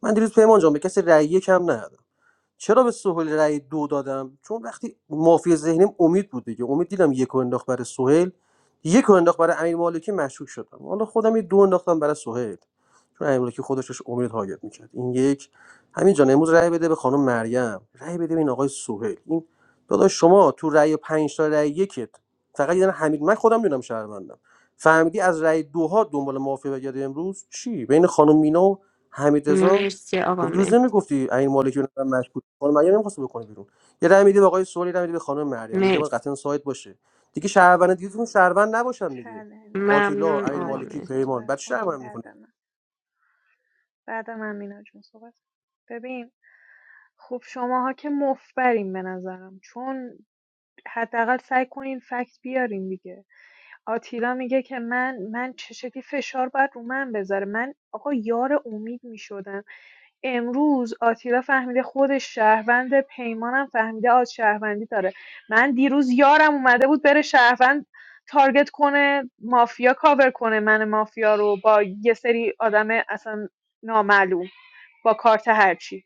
Speaker 19: من دیروز پیمان جان به کسی رأی کم ندادم چرا به سهیل رأی دو دادم چون وقتی مافی ذهنیم امید بود دیگه امید دیدم یک رو انداخت برای سهیل یک رو انداخت برای امیر مالکی مشکوک شدم حالا خودم یه دو انداختم برای سهیل چون امیر مالکی خودش داشت امید تارگت میکرد این یک همینجان امروز رأی بده به خانم مریم رأی بده به این آقای سهیل این داداش شما تو رأی پنج تا رأی یکت فقط یه دونه حمید من خودم میدونم شهروندم فهمیدی از رأی دوها دنبال مافی بگردی امروز چی بین خانم مینا و حمیدرضا
Speaker 3: مرسی آقا
Speaker 19: میگه دیروز
Speaker 3: مهدی
Speaker 19: نمیگفتی این مالکی رو من مشکوک خانم مریم نمیخواست بکنه بیرون یه رأی میدی به آقای سوالی رأی میدی به خانم مریم اینجا باید
Speaker 3: مرسی
Speaker 19: قطعا سایت باشه دیگه شهروند دیگه تو شهروند نباشن دیگه
Speaker 18: چلنج
Speaker 19: آتیلا
Speaker 3: ممنون
Speaker 19: امیر
Speaker 18: مینا
Speaker 3: آقا
Speaker 18: جون
Speaker 19: مالکی
Speaker 3: مهدی
Speaker 19: پیمان
Speaker 18: صحبت
Speaker 19: بعد
Speaker 18: کنیم
Speaker 19: شهروند میکنه
Speaker 18: بعد من بعد من مینا جون صحبت ببین خب شماها که مفبرین به نظرم چون حداقل سعی کنین فکت بیارین دیگه آتیلا میگه که من من چه شکلی فشار باید رو من بذاره من آقا یار امید میشدم امروز آتیلا فهمیده خودش شهروند پیمانم فهمیده آز شهروندی داره من دیروز یارم اومده بود بره شهروند تارگت کنه مافیا کاور کنه من مافیا رو با یه سری آدم اصلا نامعلوم با کارت هرچی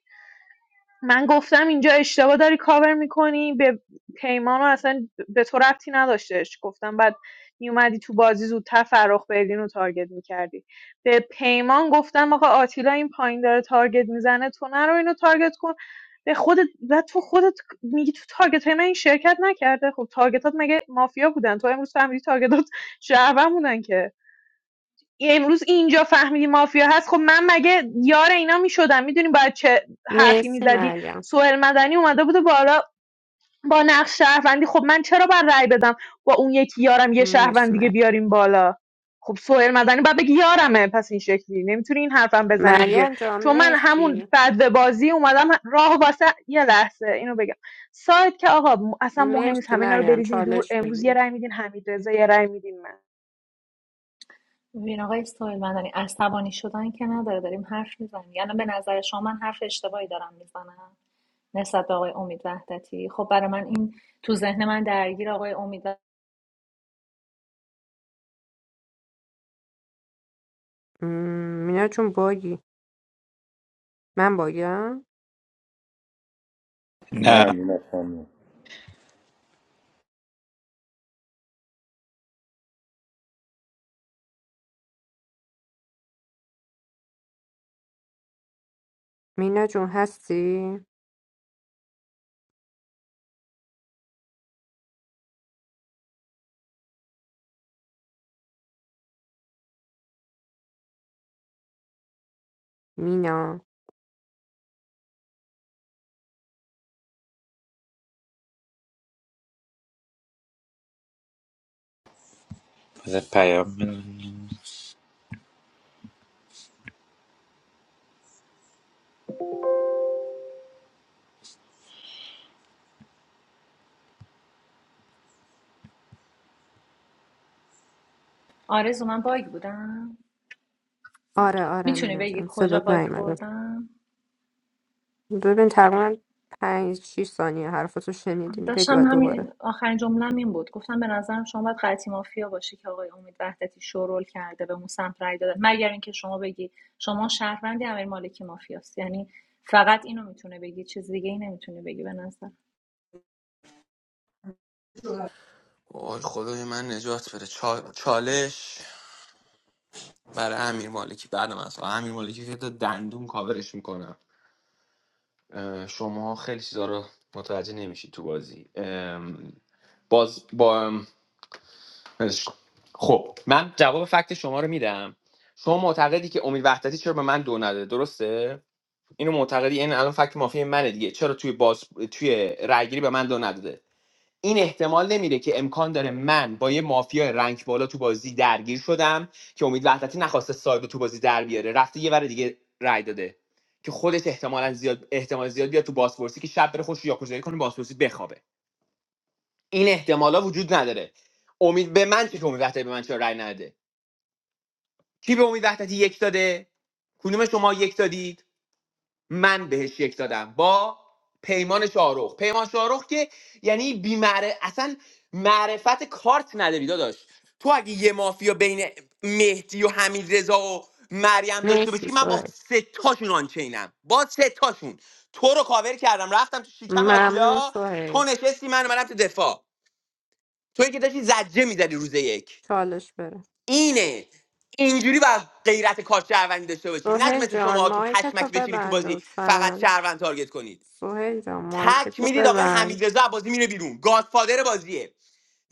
Speaker 18: من گفتم اینجا اشتباه داری کاور میکنی به پیمان رو اصلا به تو ربطی نداشتش گفتم بعد میومدی تو بازی زودتر فرخ بردین رو تارگت میکردی به پیمان گفتم آقا آتیلا این پایین داره تارگت میزنه تو نرو اینو تارگت کن به خودت و تو خودت میگی تو تارگت های من این شرکت نکرده خب تارگتات مگه مافیا بودن تو امروز فهمیدی تارگتات شهروند بودن که امروز اینجا فهمیدی مافیا هست خب من مگه یار اینا میشدم میدونی باید چه حرفی
Speaker 3: مرسی
Speaker 18: میزدی
Speaker 3: مریم
Speaker 18: سوهل مدنی اومده بوده بالا با نقش شهروندی خب من چرا باید رأی بدم با اون یکی یارم یه شهروند
Speaker 3: مرسی
Speaker 18: دیگه
Speaker 3: مریم
Speaker 18: بیاریم بالا خب سوهل مدنی باید بگی یارمه پس این شکلی نمیتونی این حرفم بزنی دیگه
Speaker 3: مریم جان
Speaker 18: چون من همون
Speaker 3: مرسی
Speaker 18: بعد بازی اومدم راه واسه یه لحظه اینو بگم سایت که آقا م- اصلا مهم نیست
Speaker 3: مرسی
Speaker 18: همه اینا رو
Speaker 3: مریم
Speaker 18: بریزین دور
Speaker 3: چالش
Speaker 18: امروز یه
Speaker 3: بگی
Speaker 18: رأی میدین حمید یه رأی میدین من
Speaker 13: ببین آقای سهیل مدنی عصبانی شدن که نداره داریم حرف میزنیم یعنی به نظر شما من حرف اشتباهی دارم میزنم نسبت به آقای امید وحدتی خب برای من این تو ذهن من درگیر آقای امید و-
Speaker 3: م، مینا جون باگی من باگم
Speaker 10: نه
Speaker 17: نه نه خانم
Speaker 3: مینا جون هستی مینا
Speaker 10: بذار پیام بدم.
Speaker 13: آرزو من باگ بودم
Speaker 3: آره آره
Speaker 13: میتونی
Speaker 3: مینا
Speaker 13: بگی
Speaker 3: جان
Speaker 13: کجا
Speaker 3: صدات
Speaker 13: باگ
Speaker 3: نیومده
Speaker 13: خوردم
Speaker 3: ببین تقریبا پنج شیش ثانیه حرفتو شنیدیم بگو
Speaker 13: داشتم
Speaker 3: دوباره
Speaker 13: همین آخرین جمله این بود گفتم به نظرم شما باید قطعی مافیا باشی که آقای امید وحدتی شورول کرده به اون سمت رای داده مگر اینکه شما بگی شما شهروندی امیر مالکی مافیاست یعنی فقط اینو میتونه بگی چیز دیگه ای نمیتونه بگی به نظر
Speaker 5: وای خدای من نجات بده چا- چالش برای امیر مالکی بعد من از- امیر مالکی که تا دندون کاورش میکنم شما خیلی چیزا رو متوجه نمیشید تو بازی باز با خب من جواب فکت شما رو میدم شما معتقدی که امید وحدتی چرا به من دو نده درسته اینو معتقدی این الان فکت مافی منه دیگه چرا توی باز توی رأیگیری به من دو نداده این احتمال نمیره که امکان داره من با یه مافیا رنگ بالا تو بازی درگیر شدم که امید وحدتی نخواسته ساید رو تو بازی در بیاره رفته یه ور دیگه رأی داده که خودش احتمالا زیاد احتمال زیاد بیاد تو بازپرسی که شب بره خوش یاکوزایی کنه بازپرسی بخوابه این احتمالا وجود نداره امید به من چه که امید وحدتی به من چرا رأی نده کی به امید وحدتی یک داده کدوم شما یک دادید من بهش یک دادم با پیمان شاروخ پیمان شاروخ که یعنی بیمعرف اصلا معرفت کارت نداری داداش تو اگه یه مافیا بین مهدی و حمید رضا و مریم داشته
Speaker 3: مرسی
Speaker 5: باشی من با
Speaker 3: سوهی
Speaker 5: سه تاشون آنچینم با سه تاشون تو رو کاور کردم رفتم تو شکم
Speaker 3: ممنون
Speaker 5: آتیلا تو
Speaker 3: سوهی
Speaker 5: نشستی من منم تو دفاع توی که داشتی زجه میزدی روز یک
Speaker 3: چالش بره
Speaker 5: اینه اینجوری باید غیرت کار شهروندی داشته باشی نه
Speaker 3: سوهل
Speaker 5: مثل
Speaker 3: جان
Speaker 5: شما که
Speaker 3: مایکتو
Speaker 5: پشمک بشینی تو
Speaker 3: ببند
Speaker 5: بازی فقط
Speaker 3: لطفا
Speaker 5: شهروند تارگت کنید
Speaker 3: سوهل جان
Speaker 5: تک
Speaker 3: مایکتو
Speaker 5: میدید آقای
Speaker 3: ببند
Speaker 5: حمیدرضا بازی میره بیرون گادفادر بازیه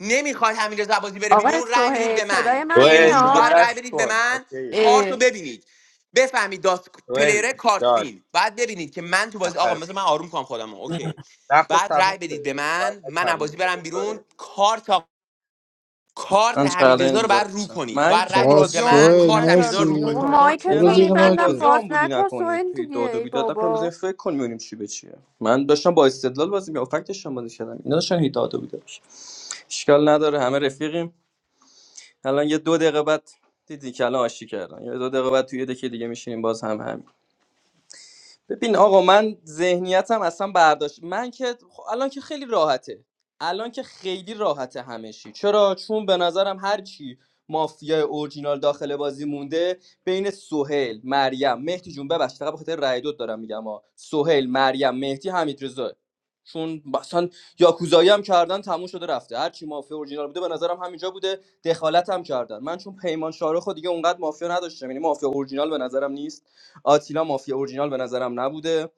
Speaker 5: نمیخواد حمیدرضا بازی بره
Speaker 3: آقای
Speaker 5: بیرون رأی میدید
Speaker 3: سوهل
Speaker 5: به
Speaker 3: صدای
Speaker 5: من
Speaker 3: من
Speaker 10: دوئل
Speaker 5: امروز
Speaker 10: دیگه
Speaker 3: میاد
Speaker 5: باید رأی
Speaker 10: بس
Speaker 5: بدید به
Speaker 10: کن
Speaker 5: من
Speaker 10: اوکی
Speaker 5: کارتو
Speaker 3: اه
Speaker 5: ببینید بفهمید داست
Speaker 10: دوئل
Speaker 5: پلیر کارت
Speaker 10: جان
Speaker 5: وین بعد ببینید که من تو بازی آقا
Speaker 10: نفر
Speaker 5: مثلا من آروم کنم خودم اوکی
Speaker 10: وقت
Speaker 5: بعد
Speaker 10: تموم
Speaker 5: رأی بدید
Speaker 10: شده
Speaker 5: به
Speaker 10: دیگه تایم
Speaker 5: من من از
Speaker 10: تموم
Speaker 5: بازی برم
Speaker 10: شده دوئل
Speaker 5: بیرون کارت کارت
Speaker 12: من
Speaker 5: حمیدرضا
Speaker 12: چالنج
Speaker 5: رو بر رو
Speaker 12: داشتم
Speaker 5: کنید
Speaker 12: من
Speaker 5: باید
Speaker 12: که
Speaker 5: رای
Speaker 2: آقا
Speaker 5: بدید به
Speaker 12: بازی
Speaker 5: من
Speaker 2: سوهل
Speaker 12: آمبولی
Speaker 5: کارت حمیدرضا
Speaker 12: نکردم
Speaker 5: رو
Speaker 2: مرسی
Speaker 5: رو
Speaker 12: مینا
Speaker 5: کنید
Speaker 3: بابا
Speaker 5: تو
Speaker 12: خانم من
Speaker 5: بازی
Speaker 2: برو
Speaker 3: مایکتو
Speaker 12: ترنم
Speaker 2: زیر
Speaker 12: میگفتم
Speaker 3: میبندم
Speaker 12: بازی
Speaker 2: ماکت
Speaker 3: باز
Speaker 12: آمبولی
Speaker 3: نکن
Speaker 12: نکنید
Speaker 3: سوهل
Speaker 12: توی
Speaker 3: دیگه
Speaker 12: داد و
Speaker 3: ای
Speaker 12: بیداد نکنید
Speaker 3: بابا
Speaker 12: بزنید فکر کنیم ببینیم چی به چیه من داشتم با استدلال بازی می‌کردم فکتش هم بازی کردم اینا داشتن هی داد و بیداد می‌کردن. اشکال نداره همه رفیقیم الان یه دو دقیقه بعد دیدی که الان آشتی کردن یه دو دقیقه بعد توی یه دکی دیگه میشینیم باز هم همین ببین آقا من ذهنیتم اصلا برداشت من که خب الان که خیلی راحته الان که خیلی راحته همشی چرا چون به نظرم هر چی مافیا اورجینال داخل بازی مونده بین سهیل مریم مهدی جون ببخشید فقط به خاطر رأی دوت دارم میگم ها سهیل مریم مهدی حمید رضا چون مثلا یاکوزایی هم کردن تموم شده رفته هر چی مافیا اورجینال بوده به نظرم همینجا بوده دخالت هم کردن من چون پیمان شارخ و دیگه اونقدر مافیا نداشتم یعنی مافیا اورجینال به نظرم نیست آتیلا مافیا اورجینال به نظرم نبوده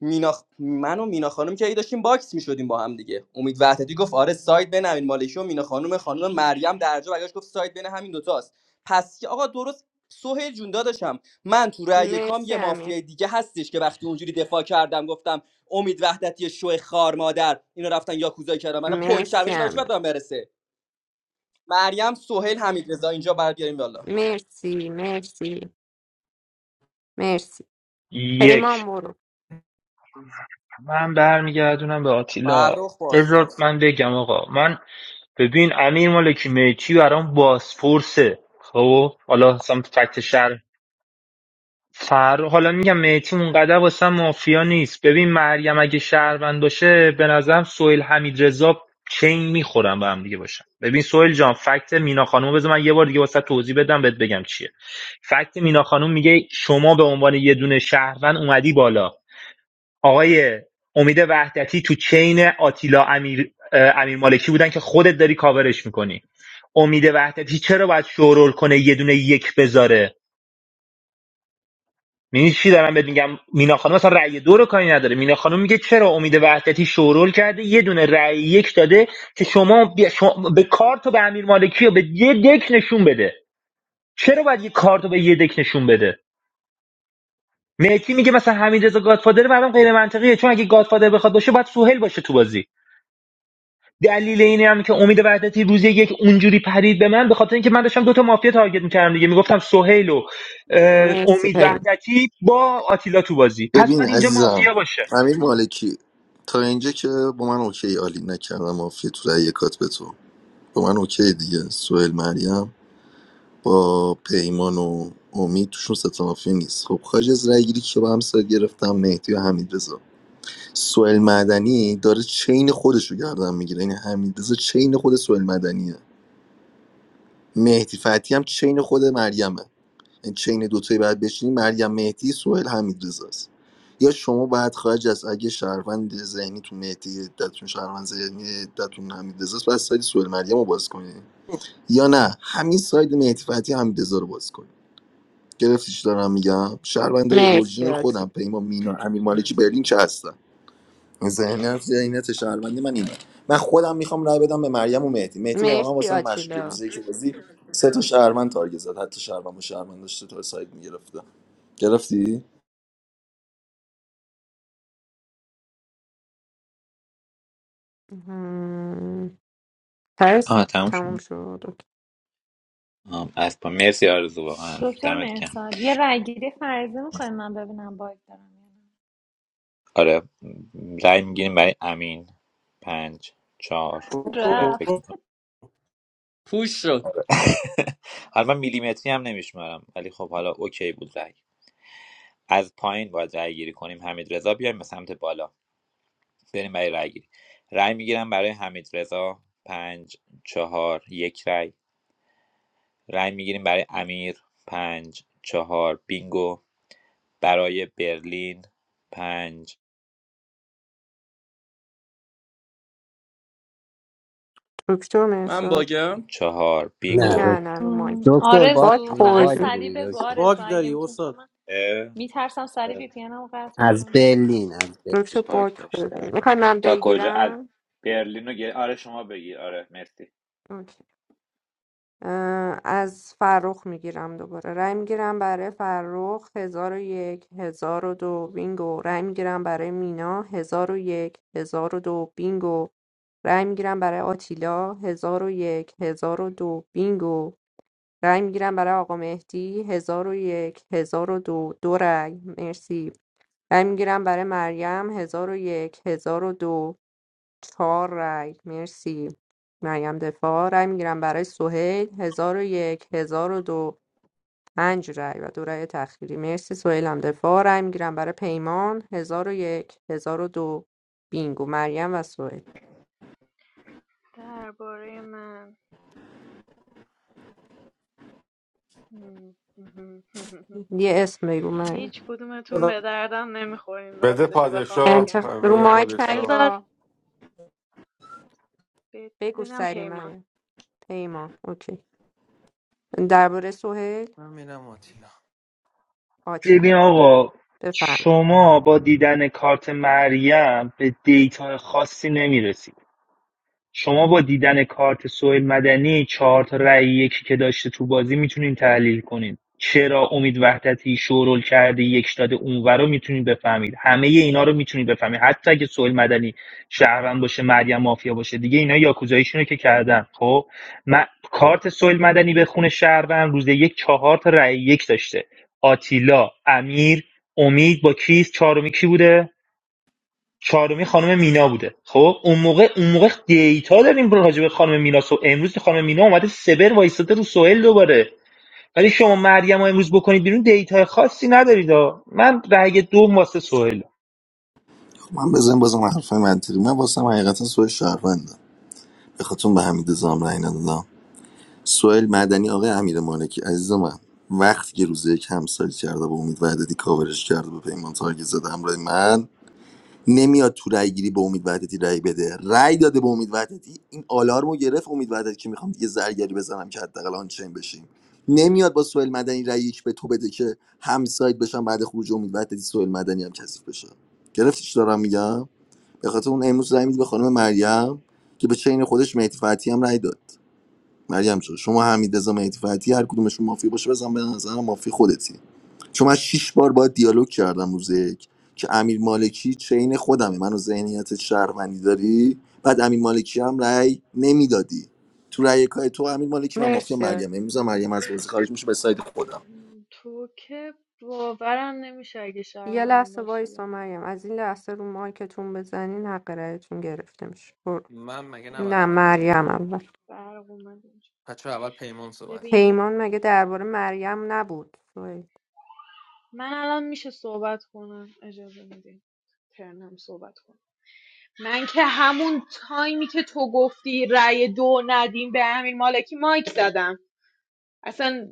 Speaker 12: مینا خ- من و مینا خانم که ای داشتیم باکس میشدیم با هم دیگه امید وحدتی گفت آره ساید بین امین مالکی و مینا خانم خانم مریم درجا برگشت گفت ساید بین همین دوتاست پس که آقا درست سهیل جون داداشم من تو رأی کام
Speaker 3: مرسی
Speaker 12: یه
Speaker 3: امیر
Speaker 12: مافیای دیگه هستش که وقتی اونجوری دفاع کردم گفتم امید وحدتی شو خار مادر اینا رفتن یاکوزا کردم من پوینت
Speaker 3: مرسی
Speaker 12: شرمش برای چی باید به
Speaker 3: امیر
Speaker 12: من برسه مریم سهیل حمیدرضا اینجا بر بیاریم والا
Speaker 3: مرسی مرسی مرسی
Speaker 4: یک
Speaker 3: پیمان برو
Speaker 4: من برمیگردونم به آتیلا
Speaker 12: فرخ
Speaker 4: بذار
Speaker 12: پاسپورت
Speaker 4: من بگم آقا من ببین امیر مالکی میچی برام بازپرسه خب حالا اصلا فکت شهر فر حالا میگم میتی اونقدر واسه مافیا نیست ببین مریم اگه شهروند باشه به نظرم سویل حمید رضا چین میخورن به هم دیگه باشن ببین سویل جان فکت مینا خانومو بذار من یه بار دیگه واسه توضیح بدم بهت بگم چیه فکت مینا خانوم میگه شما به عنوان یه دونه شهروند اومدی بالا آقای امید وحدتی تو چین آتیلا امیر اه، امیر مالکی بودن که خودت داری کاورش میکنی امید وحدتی چرا باید شورول کنه یه دونه یک بذاره میدونی چی دارم بهت میگم مینا خانم مثلا رأی دو رو کاری نداره مینا خانم میگه چرا امید وحدتی شورول کرده یه دونه رأی یک داده که شما, بیا- شما به کارت و به امیر مالکی و به یه دک نشون بده چرا باید یه کارت رو به یه دک نشون بده مهدی میگه مثلا حمید رضا گادفادر برام غیر منطقیه چون اگه گادفادر بخواد باشه باید سهیل باشه تو بازی دلیل اینه هم که امید وحدتی روز یک اونجوری پرید به من به خاطر اینکه من داشتم دو تا مافیا تارگت میکردم دیگه میگفتم سهیل و اه،
Speaker 3: مرسی
Speaker 4: امید
Speaker 3: پیمان
Speaker 4: وحدتی با آتیلا تو بازی پس
Speaker 11: ببین
Speaker 4: بعد اینجا
Speaker 11: عزیزم
Speaker 4: مافیا باشه
Speaker 11: امیر مالکی تا اینجا که با من اوکی عالی نکردم مافیا تو رأی کات به تو با من اوکی دیگه سوئیل مریم با پیمان و امید توشون ستا مافیا نیست خب خارج از رأی گیری که با همسایه گرفتم مهدی و حمیدرضا سوئیل مدنی داره چین خودش رو گردن میگیره یعنی حمیدرضا چین خود سوئیل مدنیه مهدی فتحی هم چین خود مریمه این چین دوتایی باید بشینی مریم مهدی سوئیل حمیدرضا است یا شما باید خارج از اگه شهروند ذهنی تو مهدی عدتون شهروند ذهنی عدتون حمیدرضا است بس ساید سوئیل مریم رو باز کنی یا نه همین ساید مهدی فتحی حمیدرضا رو باز کنی گرفتی چی دارم میگم شهروندای
Speaker 3: مرسی
Speaker 11: اورجینال
Speaker 3: آتی
Speaker 11: خودم پیمان مینا امیر مالکی برلین چه هستن ذهنیت ذهنیت شهروندی من اینه من خودم میخوام رای بدم به مریم و مهدی مهدی واقعا
Speaker 3: مرسی
Speaker 11: واسه من مشکوکه
Speaker 3: آتیلا
Speaker 11: روزی که بازی سه تا شهروند تارگت زد حتی شهروند و شهروند داشته تا سایت میگرفته گرفتی
Speaker 3: هم. پس
Speaker 10: آها تموم شد
Speaker 3: تموم شد
Speaker 10: آم، از پا مرسی آرزو واقعا
Speaker 13: دکتر
Speaker 10: دمت کم
Speaker 13: مهرساد یه رای گیری فرضی میکنی من ببینم باگ دارم یا نه.
Speaker 10: آره رای میگیریم برای امین پنج چهار خوبه فکر
Speaker 13: رفت
Speaker 10: میکنم
Speaker 12: پوش شد
Speaker 10: [laughs] حالا من میلیمتری هم نمیشمارم ولی خب حالا اوکی بود رای از پایین باید رای گیری کنیم حمید رضا بیایم به سمت بالا بریم برای رای گیری رای میگیرم برای حمید رضا پنج چهار یک رای رای میگیریم برای امیر پنج چهار بینگو برای برلین پنج
Speaker 3: دکتر مرسی
Speaker 12: من باگم
Speaker 10: چهار
Speaker 23: نه
Speaker 10: بینگو
Speaker 3: نه
Speaker 23: دک-
Speaker 3: نه رو
Speaker 13: م،
Speaker 3: مایک
Speaker 23: دکتر باد
Speaker 3: باک
Speaker 13: آرزو فقط
Speaker 23: باج
Speaker 3: خوردیم
Speaker 13: سریع
Speaker 23: بودی
Speaker 13: بگو
Speaker 23: دکتر
Speaker 13: آرزو
Speaker 19: باگ
Speaker 13: اگه
Speaker 19: داری
Speaker 13: میتونی چون
Speaker 19: استاد
Speaker 13: من میترسم سریع وی پی انم قطع
Speaker 23: از
Speaker 13: میکنه
Speaker 23: برلین از برلین.
Speaker 3: دکتر
Speaker 10: پاک
Speaker 3: باک خوردیم
Speaker 10: داشتم
Speaker 3: میخوای من
Speaker 10: تا کجا از
Speaker 3: بگیرم
Speaker 10: برلین رو گر... آره شما بگیر آره مرسی
Speaker 3: اوکی. اه، از فرخ میگیرم دوباره رای میگیرم برای فرخ هزار و یک هزار و دو بینگو رای میگیرم برای مینا هزار و یک هزار و دو بینگو رای میگیرم برای آتیلا هزار و یک هزار و دو بینگو رای میگیرم برای آقا مهدی هزار و یک هزار و دو دو رای مرسی رای میگیرم برای مریم هزار و یک هزار و دو چهار رای مرسی مریم دفاع رای میگیرم برای سهیل هزار و یک هزار و دو پنج رای و دو رای تخیری مرسی سهیل هم دفاع رای میگیرم برای پیمان هزار و یک هزار و دو بینگو مریم و سهیل
Speaker 18: درباره من مم. مهم. مهم.
Speaker 3: یه اسم بگو مریم
Speaker 18: هیچ کدومتون به دردم نمیخورین
Speaker 16: بده
Speaker 18: راستشو بخوام
Speaker 16: پادشاه
Speaker 3: انتخ...
Speaker 18: بگم
Speaker 3: رو
Speaker 16: بده
Speaker 3: مایک نه،
Speaker 16: پادشاه
Speaker 18: بذار
Speaker 3: یا بگو
Speaker 18: ببینم
Speaker 3: سری
Speaker 18: پیمان
Speaker 3: مریم پیمان اوکی درباره سهیل
Speaker 5: من میرم آتیلا
Speaker 3: آتیلا
Speaker 4: ببین آقا
Speaker 3: بفرم
Speaker 4: شما با دیدن کارت مریم به دیتا خاصی نمیرسی شما با دیدن کارت سوئیل مدنی چهار تا رأی یکی که داشته تو بازی میتونین تحلیل کنین چرا امید وحدتی شورول کرده یک داده اونور رو میتونین بفهمید همه اینا رو میتونید بفهمید حتی اگه سوئیل مدنی شهروند باشه مریم مافیا باشه دیگه اینا یاکوزاییشون رو که کردن خب من کارت سوئیل مدنی به خون شهروند روز یک چهار تا رأی یک داشته آتیلا امیر امید با کیس چهارمی کی بوده چهارمی خانم مینا بوده خب اون موقع اون موقع دیتا داریم راجع به خانم مینا سو امروز که خانم مینا اومده سبر وایستاده رو سوئل دوباره ولی شما مریم رو امروز بکنید بیرون دیتا خاصی ندارید من رأی دو واسه سوئل
Speaker 11: من بزن بازم حرف منطقی من واسه من حقیقتا سوال شهروندم به خاطر به حمید زام رای ندادم سوال مدنی آقای امیر مالکی عزیز من وقتی که روزه یک همسایت کرده با امید وحدتی کاورش کرده به پیمان تارگت زده همراه من نمیاد تو رای گیری به امید وحدتی رای بده رای داده به امید وحدتی این آلارمو گرفت امید وحدتی که میخوام دیگه زرگری بزنم که حداقل آن چین بشیم نمیاد با سوئیل مدنی رایش به تو بده که هم سایت بشم بعد خروج امید وحدتی سوئیل مدنی هم کثیف بشه گرفتی چی دارم میگم به خاطر اون امروز رای میدی به خانم مریم که به چین خودش مهدی فتحی هم رای داد مریم جان شما حمید رضا مهدی فتحی هر کدومشون مافیا باشه بزن به نظر مافیا خودتی چون من شیش بار باید دیالوگ کردم روز یک که امیر مالکی چین خودمه منو ذهنیت شهروندی داری بعد امیر مالکی هم رأی نمیدادی تو رأی کای تو امیر مالکی من مافیا
Speaker 3: مرسی
Speaker 11: مریم امروز هم مریم از بازی خارج میشه به ساید خودم
Speaker 18: مم، تو که باورم نمیشه اگه
Speaker 3: یه
Speaker 18: شهرم
Speaker 3: لحظه
Speaker 18: باشی
Speaker 3: وایسا
Speaker 18: یعنی
Speaker 3: مریم از این لحظه رو مایکتون بزنین حق رأیتون گرفته میشه برو
Speaker 5: من مگه
Speaker 18: اوه
Speaker 5: نباید
Speaker 3: نه
Speaker 18: اوه،
Speaker 5: اول
Speaker 18: یه
Speaker 5: دفاع
Speaker 3: مریم
Speaker 18: دقیقه
Speaker 5: کنم
Speaker 3: اول
Speaker 18: برق اومد اینجا.
Speaker 5: بچه اول پیمان صحبت کرد
Speaker 18: ببین
Speaker 3: پیمان مگه درباره مریم نبود سوهیل.
Speaker 18: من الان میشه صحبت کنم اجازه میدین ترنم صحبت کنم من که همون تایمی که تو گفتی رأی دو ندیم به امیر مالکی مایک زدم اصلا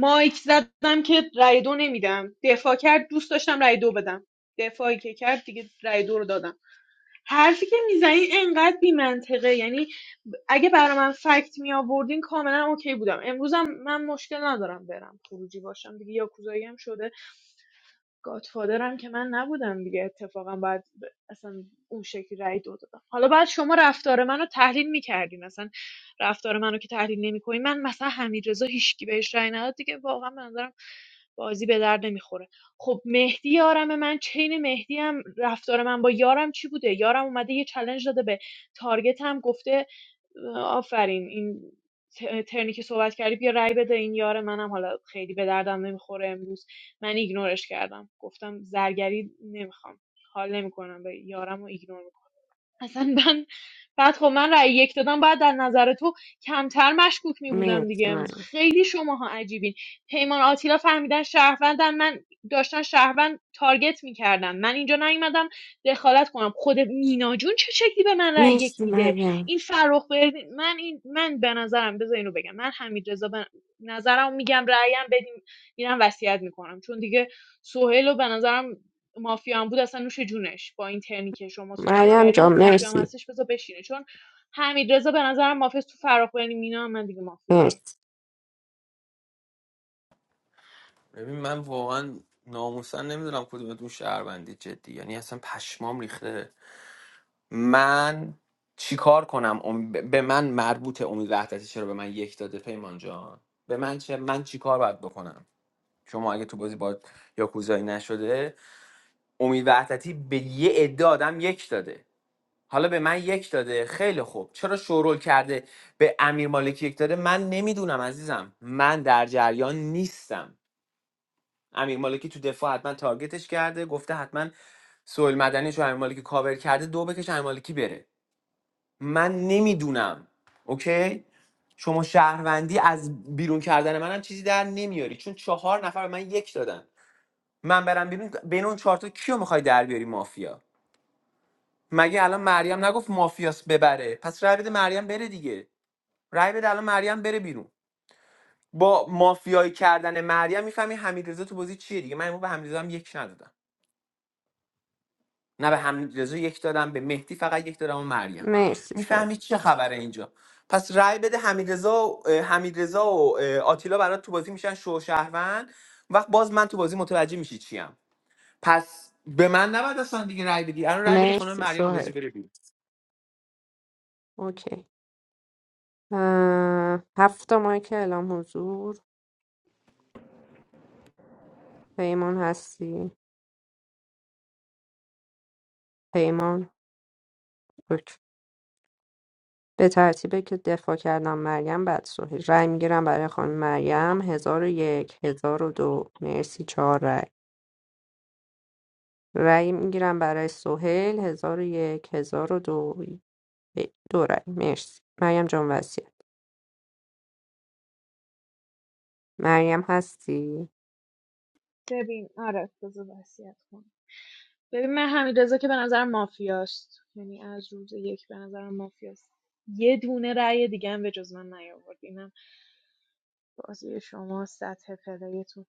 Speaker 18: مایک زدم که رای دو نمیدم دفاع کرد دوست داشتم رای دو بدم دفاعی که کرد دیگه رای دو رو دادم حرفی که میزنی انقدر بی منطقه یعنی اگه برای من فکت می آوردین کاملا اوکی بودم امروزم من مشکل ندارم برم خروجی باشم دیگه یاکوزایی هم شده گادفادرم که من نبودم دیگه اتفاقا بعد ب- اصلا اون شکلی رای دو دادم حالا بعد شما رفتار منو تحلیل میکردین رفتار منو که تحلیل نمیکنی من مثلا حمیدرضا هیچکی بهش رأی نداد دیگه واقعا به نظرم بازی به درد نمیخوره خب مهدی یارم من چین مهدی هم رفتار من با یارم چی بوده یارم اومده یه چلنج داده به تارگت هم گفته آفرین این ت- ترنی که صحبت کردی بیا رای بده این یار منم حالا خیلی به دردم نمیخوره امروز من ایگنورش کردم گفتم زرگری نمیخوام حال نمیکنم به یارم رو ایگنور میکنم اصلا من بعد خب من رأی یک دادم بعد در نظر تو کمتر مشکوک می بودم
Speaker 3: مرسی
Speaker 18: دیگه امروز
Speaker 3: مریم
Speaker 18: خیلی شماها عجیبین پیمان آتیلا فهمیدن شهروندن من داشتن شهروند تارگت میکردم من اینجا نیومدم دخالت کنم خود مینا جون چه شکلی به من رأی یک
Speaker 3: مرسی
Speaker 18: میده
Speaker 3: مریم
Speaker 18: این فرخ بردین من این من به نظرم بذار اینو بگم من حمید رضا به نظرم میگم رأیم بدیم میرم وصیت میکنم چون دیگه سهیل رو به نظرم مافیا هم بود اصلا نوش جونش با این ترنی که شما صحبت
Speaker 3: مریم جان
Speaker 18: کردین مافیا هم
Speaker 3: مرسی
Speaker 18: هستش بذار بشینه چون حمیدرضا به نظرم مافیا است. تو فراخ مینا هم من دیگه مافیا دارم
Speaker 3: مرسی
Speaker 5: ببین من واقعا ناموسا نمیدونم کدومتون شهروندی جدی یعنی اصلا پشمام ریخته من چیکار کنم ام- به من مربوط امید وحدتی چرا به من یک داده پیمان جان به من چه من چیکار باید بکنم شما اگه تو بازی با یاکوزایی نشده امید وحدتی به یه عده آدم یک داده حالا به من یک داده خیلی خوب چرا شورول کرده به امیر مالکی یک داده من نمیدونم من در جریان نیستم امیر مالکی تو دفاع حتما تارگتش کرده گفته حتما سویل مدنی رو امیر مالکی کاور کرده دو بکش امیر مالکی بره من نمیدونم اوکی شما شهروندی از بیرون کردن منم چیزی در نمیاری چون چهار نفر به من یک دادن من برم بیرون بین اون چهار تا کیو میخوای در بیاری مافیا مگه الان مریم نگفت مافیاس ببره پس رای بده مریم بره دیگه رای بده الان مریم بره بیرون با مافیایی کردن مریم میفهمی حمیدرضا تو بازی چیه دیگه من امروز به حمیدرضا هم یک ندادم نه به حمیدرضا یک دادم به مهدی فقط یک دادم و مریم
Speaker 3: مرسی سوهل
Speaker 5: میفهمی چه خبره اینجا پس رای بده حمیدرضا و اه، حمیدرضا و اه، آتیلا برات تو بازی میشن شو شهروند وقت باز من تو بازی متوجه میشی چیم پس به من نباید اصلا دیگه رای بدی الان رای بده خانم
Speaker 3: مرسی
Speaker 5: مریم بازی
Speaker 3: سوهل
Speaker 5: بره بیرون
Speaker 3: اوکی اه، هفت مایک اعلام حضور پیمان هستی پیمان اوکی. به ترتیبی که دفاع کردم مریم بدسوهی رای میگیرم برای خانم مریم هزار و یک هزار و دو مرسی چهار رای رای میگیرم برای سهیل هزار و یک هزار و دو دو رای مرسی مریم جان وسیعت مریم هستی
Speaker 18: ببین آره بذار وصیت کنم ببین من حمیدرضا که به نظرم مافیاست یعنی از روز یک به نظرم مافیاست یه دونه رأی دیگه هم به جز من نیاورد اینم بازی شما سطح پلیتون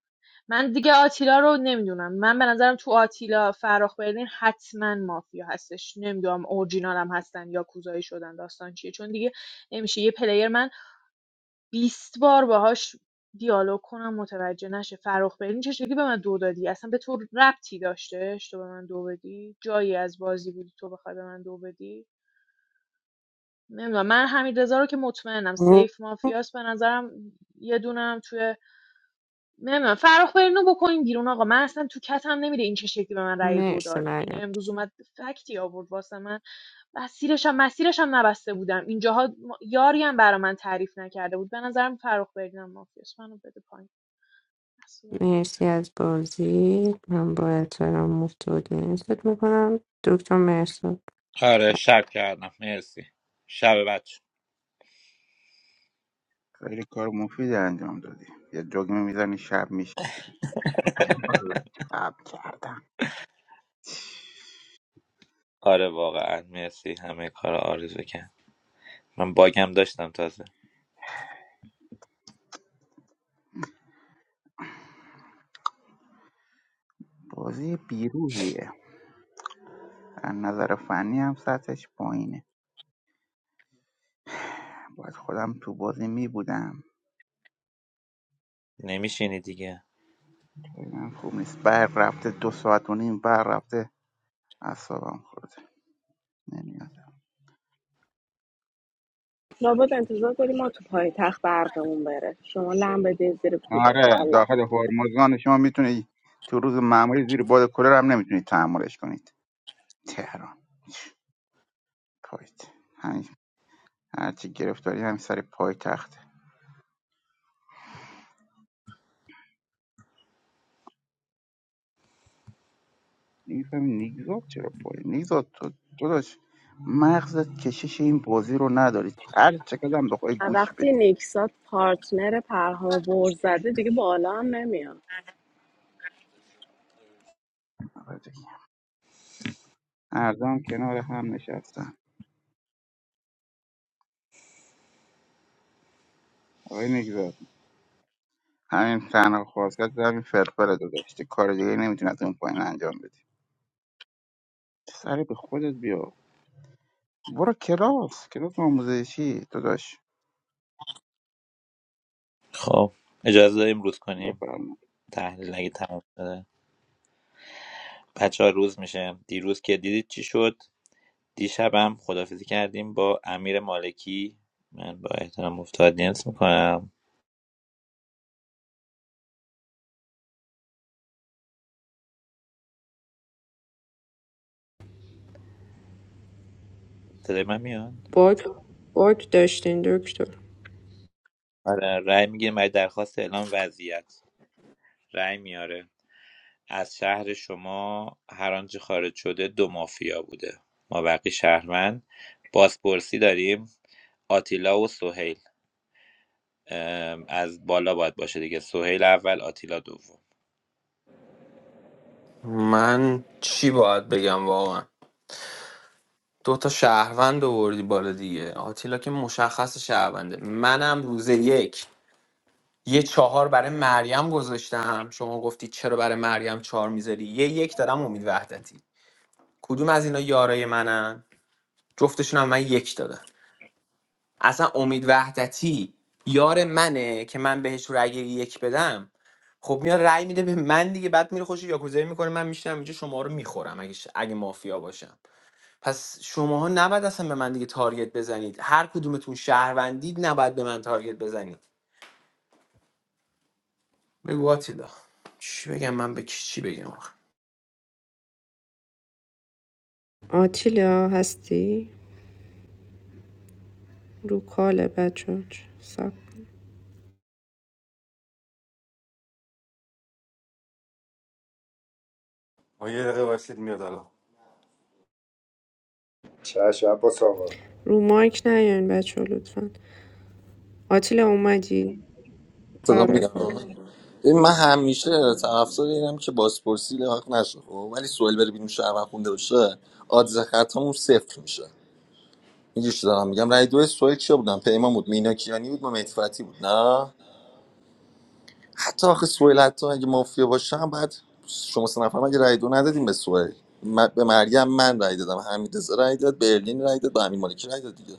Speaker 18: من دیگه آتیلا رو نمیدونم من به نظرم تو آتیلا فراخ برلین حتما مافیا هستش نمیدونم اورجینال هم هستن یا کوزایی شدن داستان چیه چون دیگه نمیشه یه پلیر من 20 بار باهاش دیالوگ کنم متوجه نشه فراخ برلین چه شکلی به من دو دادی اصلا به تو ربطی داشتش تو به من دو بدی جایی از بازی بودی تو بخوای به من دو بدی نمیدونم من حمید رو که مطمئنم سیف مافیاس به نظرم یه دونم توی نمیدونم فرخ برنو بکنین بیرون آقا من اصلا تو کتم نمیره این چه شکلی به من رأی دو
Speaker 3: مرسی
Speaker 18: داد
Speaker 3: مریم
Speaker 18: این امروز اومد فکتی آورد واسه من مسیرش هم مسیرش هم نبسته بودم اینجاها ما- یاری هم برا من تعریف نکرده بود به نظرم فرخ برنو مافیاس منو بده پایین
Speaker 3: جان.
Speaker 18: اصلا
Speaker 3: مرسی از بازی من با احترام مفتود نیستت میکنم دکتر مرسی
Speaker 10: آره شب کردم مرسی شب بچه
Speaker 8: خیلی کار مفیدی انجام دادی یه جوگ میزنی شب میشه شب کردم
Speaker 10: آره واقعا مرسی همه کار آرزو کرد من باگم داشتم تازه
Speaker 8: بازی بیروحیه از نظر فنی هم سطحش پایینه باید خودم تو بازی می بودم
Speaker 10: نمیشینی دیگه
Speaker 8: من خوب نیست بر رفته دو ساعت و نیم بر رفته اعصابم خورده نمیاد
Speaker 1: لابد انتظار داری ما تو پایتخت برقمون بره شما لم بده زیر کوره
Speaker 8: آره
Speaker 1: والا
Speaker 8: داخل هرمزگان شما میتونی تو روز معمولی زیر باد کلر هم نمیتونید تحملش کنید تهران پایت همین هرچی گرفتاری همین سر پای تخته نمیفهمی نیگزاد چرا پای نیگزاد تو داداش مغزت کشش این بازی رو نداری هر چقدر هم بخوای گوش بدی
Speaker 1: وقتی نیکسات پارتنر پرها بر زده دیگه بالا هم نمیاد
Speaker 8: مردم کنار هم نشستن آقای نگذار همین تنها خواستت همین فلفل رو داشتی کار دیگه نمیتونی از اون پایین انجام بدی سری به خودت بیا برو کلاس کلاس آموزشی داداش
Speaker 10: خب اجازه داریم روز کنیم تحلیل نگه تمام شده بچه ها روز میشه دیروز که دیدید چی شد دیشب هم خدافزی کردیم با امیر مالکی من با احترام افتادینس میکنم صدای من میاد
Speaker 3: باگ باگ داشتین دکتر
Speaker 10: آره رأی میگیره برای درخواست اعلام وضعیت رأی میاره از شهر شما هر آنچه خارج شده دو مافیا بوده ما بقی شهروند بازپرسی داریم آتیلا و سهیل ام، از بالا باید باشه دیگه سهیل اول آتیلا دوم
Speaker 5: من چی باید بگم واقعا دو تا شهروند آوردی بالا دیگه آتیلا که مشخص شهرونده منم روز یک یه چهار برای مریم گذاشتم شما گفتی چرا برای مریم چهار میذاری یه یک دادم امید وحدتی کدوم از اینا یارای منن جفتشون هم من یک دادم اصلا امید وحدتی یار منه که من بهش رأی یک بدم خب میاد رأی میده به من دیگه بعد میره خوش یاکوزایی میکنه من میشینم اینجا شما رو میخورم اگه ش- اگه مافیا باشم پس شماها نباید اصلا به من دیگه تارگت بزنید هر کدومتون شهروندید نباید به من تارگت بزنید بگو آتیلا چی بگم من به کی چی بگم آخه؟
Speaker 3: آتیلا هستی رو کاله بچه سب.
Speaker 16: آه، یه دقیقه واسید میاد الان
Speaker 17: چش عباس آقا
Speaker 3: رو مایک نیاین بچه ها لطفا آتیلا اومدی؟
Speaker 11: صدا
Speaker 3: آره
Speaker 11: میگم
Speaker 3: برو.
Speaker 11: ببین من همیشه طرفدار اینم که بازپرسی لحاق نشه خب ولی سوال بره بیرون شهر خونده باشه آدز خطامون صفر میشه میگیش دارم میگم رای دو سوئیل کیا بودن پیمان بود مینا کیانی بود مهدی فتحی بود نه حتی آخه سوئیل حتی اگه مافیا باشم بعد شما سه نفر مگه رای دو ندادیم به سوئیل م- به مریم من رای دادم حمید رای داد برلین رای داد به امین مالکی رای داد دیگه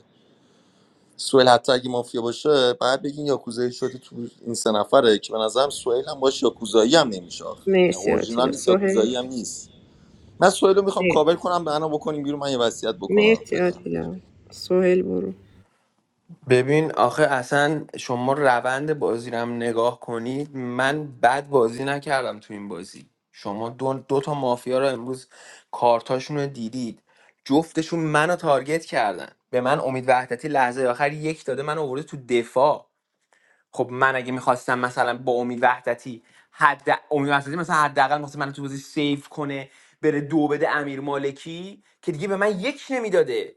Speaker 11: سوئیل حتی اگه مافیا باشه بعد بگین یاکوزایی شده تو این سه نفره که به نظرم سوئیل هم باشه یاکوزایی هم نمیشه آخه یعنی
Speaker 3: مرسی
Speaker 11: اورجینال
Speaker 3: آتیلا
Speaker 11: نیست
Speaker 3: سوهل
Speaker 11: یاکوزایی هم نیست من سوئیل رو میخوام کاور کنم به انا بکنیم بیرون من یه وصیت بکنم
Speaker 3: مرسی
Speaker 11: فعلا
Speaker 3: آتیلا سوهل برو
Speaker 5: ببین آخه اصلا شما روند بازی رو هم نگاه کنید من بد بازی نکردم تو این بازی شما دو, دو تا مافیا رو امروز کارتاشون رو دیدید جفتشون منو تارگت کردن به من امید وحدتی لحظه آخر یک داده من آورده تو دفاع خب من اگه میخواستم مثلا با امید وحدتی حد امید وحدتی مثلا حداقل میخواست من تو بازی سیف کنه بره دو بده امیر مالکی که دیگه به من یک نمیداده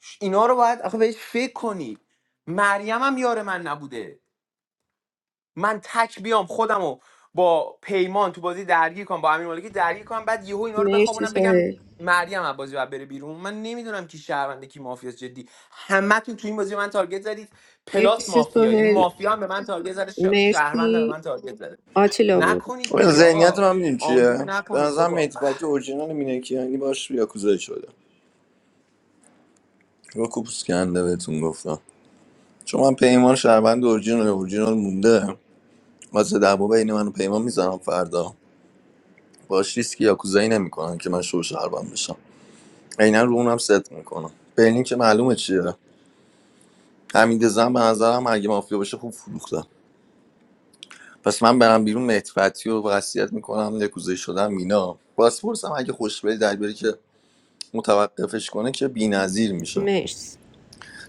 Speaker 5: ش- اینا رو باید آخه بهش فکر کنی مریم هم یار من نبوده من تک بیام خودمو با پیمان تو بازی درگیر کنم با امیر مالکی درگیر کنم بعد یهو اینا رو
Speaker 3: مرسی
Speaker 5: بخوابونم بگم
Speaker 3: سوهل
Speaker 5: مریم از بازی بعد بره بیرون من نمیدونم کی شهرونده کی مافیاست جدی همتون تو این بازی به من تارگت زدید پلاس
Speaker 3: مرسی
Speaker 5: مافیا یعنی
Speaker 3: سوهل
Speaker 5: مافیا هم به من تارگت زده ش- شهروند هم به
Speaker 3: مرسی
Speaker 5: من تارگت زده
Speaker 3: آتیلا برو
Speaker 5: نکنید
Speaker 11: خب،
Speaker 5: دیگه
Speaker 11: ذهنیت
Speaker 5: آقا
Speaker 11: من میدونی چیه
Speaker 5: آمبول
Speaker 11: به
Speaker 5: نکنید
Speaker 11: نظرم
Speaker 5: بابا
Speaker 11: مهدی فتحی اورجینال مینکیانی باش یاکوزایی شده رو کوپوس کنده بهتون گفتم چون من پیمان شهروند اورجینال اورجینال مونده واسه دعوا بین من و پیمان میزنم فردا باش ریسک یاکوزایی نمیکنن که من شو شهروند بشم عینا رو اونم ست میکنم برلین که معلومه چیه حمید زن به نظرم اگه مافیا بشه خوب فروختم پس من برم بیرون مهدی فتحی رو وصیت میکنم یاکوزایی شدم مینا باسپورس هم اگه خوش بری در بیاری که متوقفش کنه که بی‌نظیر میشه
Speaker 3: مرسی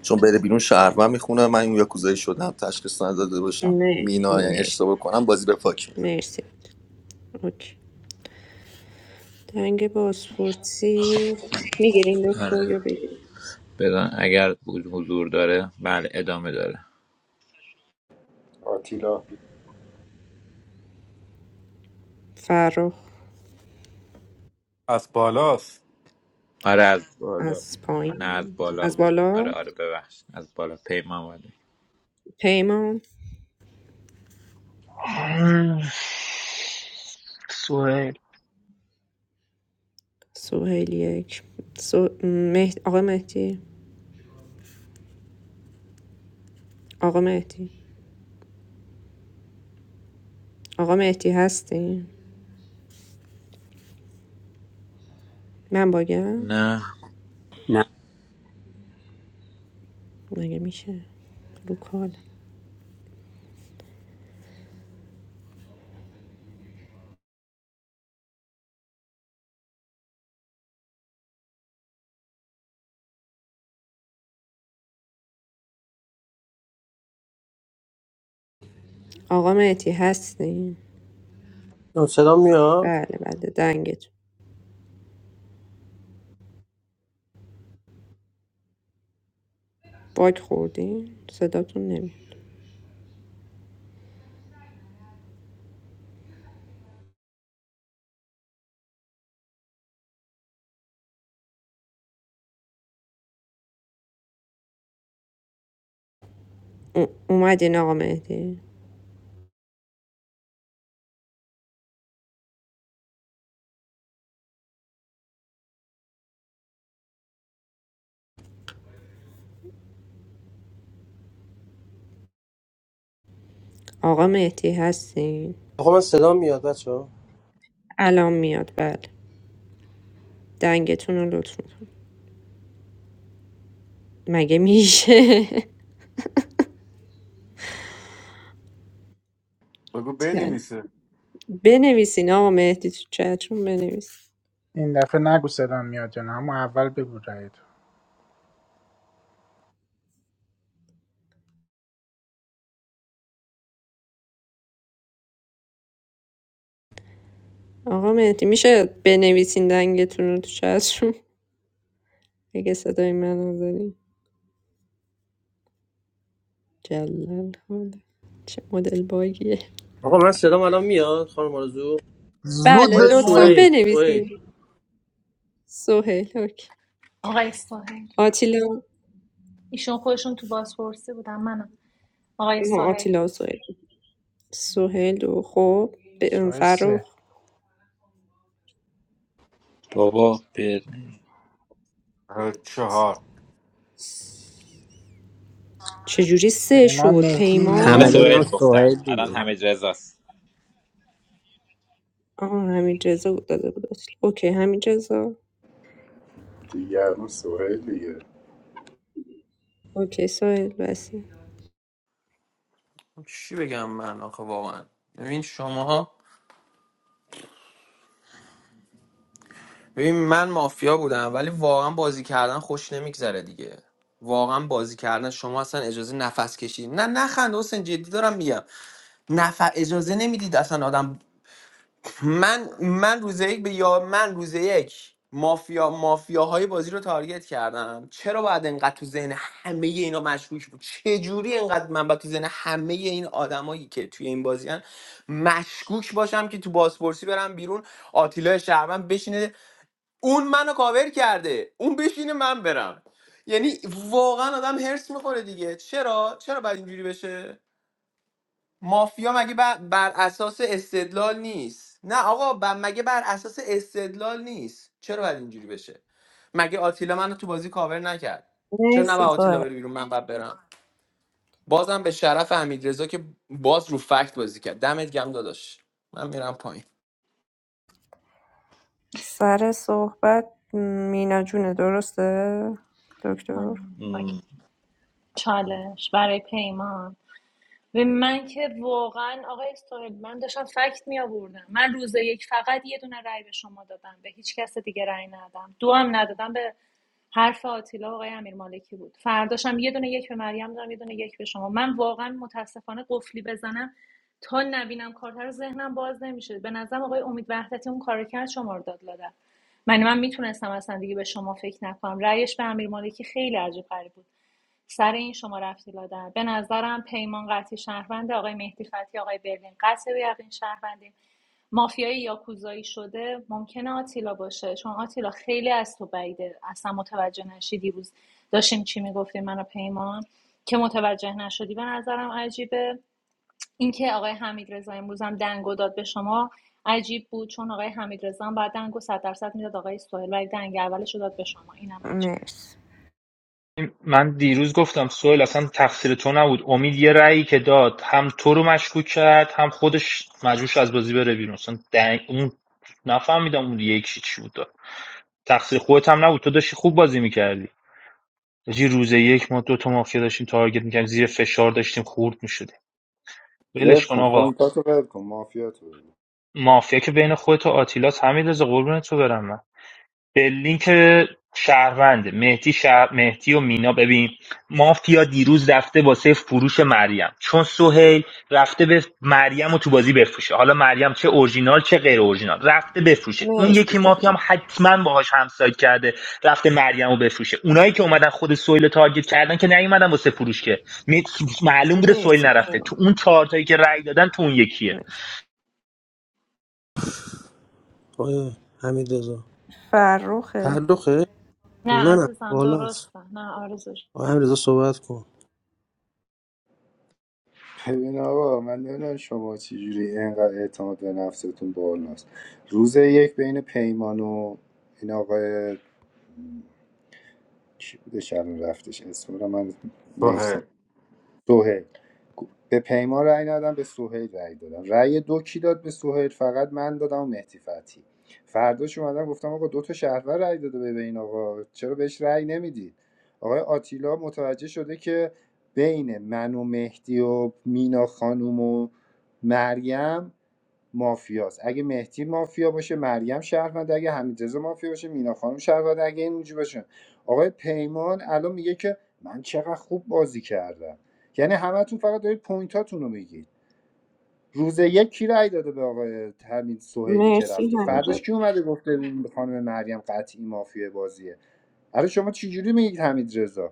Speaker 11: چون بره بیرون شهروند میخونه من این یاکوزایی شدم تشخیص نداده باشم
Speaker 3: مرسی
Speaker 11: مینا یعنی
Speaker 3: مرسی
Speaker 11: اشتباه کنم بازی به پاک میدم
Speaker 3: مرسی اوکی. دنگ بازپرسی میگیرین دکتر
Speaker 10: آره
Speaker 3: یا بگیرین
Speaker 10: بدان اگر بود حضور داره بله ادامه داره
Speaker 17: آتیلا
Speaker 3: فراخ
Speaker 16: از بالاست
Speaker 10: آره از بالا بود.
Speaker 3: از
Speaker 10: نه از
Speaker 3: پایین
Speaker 10: بالا
Speaker 3: از
Speaker 10: بود
Speaker 3: بالا
Speaker 10: آره آره ببخش از بالا پیمان اومده.
Speaker 3: پیمان
Speaker 4: سوهل
Speaker 3: سهیل یک سه- مه... آقا مهدی آقا مهدی آقا مهدی هستین من باگم
Speaker 10: نه
Speaker 23: نه
Speaker 3: مگه میشه رو کال آقا مهدی هستین
Speaker 19: صدا میاد
Speaker 3: بله بله دنگتون باگ خوردین صداتون نمی او- اومدین آقا مهدی آقا مهدی هستین
Speaker 19: آقا من صدا میاد بچه ها؟
Speaker 3: الان میاد بله دنگتون رو لطف میکنم مگه میشه
Speaker 16: بگو
Speaker 3: [laughs] چل.
Speaker 16: بنویسه
Speaker 3: بنویسین آقا مهدی تو چتون بنویسین.
Speaker 2: این دفعه نگو صدام میاد جان اما اول بگو رأی تو
Speaker 3: آقا مهدی میشه بنویسین دنگتون رو تو چتروم اگه صدای منو دارین جلل حاله. چه مدل باگیه
Speaker 19: آقا من صدام الان میاد خانم آرزو
Speaker 2: زود
Speaker 3: بله
Speaker 19: آقای
Speaker 2: بگو
Speaker 3: لطفا
Speaker 2: مهدی
Speaker 19: سهیل سهیل
Speaker 3: بنویسین سهیل اوکی
Speaker 13: آقای ساحل
Speaker 3: آتیلا
Speaker 13: ایشون خودشون تو بازپرسی بودن منم آقای
Speaker 3: ها،
Speaker 13: سهیل
Speaker 3: آتیلا و سهیل سهیل و خب ب-
Speaker 2: سوال سه
Speaker 3: فرخ
Speaker 10: بابا
Speaker 16: آه، چهار
Speaker 3: چجوری سه
Speaker 2: پیمان
Speaker 3: شد
Speaker 2: مهدی
Speaker 10: همه
Speaker 2: مینا
Speaker 23: همه
Speaker 3: پیمان
Speaker 23: دادم
Speaker 10: سوهل
Speaker 2: دیگه
Speaker 10: گفتن
Speaker 23: سوهیل
Speaker 10: الان
Speaker 23: دیگه
Speaker 10: همه رزاست
Speaker 3: آها همین رضا بود داده بود آتیلا اوکی همین رضا
Speaker 17: دیگران سوهل دیگه
Speaker 3: اوکی سهیل بسی
Speaker 5: چی بگم من آخه واقعا ببین شماها ببین من مافیا بودم ولی واقعا بازی کردن خوش نمیگذره دیگه واقعا بازی کردن شما اصلا اجازه نفس کشید نه نخند حسین جدی دارم میگم نف اجازه نمیدید اصلا آدم من من روز یک به یا من روز یک مافیا مافیاهای بازی رو تارگت کردم چرا باید انقدر تو ذهن همه اینا مشکوک بود چه جوری انقدر من باید تو ذهن همه این آدمایی که توی این بازیان مشکوک باشم که تو بازپرسی برم بیرون آتیلا شهرمن بشینه اون منو کاور کرده اون بشینه من برم یعنی واقعا آدم هرس میخوره دیگه چرا چرا باید اینجوری بشه مافیا مگه بر, بر اساس استدلال نیست نه آقا ب- مگه بر اساس استدلال نیست چرا باید اینجوری بشه مگه آتیلا منو تو بازی کاور نکرد چرا نباید
Speaker 3: مرسی
Speaker 5: آتیلا
Speaker 3: سهیل
Speaker 5: بره بیرون من باید برم بازم به شرف حمید که باز رو فکت بازی کرد دمت گم داداش من میرم پایین
Speaker 3: سر صحبت مینا جونه درسته
Speaker 13: آه،
Speaker 3: دکتر
Speaker 13: آه.
Speaker 10: م.
Speaker 13: چالش برای پیمان و من که واقعا آقای اسرائیل من داشتم فکت می آوردم من روز یک فقط یه دونه رأی به شما دادم به هیچ کس دیگه رأی ندادم دو هم ندادم به حرف آتیلا آقای امیر مالکی بود فرداشم یه دونه یک به مریم دادم یه دونه یک به شما من واقعا متاسفانه قفلی بزنم تا نبینم کارتر رو ذهنم باز نمیشه به نظرم آقای امید وحدتی اون کارو کرد شما رو داد لادن من من میتونستم اصلا دیگه به شما فکر نکنم رأیش به امیر مالکی خیلی عجیب غریب بود سر این شما رفتی لادن به نظرم پیمان قطعی شهروند آقای مهدی فتی آقای برلین قطعی به یقین شهروندی مافیای یاکوزایی شده ممکنه آتیلا باشه چون آتیلا خیلی از تو بعیده اصلا متوجه نشی دیروز داشتیم چی میگفتیم منو پیمان که متوجه نشدی به نظرم عجیبه اینکه آقای حمید رضا امروز هم دنگو داد به شما عجیب بود چون آقای حمید هم بعد دنگو 100 درصد میداد آقای سهیل ولی دنگ اولش رو داد به شما اینم عجیب بود
Speaker 3: مرسی.
Speaker 4: من دیروز گفتم سوهل اصلا تقصیر تو نبود امید یه رأیی که داد هم تو رو مشکوک کرد هم خودش مجبورش از بازی بره بیرون اصلا دنگ- اون نفهمیدم اون یک چی بود تقصیر خودت هم نبود تو داشتی خوب بازی میکردی یه روز یک ما دو تا مافیا داشتیم تارگت میکردیم زیر فشار داشتیم خورد میشدیم
Speaker 17: ول
Speaker 4: ولش کن
Speaker 17: کن
Speaker 4: آقا
Speaker 17: پوینتاتو ول کن مافیاتو ول کن.
Speaker 4: مافیا که بین خودت و آتیلاس همین رضا قربونت تو برم من به لینک شهروند مهدی شهر... مهدی و مینا ببین مافیا دیروز رفته واسه فروش مریم چون سهیل رفته به مریم و تو بازی بفروشه حالا مریم چه اورجینال چه غیر اورجینال رفته بفروشه اون
Speaker 3: مرسی
Speaker 4: یکی مافیا هم
Speaker 3: پیمان.
Speaker 4: حتما باهاش همسایه کرده رفته مریم رو بفروشه اونایی که اومدن خود سهیل رو تارگت کردن که نیومدن واسه فروش که می- معلوم بوده سهیل
Speaker 3: مرسی
Speaker 4: نرفته تو
Speaker 3: پیمان.
Speaker 4: اون چهار تایی که رأی دادن تو اون یکیه
Speaker 3: مرسی.
Speaker 19: آقای حمید رضا
Speaker 3: فرخه.
Speaker 19: تعلقه
Speaker 13: نه
Speaker 19: منم
Speaker 13: عزیزم
Speaker 19: بالاست
Speaker 13: درسته نه آرزو
Speaker 19: آقای حمید رضا صحبت کن
Speaker 17: ببین آقا من نمیدونم شما چجوری اینقدر اعتماد به نفستون بالاست روز یک بین پیمان و این آقای کی بوده شب رفتش اسم رو من
Speaker 16: سهر
Speaker 17: سهیل به پیمان رأی ندادم به سهیل رأی دادم رأی دو کی داد به سهیل فقط من دادم و مهدی فتحی فرداش اومدم گفتم آقا دو تا شهرور رأی داده به این آقا چرا بهش رأی نمیدید آقای آتیلا متوجه شده که بین من و مهدی و مینا خانم و مریم مافیاست اگه مهدی مافیا باشه مریم شهروند اگه حمیدرضا مافیا باشه مینا خانم شهروند اگه این اینجوری باشه آقای پیمان الان میگه که من چقدر خوب بازی کردم یعنی همتون فقط دارید پوینتاتون رو میگید روز یک کی رأی داده به آقای همین سهیلی که
Speaker 3: مرسی
Speaker 17: رفته فرداش
Speaker 3: همینجا.
Speaker 17: کی اومده گفته این خانم مریم قطعی مافیا بازیه آره شما چجوری میگید حمید رضا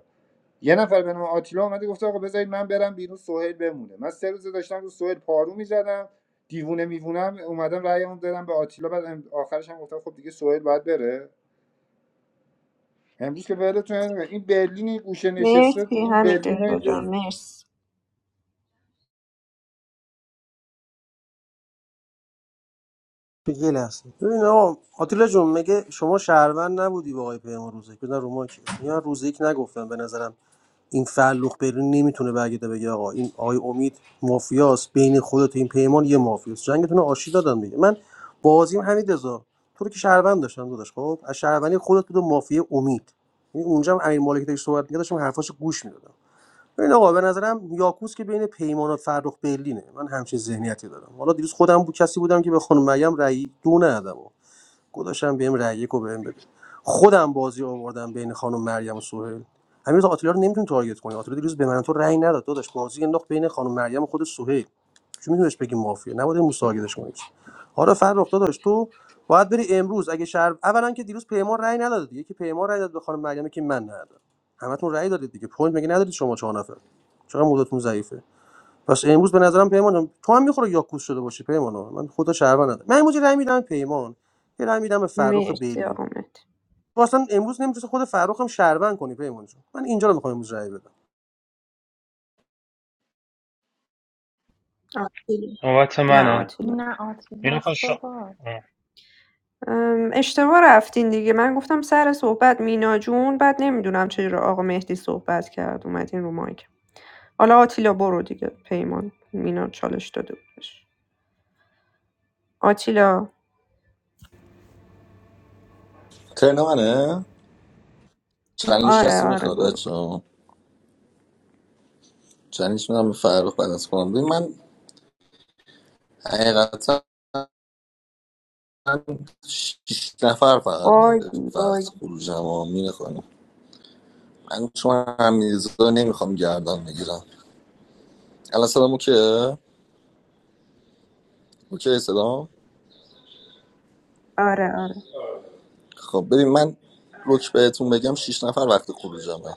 Speaker 17: یه نفر به نام آتیلا اومده گفته آقا بذارید من برم بیرون سهیل بمونه من سه روز داشتم رو سهیل پارو میزدم دیوونه میوونم اومدم رأیمو دادم به آتیلا بعد آخرش هم گفتم خب دیگه سهیل باید بره امروز که ولتون نمی‌کنم. این برلین این گوشه نشسته
Speaker 3: مرسی
Speaker 17: این
Speaker 3: همینجا
Speaker 17: برلین اینجا
Speaker 3: جان. مرسی.
Speaker 19: بگل هستم ببین آقا آتیلا جون مگه شما شهروند نبودی با آقای پیمان روزک بزن رو ماکی اینا روز یک نگفتم به نظرم این فعلوق برین نمیتونه برگرده بگه آقا این آقای امید مافیاس بین خودت و این پیمان یه مافیاس جنگتون رو آشتی دادم دیگه من بازیم همین رضا تو رو که شهروند داشتم داداش خب از شهروندی خودت بود و مافیا امید یعنی اونجا هم امیر مالکی داشت صحبت می‌کرد داشتم حرفاشو گوش میدادم ببین آقا به نظرم یاکوس که بین پیمان و فرخ برلینه من همچین ذهنیتی دارم حالا دیروز خودم بود کسی بودم که به خانم مریم رأی دو ندادم گذاشتم بهم رأی یک و بهم بده خودم بازی آوردم بین خانم مریم و سهیل هنوز آتیلا رو نمیتونی تارگت کنی آتیلا دیروز به من تو رأی نداد داداش بازی انداخت بین خانم مریم و خود سهیل چون میتونیش بگی مافیا نباید امروز تارگتش کنی حالا فرخ داداش تو باید بری امروز اگه شهر اولا که دیروز پیمان رأی نداد دیگه که پیمان رأی داد به خانم مریم که من ندادم همتون رأی دادید دیگه پوینت مگه ندارید شما چهار نفر چرا مودتون ضعیفه پس امروز به نظرم پیمان جان، تو هم میخوره یاکوس شده باشی پیمان ها. من خدا شهروند ندارم من امروز یه رأی میدم پیمان یه رأی میدم به فرخ
Speaker 3: مرسی
Speaker 19: بیلی
Speaker 3: آقا مهدی.
Speaker 19: تو اصلا امروز نمیتونی خود فرخ هم شهروند کنی پیمان جان من اینجا رو میخوام امروز رأی بدم
Speaker 3: آتیلا.
Speaker 4: نوبت
Speaker 3: نه
Speaker 4: منه.
Speaker 3: آتیلا.
Speaker 13: نه
Speaker 4: مینا خانم،
Speaker 13: آتیلاست
Speaker 4: شما-
Speaker 13: بابا
Speaker 3: ام، اشتباه رفتین دیگه من گفتم سر صحبت مینا جون بعد نمیدونم چرا آقا مهدی صحبت کرد اومدین رو مایک حالا آتیلا برو دیگه پیمان مینا چالش داده بودش آتیلا
Speaker 11: ترن منه چلنج
Speaker 3: آره
Speaker 11: کسی
Speaker 3: آره
Speaker 11: میخواد
Speaker 3: برو
Speaker 11: بچه‌ها چلنج میدم به فرخ بعد از خودم. ببین من حقیقتا شیش نفر فقط به
Speaker 3: باگی
Speaker 11: وقت
Speaker 3: باگی
Speaker 11: خروجم ها میخوانم من چون همیزا نمیخوام گردن بگیرم الان سلام اوکی اوکی سلام
Speaker 3: آره آره
Speaker 11: خب ببین من روک بهتون بگم شش نفر وقت خروجمه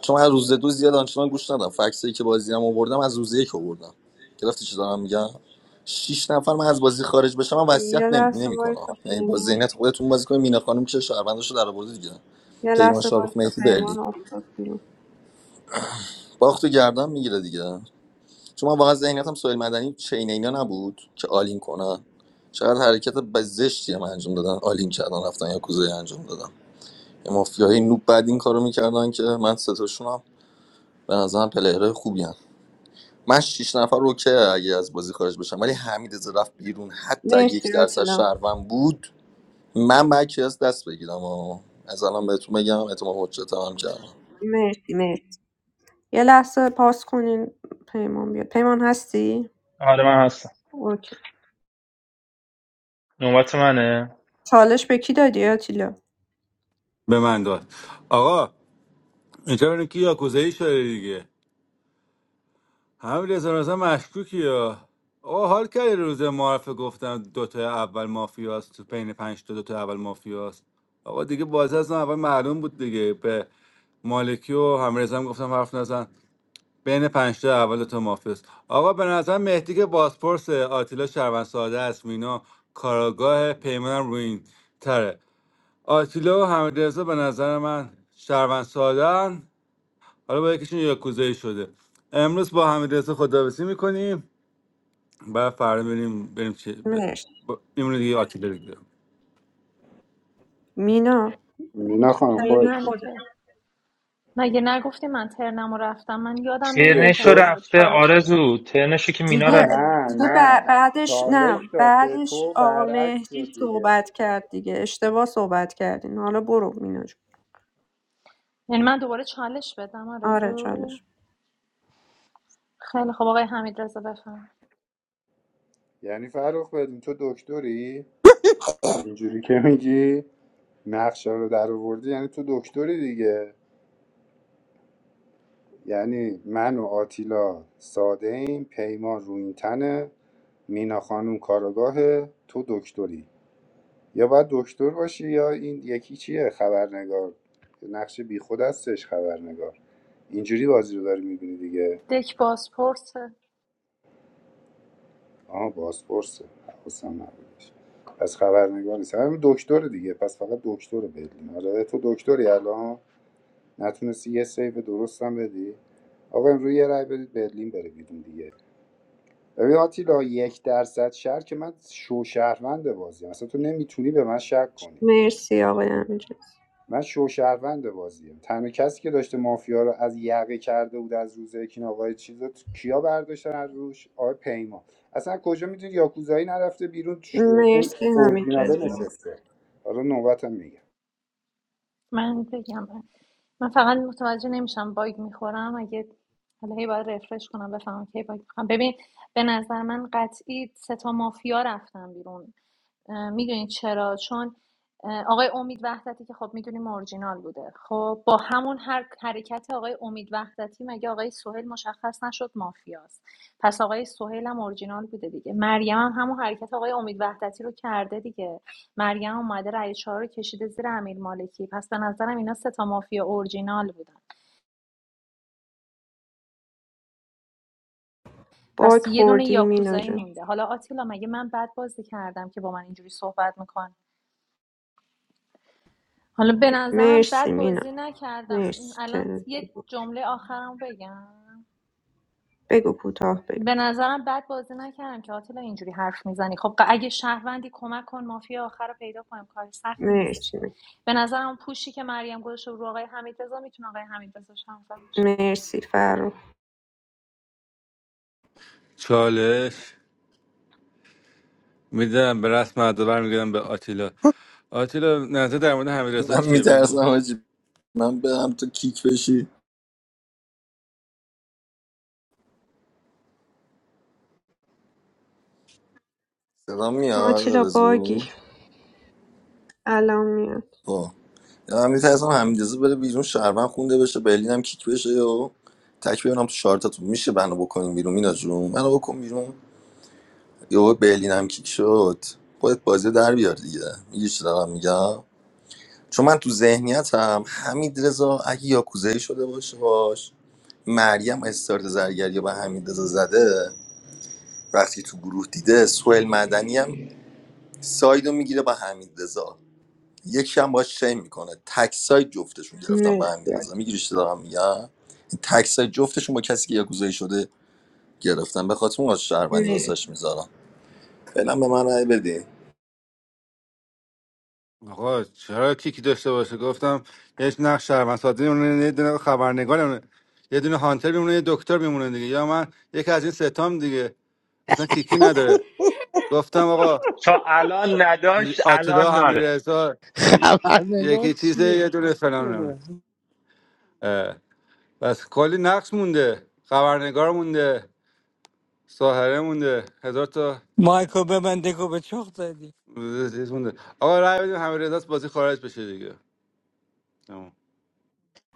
Speaker 11: چون من روز دو زیاد آنچنان گوش ندم فکسایی که بازی هم آوردم از روز یک آوردم گرفتی چی دارم میگم شیش نفر من از بازی خارج بشم من وصیت
Speaker 3: یه
Speaker 11: نمی
Speaker 3: لحظه
Speaker 11: نمیکنم
Speaker 3: وایسا
Speaker 11: یعنی با
Speaker 3: پیمان
Speaker 11: ذهنیت خودتون بازی کنید مینا خانم که شهرونداشو در آورده دیگه
Speaker 3: یه
Speaker 11: پیمان
Speaker 3: لحظه
Speaker 11: شاروخ
Speaker 3: وایسا
Speaker 11: مهدی برلین
Speaker 3: پیمان افتاد بیرون
Speaker 11: باختو گردن میگیره دیگه چون من واقعا ذهنیتم سویل مدنی چین اینا نبود که آلین کنه چقدر حرکت به هم انجام دادن آلین کردن رفتن یا کوزه انجام دادن مافیای نوب بعد این کارو میکردن که من ستاشون هم به نظرم پلیرهای خوبی هم. من شیش نفر اوکی اگه از بازی خارج بشم ولی حمید رضا رفت بیرون حتی اگه
Speaker 3: مرسی
Speaker 11: یک درصد
Speaker 3: راتیلا
Speaker 11: شهروند بود من بکی از دست بگیرم و از الان بهتون بگم اعتماد حجت هم کردم
Speaker 3: مرسی مرسی یه لحظه پاس کنین پیمان بیاد پیمان هستی؟
Speaker 4: آره من هستم
Speaker 3: اوکی
Speaker 4: نوبت منه
Speaker 3: چالش به کی دادی راتیلا؟
Speaker 16: به من داد آقا اینطور که یاکوزایی شده دیگه همین رضا رضا مشکوکی یا آقا حال کردی روز معرفه گفتم دوتا اول مافیاست تو بین پنج تا دوتا اول مافیاست آقا دیگه بازی از اون اول معلوم بود دیگه به مالکی و همرزا هم گفتم حرف نزن بین پنج تا اول دوتا مافیاست آقا به نظر مهدی که بازپرس آتیلا شربن ساده است مینا کاراگاه پیمانم روی این تره آتیلا و همرزا به نظر من شربن حالا با یکیشون یاکوزایی شده امروز با حمید رضا خداحافظی میکنیم بعد فردا بریم بریم چه ب...
Speaker 3: مرسی
Speaker 16: با... میمونه دیگه آتیلا دیگه
Speaker 3: مینا
Speaker 17: نه خانم خودت
Speaker 3: خیلی
Speaker 13: من
Speaker 3: خوب.
Speaker 13: که مگه نگفتی من ترنم رو رفتم من یادم نمیاد
Speaker 17: دیگه
Speaker 4: ترنشو
Speaker 17: تو
Speaker 13: ترنم بود
Speaker 4: رفته
Speaker 13: چالش
Speaker 4: آرزو ترنشو که مینا
Speaker 3: دیگه
Speaker 4: رفت
Speaker 13: آره
Speaker 17: نه
Speaker 3: دیگه
Speaker 17: نه
Speaker 3: بع- بعدش
Speaker 17: چالش
Speaker 3: نه
Speaker 17: داد به
Speaker 3: بعدش
Speaker 17: تو
Speaker 3: آقا
Speaker 17: برعکس شد
Speaker 3: مهدی
Speaker 17: دیگه
Speaker 3: صحبت کرد دیگه اشتباه صحبت کردین حالا برو مینا جون.
Speaker 13: یعنی من دوباره چالش بدم
Speaker 3: آره
Speaker 13: آرزو
Speaker 3: چالش
Speaker 13: خیلی خب آقای حمید رضا بفهم
Speaker 17: یعنی فرخ بدین تو دکتری اینجوری که میگی نقشه رو در آوردی یعنی تو دکتری دیگه یعنی من و آتیلا ساده ایم پیمان رو این تنه مینا خانوم کارگاهه تو دکتری یا باید دکتر باشی یا این یکی چیه خبرنگار نقش بی خود هستش خبرنگار اینجوری بازی رو داری میبینی دیگه
Speaker 13: دک بازپرسه
Speaker 17: آها بازپرسه حواسم نبودش پس خبرنگار نیست همین دکتر دیگه پس فقط دکتر بدیم آره تو دکتری الان نتونستی یه سیو درستم بدی آقا امروز یه رای بدید برلین بره بیرون دیگه ببین آتیلا یک درصد شهر که من شوشهروند بازیم اصلا تو نمیتونی به من شک کنی
Speaker 3: مرسی آقای حمیدرضا
Speaker 17: من شوشهروند بازیم تنها کسی که داشته مافیا رو از یقه کرده بود از روز یکی آقای چیزا تو- کیا برداشتن از روش آقای پیما اصلا کجا میدونی یاکوزایی نرفته بیرون ش- اون
Speaker 3: مرسی
Speaker 17: اورجیناله
Speaker 3: حمیدرضا
Speaker 17: نشسته حالا نوبتم میگم
Speaker 13: من بگم من فقط متوجه نمیشم باگ میخورم اگه حالا هی باید رفرش کنم بفهمم کی باگ میخورم ببین به نظر من قطعی سه تا مافیا رفتن بیرون میدونید چرا چون آقای امید وحدتی که خب میدونیم اورجینال بوده خب با همون هر حرکت آقای امید وحدتی مگه آقای سهیل مشخص نشد مافیاست پس آقای سهیل هم اورجینال بوده دیگه مریم هم همون حرکت آقای امید وحدتی رو کرده دیگه مریم اومده رأی چهار رو کشیده زیر امیر پس به نظرم اینا سه تا مافیا اورجینال بودن پس
Speaker 3: باک
Speaker 13: یه دونه
Speaker 3: خوردی مینا
Speaker 13: یاکوزایی
Speaker 3: جون
Speaker 13: مونده حالا آتیلا مگه من بد بازی کردم که با من اینجوری صحبت میکنه حالا به نظرم
Speaker 3: مرسی
Speaker 13: بد
Speaker 3: مینا
Speaker 13: بازی نکردم
Speaker 3: مرسی
Speaker 13: الان
Speaker 3: ترم
Speaker 13: یه
Speaker 3: خوب.
Speaker 13: جمله آخرم بگم
Speaker 3: بگو کوتاه بگو
Speaker 13: به نظرم بد بازی نکردم که آتیلا اینجوری حرف میزنی خب اگه شهروندی کمک کن مافیا آخر رو پیدا کنیم کار سختی نیستش
Speaker 3: مرسی
Speaker 13: که به نظرم پوشی که مریم گذاشته رو آقای حمیدرضا میتونه آقای حمیدرضا شهروند باشه
Speaker 3: مرسی فرو
Speaker 16: چالش میدم به رسم ادا برمیگردم به آتیلا آتیلا نظر در مورد حمید رضا
Speaker 11: من
Speaker 16: چیه بگو
Speaker 11: میترسم حاجی من برم تو کیک بشی صدا میاد
Speaker 3: آتیلا باگی
Speaker 11: آرزو
Speaker 3: الان میاد
Speaker 11: خب. من میترسم حمید رضا بره بیرون شهروند خونده بشه برلین هم کیک بشه و تک بیارم تو شارتتون میشه بنا بکنیم بیرون مینا جون منو بکن بیرون یهو برلینم کیک شد خودت بازی در بیار دیگه میگی چی دارم میگم چون من تو ذهنیتم هم حمید رضا اگه یاکوزایی شده باشه باش مریم استارت زرگری با حمید رضا زده وقتی تو گروه دیده سوئل مدنی هم سایدو میگیره با حمید رضا یکی هم باش چین میکنه تک ساید جفتشون گرفتن با حمید رضا
Speaker 3: مرسی
Speaker 11: میگیری چی دارم میگم تک ساید جفتشون با کسی که یاکوزایی شده گرفتن به خاطر اون آز شهروندی واسش میذارم فعلا به من رای بدین
Speaker 16: آقا چرا کیکی داشته باشه گفتم یه نقش شهروند ساده میمونه یه دونه خبرنگار میمونه یه دونه هانتر میمونه یه دکتر میمونه دیگه یا من یکی از این ستام دیگه اصلا کیکی نداره گفتم آقا
Speaker 4: تا الان نداشت
Speaker 16: آتلا
Speaker 4: الان
Speaker 16: همه
Speaker 4: داره
Speaker 16: رضا
Speaker 2: [laughs] خبرنگار
Speaker 16: یکی چیز
Speaker 2: چیه
Speaker 16: یه دونه فلان
Speaker 19: یه
Speaker 16: نمی‌دونم.
Speaker 19: نه.
Speaker 16: اه، بس کلی نقش مونده خبرنگار مونده ساهره مونده هزار تا
Speaker 24: Michael, but I didn't go to church today.
Speaker 16: چیز مونده آقا رای بدیم همه رضا بازی خارج بشه دیگه تمام.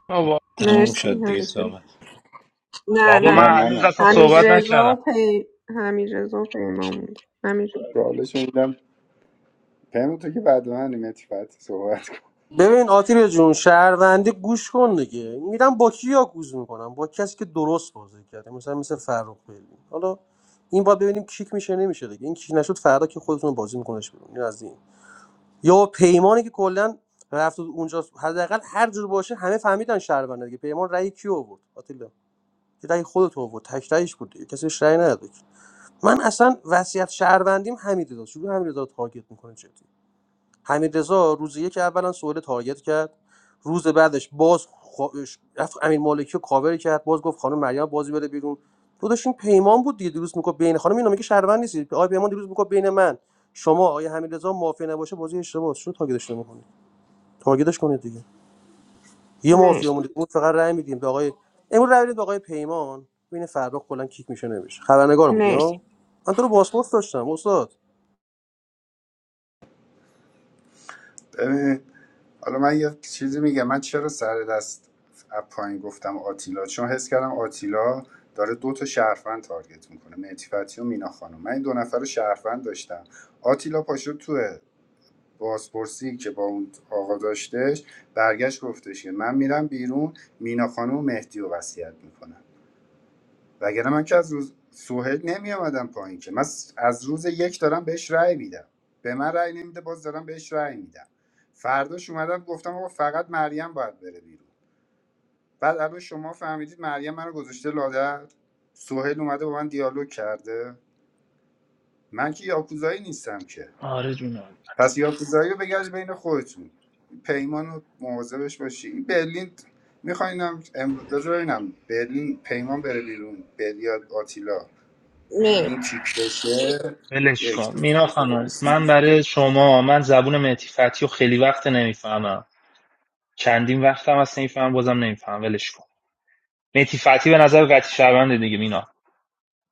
Speaker 4: آوا
Speaker 10: تموم
Speaker 3: مرسی
Speaker 10: شد دیگه
Speaker 3: حمیدرضا.
Speaker 10: صحبت
Speaker 3: نه
Speaker 4: بابا
Speaker 17: نه
Speaker 3: نه
Speaker 4: من هنوز
Speaker 17: منم
Speaker 4: اصلا
Speaker 3: حمید
Speaker 4: صحبت
Speaker 17: چالش
Speaker 3: رضا
Speaker 4: نکردم
Speaker 3: و پی حمید رضا و پیمان بود حمید
Speaker 17: چالش میدم پیما تو که بعد من صحبت کن.
Speaker 19: ببین آتیل جون شهروندی گوش کن دیگه میرم با کی یاکوز میکنم با کسی که درست بازی کرده مثلا مثل فرخ بیلی حالا این باید ببینیم کیک میشه نمیشه دیگه این کیک نشد فردا که خودتون رو بازی میکنش بیرون این از این یا پیمانی که کلا رفت و اونجا حداقل هر جور باشه همه فهمیدن شهرونده دیگه پیمان رأی کی آورد آتیلا یه رأی خودت آورد تک رأیش بود دیگه کسی بهش رأی نداد من اصلا وصیت شهروندیم حمید چون حمید رضا تارگت میکنه جدی حمید رضا روز یک اولا سوال تارگت کرد روز بعدش باز خواهش رفت امین مالکی رو کاور کرد باز گفت خانم مریم بازی بره بیرون تو داشت پیمان بود دیگه دیروز میگفت بین خانم اینو میگه شهروند نیستی آقای پیمان دیروز میگفت بین من شما آقای حمیدرضا مافیا نباشه بازی اشتباهه چرا تاگیدش نمی‌کنی تارگتش کنید دیگه یه مافیا مونده
Speaker 3: مرسی
Speaker 19: بود فقط رأی میدیم به آقای امروز رأی میدیم به آقای پیمان ببین فرخ کلا کیک میشه نمیشه خبرنگار بود
Speaker 3: مرسی
Speaker 19: یا من تو رو پاسپورت داشتم استاد
Speaker 17: ببین حالا من یه چیزی میگم من چرا سر دست از پایین گفتم آتیلا چون حس کردم آتیلا داره دو تا شهروند تارگت میکنه مهدی فتحی و مینا خانم من این دو نفر رو شهروند داشتم آتیلا پاشد توه بازپرسی که با اون آقا داشتش برگشت گفتش که من میرم بیرون مینا خانم و مهدی رو وصیت میکنم وگرنه من که از روز سوهل نمی آمدم پایین که من از روز یک دارم بهش رأی میدم به من رأی نمیده باز دارم بهش رأی میدم فرداش اومدم گفتم آقا فقط مریم باید بره بیرون بعد الان شما فهمیدید مریم منو گذاشته لادر سوهل اومده با من دیالوگ کرده من که یاکوزایی نیستم که
Speaker 4: آره جونم
Speaker 17: پس یاکوزایی رو بگرد بین خودتون پیمان رو مواظبش باشی این برلین میخواینم امروز بذار ببینم برلین پیمان بره بیرون بلیاد آتیلا این
Speaker 3: مرسی
Speaker 17: کیک بشه
Speaker 4: ولش
Speaker 17: یک
Speaker 4: کن
Speaker 17: دو
Speaker 4: مینا
Speaker 17: سه دو
Speaker 4: خانم
Speaker 17: بسی
Speaker 4: من برای شما من زبون مهدی فتحی رو خیلی وقت نمیفهمم چندین وقت هم اصلا نمیفهمم بازم نمیفهمم ولش کن مهدی فتحی به نظر قطعی شهرونده دیگه مینا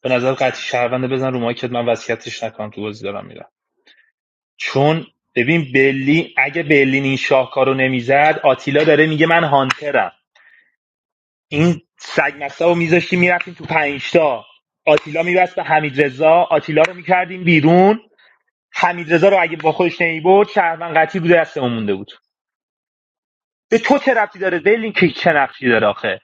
Speaker 4: به نظر قطعی شهرونده بزن رو مایکت من وصیتش نکنم تو بازی دارم میرم چون ببین بلی اگه بلین این شاهکارو نمیزد آتیلا داره میگه من هانترم این سگ مسته رو میذاشتیم میرفتیم تو پنجتا آتیلا میبست به حمید رضا آتیلا رو میکردیم بیرون حمیدرضا رو اگه با خودش نمیبرد شهروند قطعی بوده دستمون مونده بود به تو چه ربطی داره دلین که چه نقشی داره آخه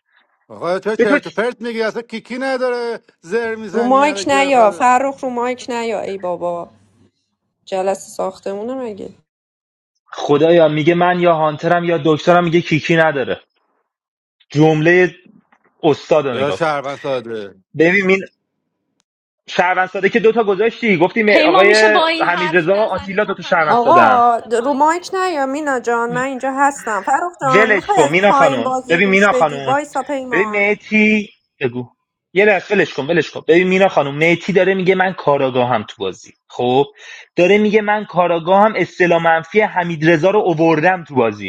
Speaker 16: آقا تو
Speaker 4: به تو
Speaker 16: چرت و
Speaker 4: چ-
Speaker 16: پرت میگی اصلا کیکی نداره زر
Speaker 3: رو
Speaker 16: میزنی
Speaker 3: مایک
Speaker 16: الکی بره
Speaker 3: نیا
Speaker 16: خدا.
Speaker 3: فرخ رو مایک نیا ای بابا جلسه ساختمونه مگه
Speaker 4: خدایا میگه من یا هانترم یا دکترم میگه کیکی نداره جمله استاد رو
Speaker 16: یا
Speaker 4: نگاه کن
Speaker 16: شهروند ساده
Speaker 4: ببین این شهروند ساده که دوتا گذاشتی گفتیم
Speaker 13: پیمان میشه
Speaker 4: آقای
Speaker 13: با این حرف
Speaker 4: حمیدرضا رضا
Speaker 13: نزنی
Speaker 4: آتیلا
Speaker 13: تا
Speaker 4: دوتا
Speaker 13: همین
Speaker 4: شهروند
Speaker 13: الان
Speaker 4: ساده
Speaker 3: آقا
Speaker 13: نرفته
Speaker 3: د- رو
Speaker 13: پایین
Speaker 3: مایک نیا مینا جان من اینجا هستم فرخ جان
Speaker 4: ولش
Speaker 3: میخوای
Speaker 4: کن
Speaker 3: از
Speaker 4: مینا
Speaker 3: پایین
Speaker 4: خانم
Speaker 3: بازی رو
Speaker 4: ببین
Speaker 3: گوش
Speaker 4: مینا
Speaker 3: بدی
Speaker 4: خانم
Speaker 3: وایسا
Speaker 4: ببین
Speaker 3: پیمان
Speaker 4: میتی بگو یه لحظه ولش کن ولش کن ببین مینا خانم میتی داره میگه من کاراگاهم تو بازی خب داره میگه من کاراگاهم اصطلاح منفی حمید رو اووردم تو بازی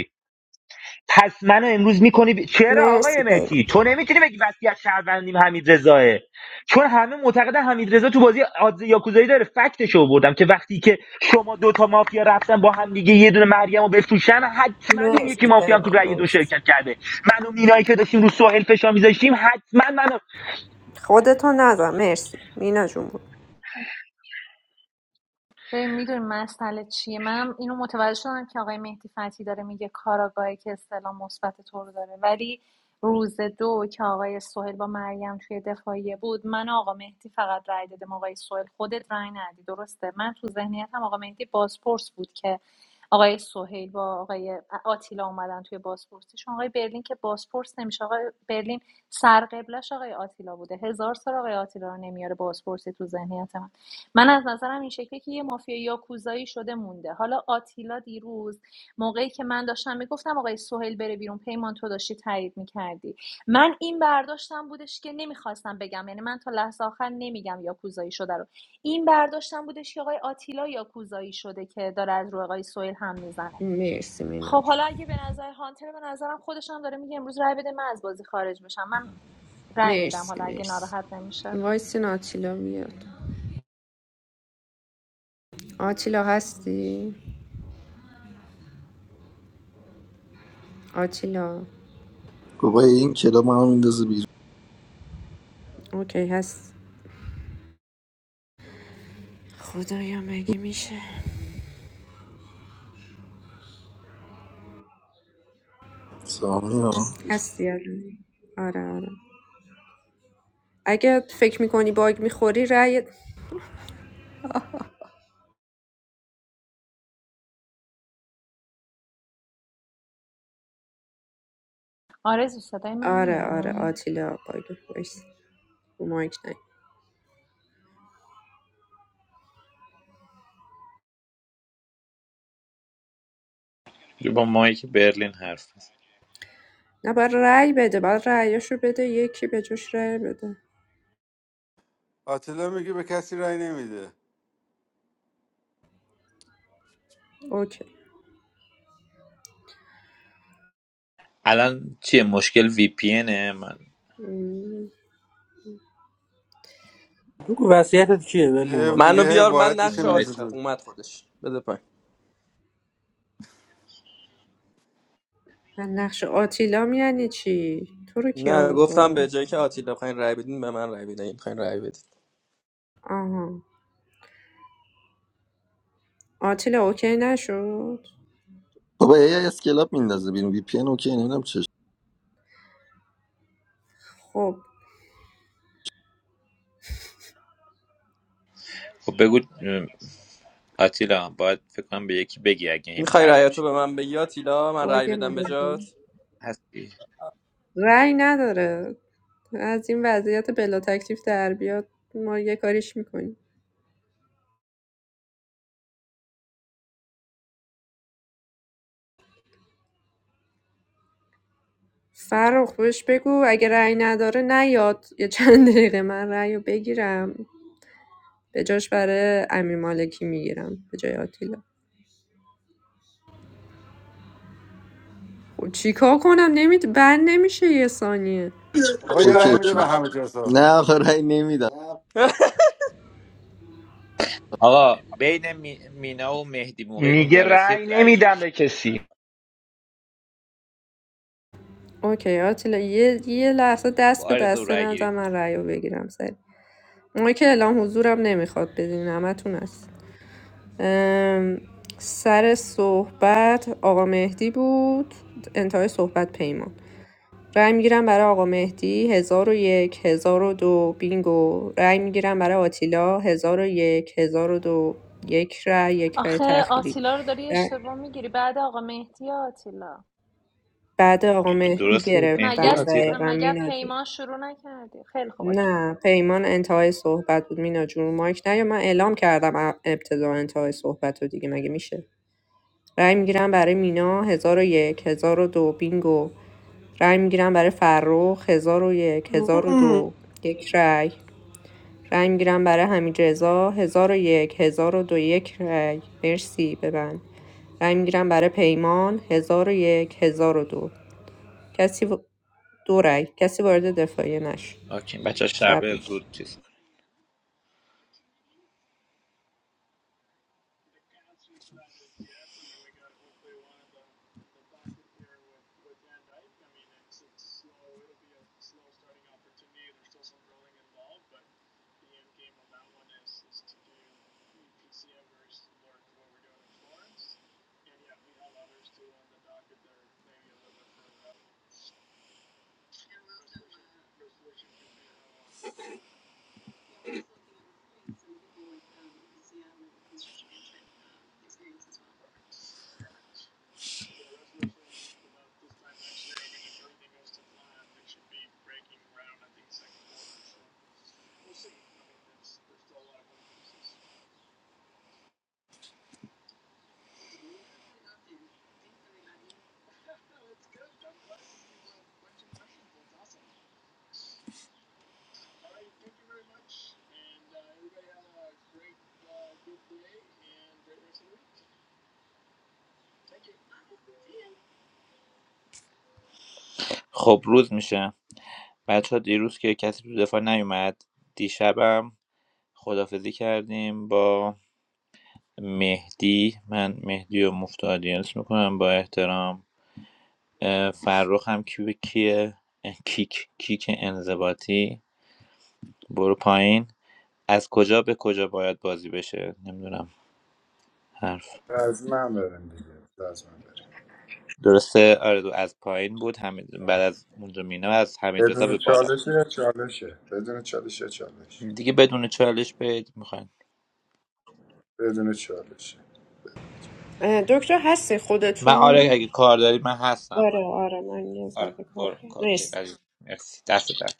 Speaker 4: پس منو امروز میکنی ب... چرا
Speaker 3: مرسی
Speaker 4: آقای
Speaker 3: پیمان
Speaker 4: مهتی تو نمیتونی بگی وصیت شهروندیم حمید رضاه چون همه معتقدن حمید رضا تو بازی آدز یاکوزایی داره فکتش رو که وقتی که شما دوتا مافیا رفتن با هم دیگه یه دونه مریم رو بفروشن حتما اون یکی
Speaker 3: مرسی
Speaker 4: مافیا هم تو
Speaker 3: پیمان
Speaker 4: رأی دو
Speaker 3: مرسی
Speaker 4: شرکت کرده من و مینایی که داشتیم رو سوهل فشار میذاشتیم حتما منو
Speaker 3: خودتو نزن مرسی مینا جون بود
Speaker 13: ببین میدونی مسئله چیه منم اینو متوجه شدم که آقای مهدی فتحی داره میگه کاراگاهی که اصطلاح مثبت تو رو داره ولی روز دو که آقای سهیل با مریم توی دفاعیه بود من و آقا مهدی فقط رأی دادم آقای سهیل خودت رأی ندی درسته من تو ذهنیتم آقا مهدی بازپرس بود که آقای سهیل با آقای آتیلا اومدن توی بازپرسیشون آقای برلین که بازپرس نمیشه آقای برلین سرقبلش آقای آتیلا بوده هزار سال آقای آتیلا رو نمیاره بازپرسی تو ذهنیت من از نظرم این شکلی که یه مافیا یاکوزایی شده مونده حالا آتیلا دیروز موقعی که من داشتم میگفتم آقای سهیل بره بیرون پیمان تو داشتی تایید میکردی من این برداشتم بودش که نمیخواستم بگم یعنی من تا لحظه آخر نمیگم یاکوزایی شده رو این برداشتم بودش که آقای آتیلا یاکوزایی شده که داره از روی آقای سهیل هم میزنه
Speaker 3: مرسی مینا
Speaker 13: خب
Speaker 3: جون
Speaker 13: حالا اگه به نظر هانتر به نظرم خودش هم داره میگه امروز رای بده من از بازی خارج بشم من رای میدم
Speaker 3: مرسی
Speaker 13: حالا اگه
Speaker 3: مرسی
Speaker 13: ناراحت نمیشه
Speaker 3: وایسین آتیلا میاد آتیلا هستی؟ آتیلا
Speaker 11: بابا این کلاب ما هم میندازه بیرون
Speaker 3: اوکی هست خدایا مگه میشه
Speaker 11: سامی ها.
Speaker 3: هستی الان آره آره اگه فکر میکنی باگ میخوری رأی
Speaker 13: آرزو صدای من
Speaker 3: آره آره
Speaker 13: میاد
Speaker 3: آتیلا باگ وایس مایک نه
Speaker 10: با مایی که برلین حرف بزن.
Speaker 3: نه باید رأی بده باید رایشو بده یکی به جاش رأی بده
Speaker 16: آتلا میگه به کسی رای نمیده
Speaker 3: اوکی
Speaker 10: الان چیه مشکل وی پی اینه من
Speaker 3: م،
Speaker 19: بگو وصیتت کیه برلین
Speaker 16: هی-
Speaker 19: باتری
Speaker 12: منو
Speaker 16: میگه هی
Speaker 12: بیار من
Speaker 16: وارد میشه
Speaker 12: نقش
Speaker 10: باید
Speaker 16: میدوزه
Speaker 12: آتی آه،
Speaker 16: دور
Speaker 12: اومد خودش بده پایین
Speaker 3: من نقش آتیلا یعنی چی تو رو کی
Speaker 12: نه
Speaker 3: آورد
Speaker 12: گفتم به
Speaker 3: بالا
Speaker 12: جایی که آتیلا بخواین رای بدین به من رای بدین اگه میخواین رای بدین
Speaker 3: آها آتیلا اوکی نشد
Speaker 11: بابا ای از کلاب میندازه بیرون وی پی ان اوکی نمیدونم چش
Speaker 3: خب
Speaker 10: خب بگو م، آتیلا باید فکر کنم به یکی بگی اگه این
Speaker 12: میخوای
Speaker 10: پرت
Speaker 12: رایتو
Speaker 10: میشه
Speaker 12: به
Speaker 10: بیرون
Speaker 12: من بگی آتیلا من رای
Speaker 3: باگ
Speaker 12: بدم به جات
Speaker 3: مدیریتم
Speaker 10: هستی
Speaker 3: رأی نداره از این وضعیت بلا تکلیف در بیاد ما یه کاریش میکنیم فرخ بهش بگو اگه رأی نداره نیاد یه چند دقیقه من رأی رو بگیرم به جاش برای امیر مالکی میگیرم به جای آتیلا خب چیکار کنم نمیت بند نمیشه یه ثانیه
Speaker 16: آقا یه رای
Speaker 11: اوکی
Speaker 16: میده به همه جرسا
Speaker 11: نه آخه رای نمیدم
Speaker 12: [laughs]
Speaker 10: آقا بین می- مینا و مهدی موقع
Speaker 4: میگه
Speaker 10: اونجا
Speaker 4: رأی
Speaker 10: رسید رای گیری
Speaker 4: نمیدم به
Speaker 10: کن.
Speaker 4: کسی
Speaker 3: اوکی آتیلا یه, یه لحظه دست
Speaker 10: با
Speaker 3: به
Speaker 10: آرزو
Speaker 3: دست
Speaker 10: رای گیری
Speaker 3: نزن
Speaker 10: کن
Speaker 3: من رأی رو بگیرم سری ما که اعلام حضورم نمیخواد بدین همتون هست سر صحبت آقا مهدی بود انتهای صحبت پیمان رأی میگیرم برای آقا مهدی هزار و یک هزار و دو بینگو رأی میگیرم برای آتیلا هزار و یک هزار و دو یک رأی یک رأی
Speaker 13: آخه
Speaker 3: تأخیری
Speaker 13: آتیلا رو داری اشتباه میگیری بعد آقا مهدی آتیلا
Speaker 3: بعد آقا
Speaker 13: تو
Speaker 3: مهدی
Speaker 10: درست
Speaker 13: مگه
Speaker 10: مهدی
Speaker 3: گرفتم
Speaker 13: از پ...
Speaker 10: آتیلا
Speaker 3: دقیقا
Speaker 13: مگه
Speaker 3: مینا جون
Speaker 13: پیمان شروع نکردی خیلی خوب اوکی.
Speaker 3: نه پیمان انتهای صحبت بود مینا جون مایک نه یا من اعلام کردم ابتدا انتهای صحبت رو دیگه مگه میشه رای میگیرم برای مینا 1001 دو بینگو رای میگیرم برای فرخ 1001 1002 یک هزار و
Speaker 19: مم.
Speaker 3: دو یک رای رای میگیرم برای حمید رضا 1001 دو یک رای مرسی ببند رای میگیرم برای پیمان 1001 1002 کسی و... دو رای کسی وارد دفاعیه نشد
Speaker 10: اوکی بچه شب
Speaker 3: شب میشه
Speaker 10: زود چیز کن. خب روز میشه بچه ها دیروز که کسی تو دفاع نیومد دیشبم خدافزی کردیم با مهدی من مهدی و مفت آدینس میکنم با احترام فرخ هم کیو کیه کیک کیک انضباطی برو پایین از کجا به کجا باید بازی بشه نمیدونم حرف
Speaker 17: از من برم دیگه از من برم
Speaker 10: درسته آره دو از پایین بود حمید- بعد از اونجا مینا از حمید رضا
Speaker 17: بدون
Speaker 10: به بالا
Speaker 17: چالشه یا چالشه بدون چالش یا چالش
Speaker 10: دیگه بدون چالش بید میخواین
Speaker 17: بدون چالشه
Speaker 3: اه، دکتر هستی
Speaker 10: من آره
Speaker 3: خودتون
Speaker 10: اگه کار داری من هستم
Speaker 3: آره
Speaker 10: من
Speaker 3: آره من یه ذره
Speaker 10: آره
Speaker 3: کار
Speaker 10: برو اوکی
Speaker 3: مرسی.
Speaker 10: عزیز مرسی دست در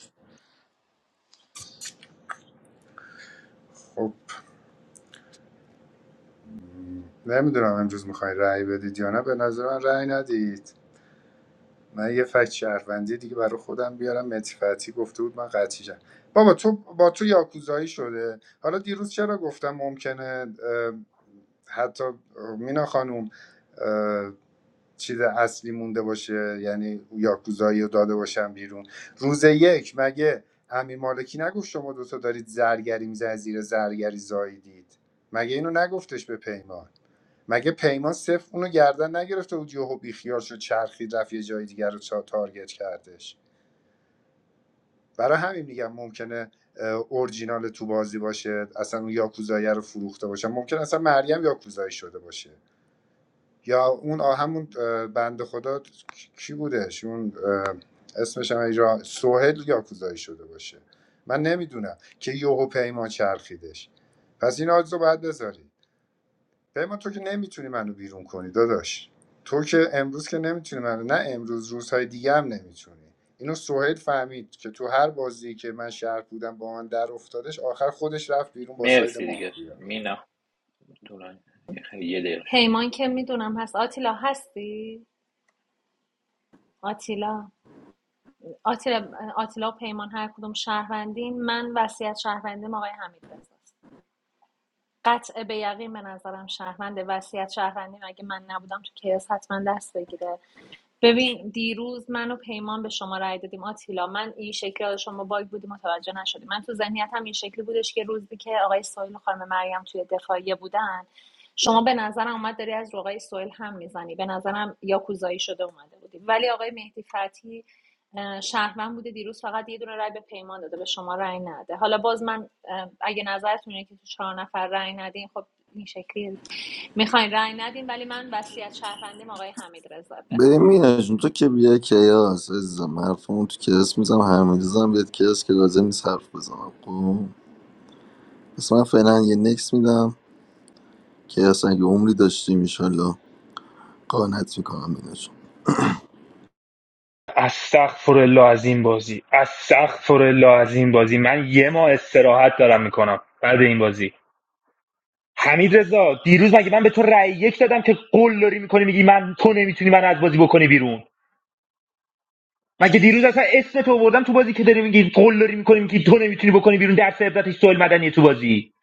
Speaker 17: خب نمیدونم امروز میخواین رأی بدید یا نه به نظر من رأی ندید من یه فکت شهروندی دیگه برای خودم بیارم متفتی گفته بود من قطعی جم. بابا تو با تو یاکوزایی شده حالا دیروز چرا گفتم ممکنه اه، حتی مینا خانوم چیز اصلی مونده باشه یعنی یاکوزایی رو داده باشن بیرون روز یک مگه امیر مالکی نگفت شما دوتا دارید زرگری میزنید زیر زرگری زاییدید مگه اینو نگفتش به پیمان مگه پیمان صفر اونو گردن نگرفته بود یهو بیخیال شد چرخید رفت یه جای دیگر رو تارگت کردش برای همین میگم ممکنه اه، اورجینال تو بازی باشه اصلا اون یاکوزایی رو فروخته باشه ممکن اصلا مریم یاکوزایی شده باشه یا اون آ- همون اه، بنده خدا کی بودش اون اسمش هم اینجا سوهل یا کوزایی شده باشه من نمیدونم که یوهو پیمان چرخیدش پس این آجزو باید بذاری پیمان تو که نمیتونی منو بیرون کنی داداش تو که امروز که نمیتونی منو نه امروز روزهای دیگه هم نمیتونی اینو سوهل فهمید که تو هر بازی که من شهر بودم با من در افتادش آخر خودش رفت بیرون با ساید
Speaker 10: مرسی دیگه
Speaker 17: مافیا
Speaker 10: مینا طولانی خیلی یه دقیقه شد.
Speaker 13: پیمان که میدونم هست آتیلا هستی آتیلا آتیلا آتیلا و پیمان هر کدوم شهروندین من وصیت شهروندیم آقای حمید رزاست قطع به یقین به نظرم شهرونده وصیت شهروندی مگه من نبودم تو کیاس حتما دست بگیره ببین دیروز من و پیمان به شما رای دادیم آتیلا من این شکلی از شما باگ بودی متوجه نشدی من تو ذهنیتم این شکلی بودش که روزی که آقای سویل و خانم مریم توی دفاعیه بودن شما به نظرم اومد داری از روغای سویل هم میزنی به نظرم یا کوزایی شده اومده بودی ولی آقای مهدی فتی اه، شهروند بوده دیروز فقط یه دونه رأی به پیمان داده به شما رای نده حالا باز من اگه نظرتون اینه که تو چهار نفر رای ندین خب این شکلی میخواین رای ندین ولی من وصیت شهروندیم آقای حمید بفهم.
Speaker 11: ببین مینا جون تو که بیا کیاس عزیزم حرفمون تو کلاس میزم هرمیزم هم بیاد کلاس که لازم نیست حرف بزنم خب پس من فعلا یه نکس میدم که اصلا اگه عمری داشتیم ایشالله قانت میکنم مینا جون
Speaker 4: استغفر الله از این بازی استغفر الله از این بازی من یه ماه استراحت دارم میکنم بعد این بازی حمید رضا دیروز مگه من به تو رأی یک دادم که قول داری میکنی میگی من تو نمیتونی من از بازی بکنی بیرون مگه دیروز اصلا اسم تو آوردم تو بازی که داری میگی قول داری میکنی میگی تو نمیتونی بکنی بیرون درس عبرتش سوال مدنی تو بازی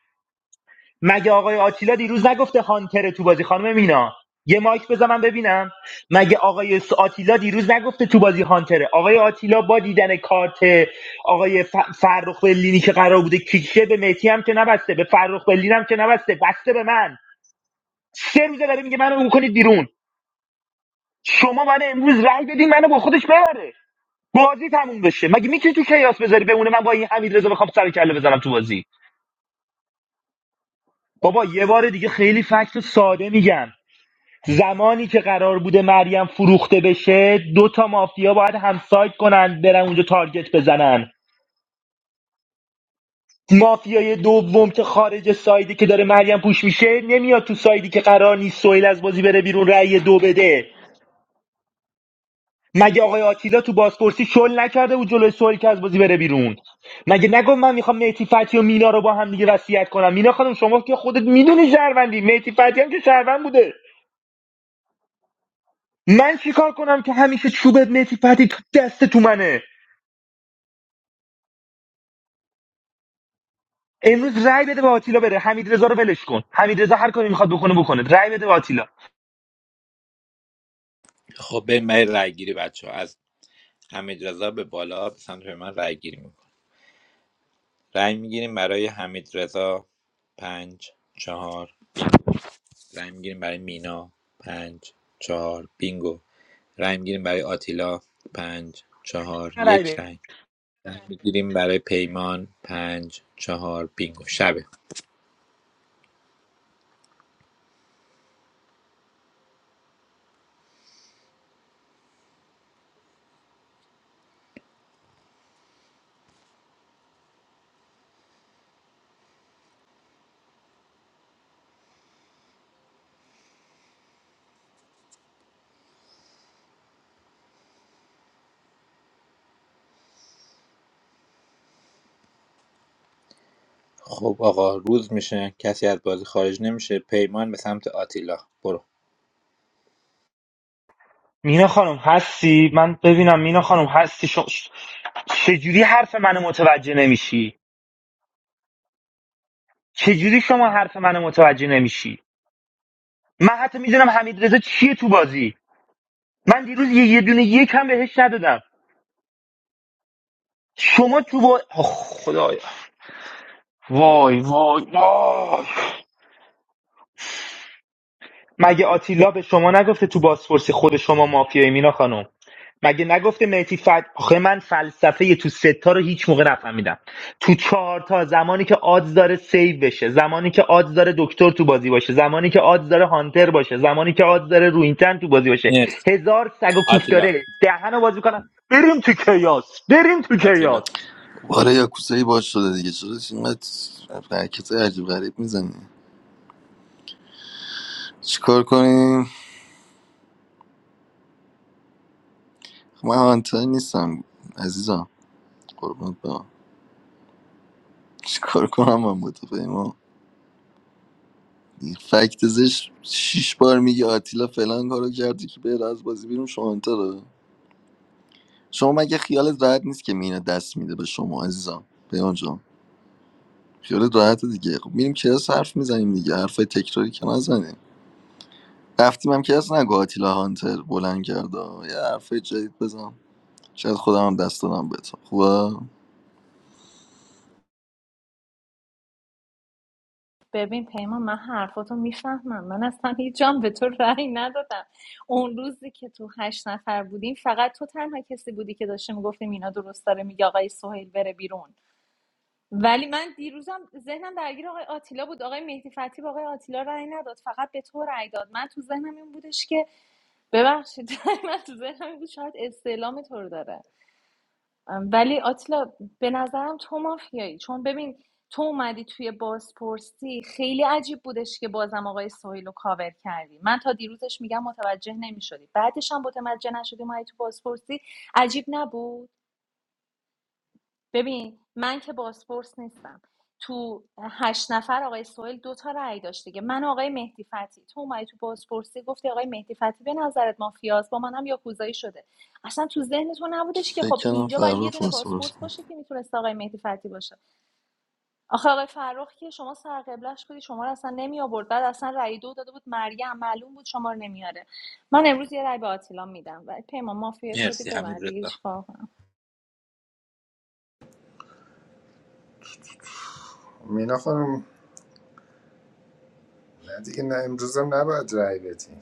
Speaker 4: مگه آقای آتیلا دیروز نگفته هانتر تو بازی خانم مینا یه مایک بزن من ببینم مگه آقای س- آتیلا دیروز نگفته تو بازی هانتره آقای آتیلا با دیدن کارت آقای ف- فرخ بلینی که قرار بوده کیکشه به مهدی هم که نبسته به فرخ بلین هم که نبسته بسته به من سه روزه داره میگه منو بکنید بیرون شما من امروز رأی بدین منو با خودش ببره بازی تموم بشه مگه میتونی تو کیاس بذاری بمونه من با این حمید رضا بخوام سر کله بزنم تو بازی بابا یه بار دیگه خیلی فکت ساده میگم زمانی که قرار بوده مریم فروخته بشه دو تا مافیا باید همسایت کنن برن اونجا تارگت بزنن مافیای دوم که خارج سایدی که داره مریم پوش میشه نمیاد تو سایدی که قرار نیست سویل از بازی بره بیرون رأی دو بده مگه آقای آتیلا تو بازپرسی شل نکرده بود جلوی سویل که از بازی بره بیرون مگه نگفت من میخوام میتی فتی و مینا رو با هم دیگه وصیت کنم مینا خانم شما که خودت میدونی شهروندی میتی فتی هم که شهروند بوده من چیکار کنم که همیشه چوب میتی فتی تو دست تو منه امروز رای بده به آتیلا بره حمید رضا رو ولش کن حمید رضا هر کاری میخواد بکنه بکنه رای بده به آتیلا
Speaker 10: خب بریم برای رای گیری بچه ها از حمید رضا به بالا به سمت من رای گیری میکنم رای میگیریم برای حمید رضا پنج چهار رای میگیریم برای مینا پنج چهار بینگو رای میگیریم برای آتیلا پنج چهار
Speaker 4: من رای
Speaker 10: یک
Speaker 4: بده.
Speaker 10: رای رای میگیریم برای پیمان پنج چهار بینگو شبه خب آقا روز میشه کسی از بازی خارج نمیشه پیمان به سمت آتیلا برو
Speaker 4: مینا خانم هستی من ببینم مینا خانم هستی شو... چجوری حرف منو متوجه نمیشی چجوری شما حرف منو متوجه نمیشی من حتی میدونم حمید چیه تو بازی من دیروز یه یه دونه یک هم بهش ندادم شما تو با آه، خدایا مگه آتیلا به شما نگفته تو بازپرسی خود شما مافیایی مینا خانم مگه نگفته مهدی فد آخه من فلسفه تو ستا رو هیچ موقع نفهمیدم تو چهار تا زمانی که آدز داره سیو بشه زمانی که آدز داره دکتر تو بازی باشه زمانی که آدز داره هانتر باشه زمانی که آدز داره روینتن تو بازی باشه
Speaker 10: مرسی
Speaker 4: هزار سگ و کوف
Speaker 10: آتیلا
Speaker 4: داره دهنو بازی کنم بریم تو کیاس بریم تو
Speaker 10: آتیلا
Speaker 4: کیاس
Speaker 11: باره یا کوسه باز شده دیگه چرا اینقدر حرکت عجیب غریب میزنی چیکار کنیم من آنتای نیستم عزیزم قربونت برم چیکار کنم من با تو پیمان این فکت زش شیش بار میگه آتیلا فلان کارو کردی که بره از بازی بیرون شما انتره شما مگه خیالت راحت نیست که مینا دست میده به شما عزیزم پیمان جان خیالت راحت دیگه خب میریم کلاس حرف میزنیم دیگه حرفای تکراری که نزنیم رفتیم هم کلاس نگو آتیلا هانتر بلند کرده یه حرفای جدید بزن شاید خودم هم دست دادم به تو خوبه
Speaker 13: ببین پیمان من حرفاتو میفهمم من اصلا هیچ جام به تو رأی ندادم اون روزی که تو هشت نفر بودیم فقط تو تنها کسی بودی که داشته میگفتیم اینا درست داره میگه آقای سهیل بره بیرون ولی من دیروزم ذهنم درگیر آقای آتیلا بود آقای مهدی فتی با آقای آتیلا رأی نداد فقط به تو رأی داد من تو ذهنم این بودش که ببخشید [laughs] من تو ذهنم این بود شاید استعلام تو رو داره ولی آتیلا به نظرم تو مافیایی چون ببین تو اومدی توی بازپرسی خیلی عجیب بودش که بازم آقای سهیل رو کاور کردی من تا دیروزش میگم متوجه نمیشدی بعدش هم متوجه نشدی ما تو بازپرسی عجیب نبود ببین من که بازپرس نیستم تو هشت نفر آقای سوئل دو تا رأی داشت دیگه من آقای مهدی فتحی تو اومدی تو بازپرسی گفتی آقای مهدی فتحی به نظرت مافیاست با منم یاکوزایی شده اصلا تو ذهن تو نبودش که خب
Speaker 11: فکر کنم
Speaker 13: اینجا باید یه
Speaker 11: فرخ
Speaker 13: دونه
Speaker 11: واسه بازی.
Speaker 13: بازپرس باشه که میتونست آقای مهدی فتحی باشه آخه آقای فرخ که شما سر قبلش بودی شما رو اصلا نمی آورد بعد اصلا رأی دو داده بود مریم معلوم بود شما رو نمیاره من امروز یه رأی به آتیلا میدم و پیمان مافیا شدی
Speaker 10: مرسی همین
Speaker 13: ببندی
Speaker 10: رضا
Speaker 17: مینا خانم دیگه امروزم نباید رای بدی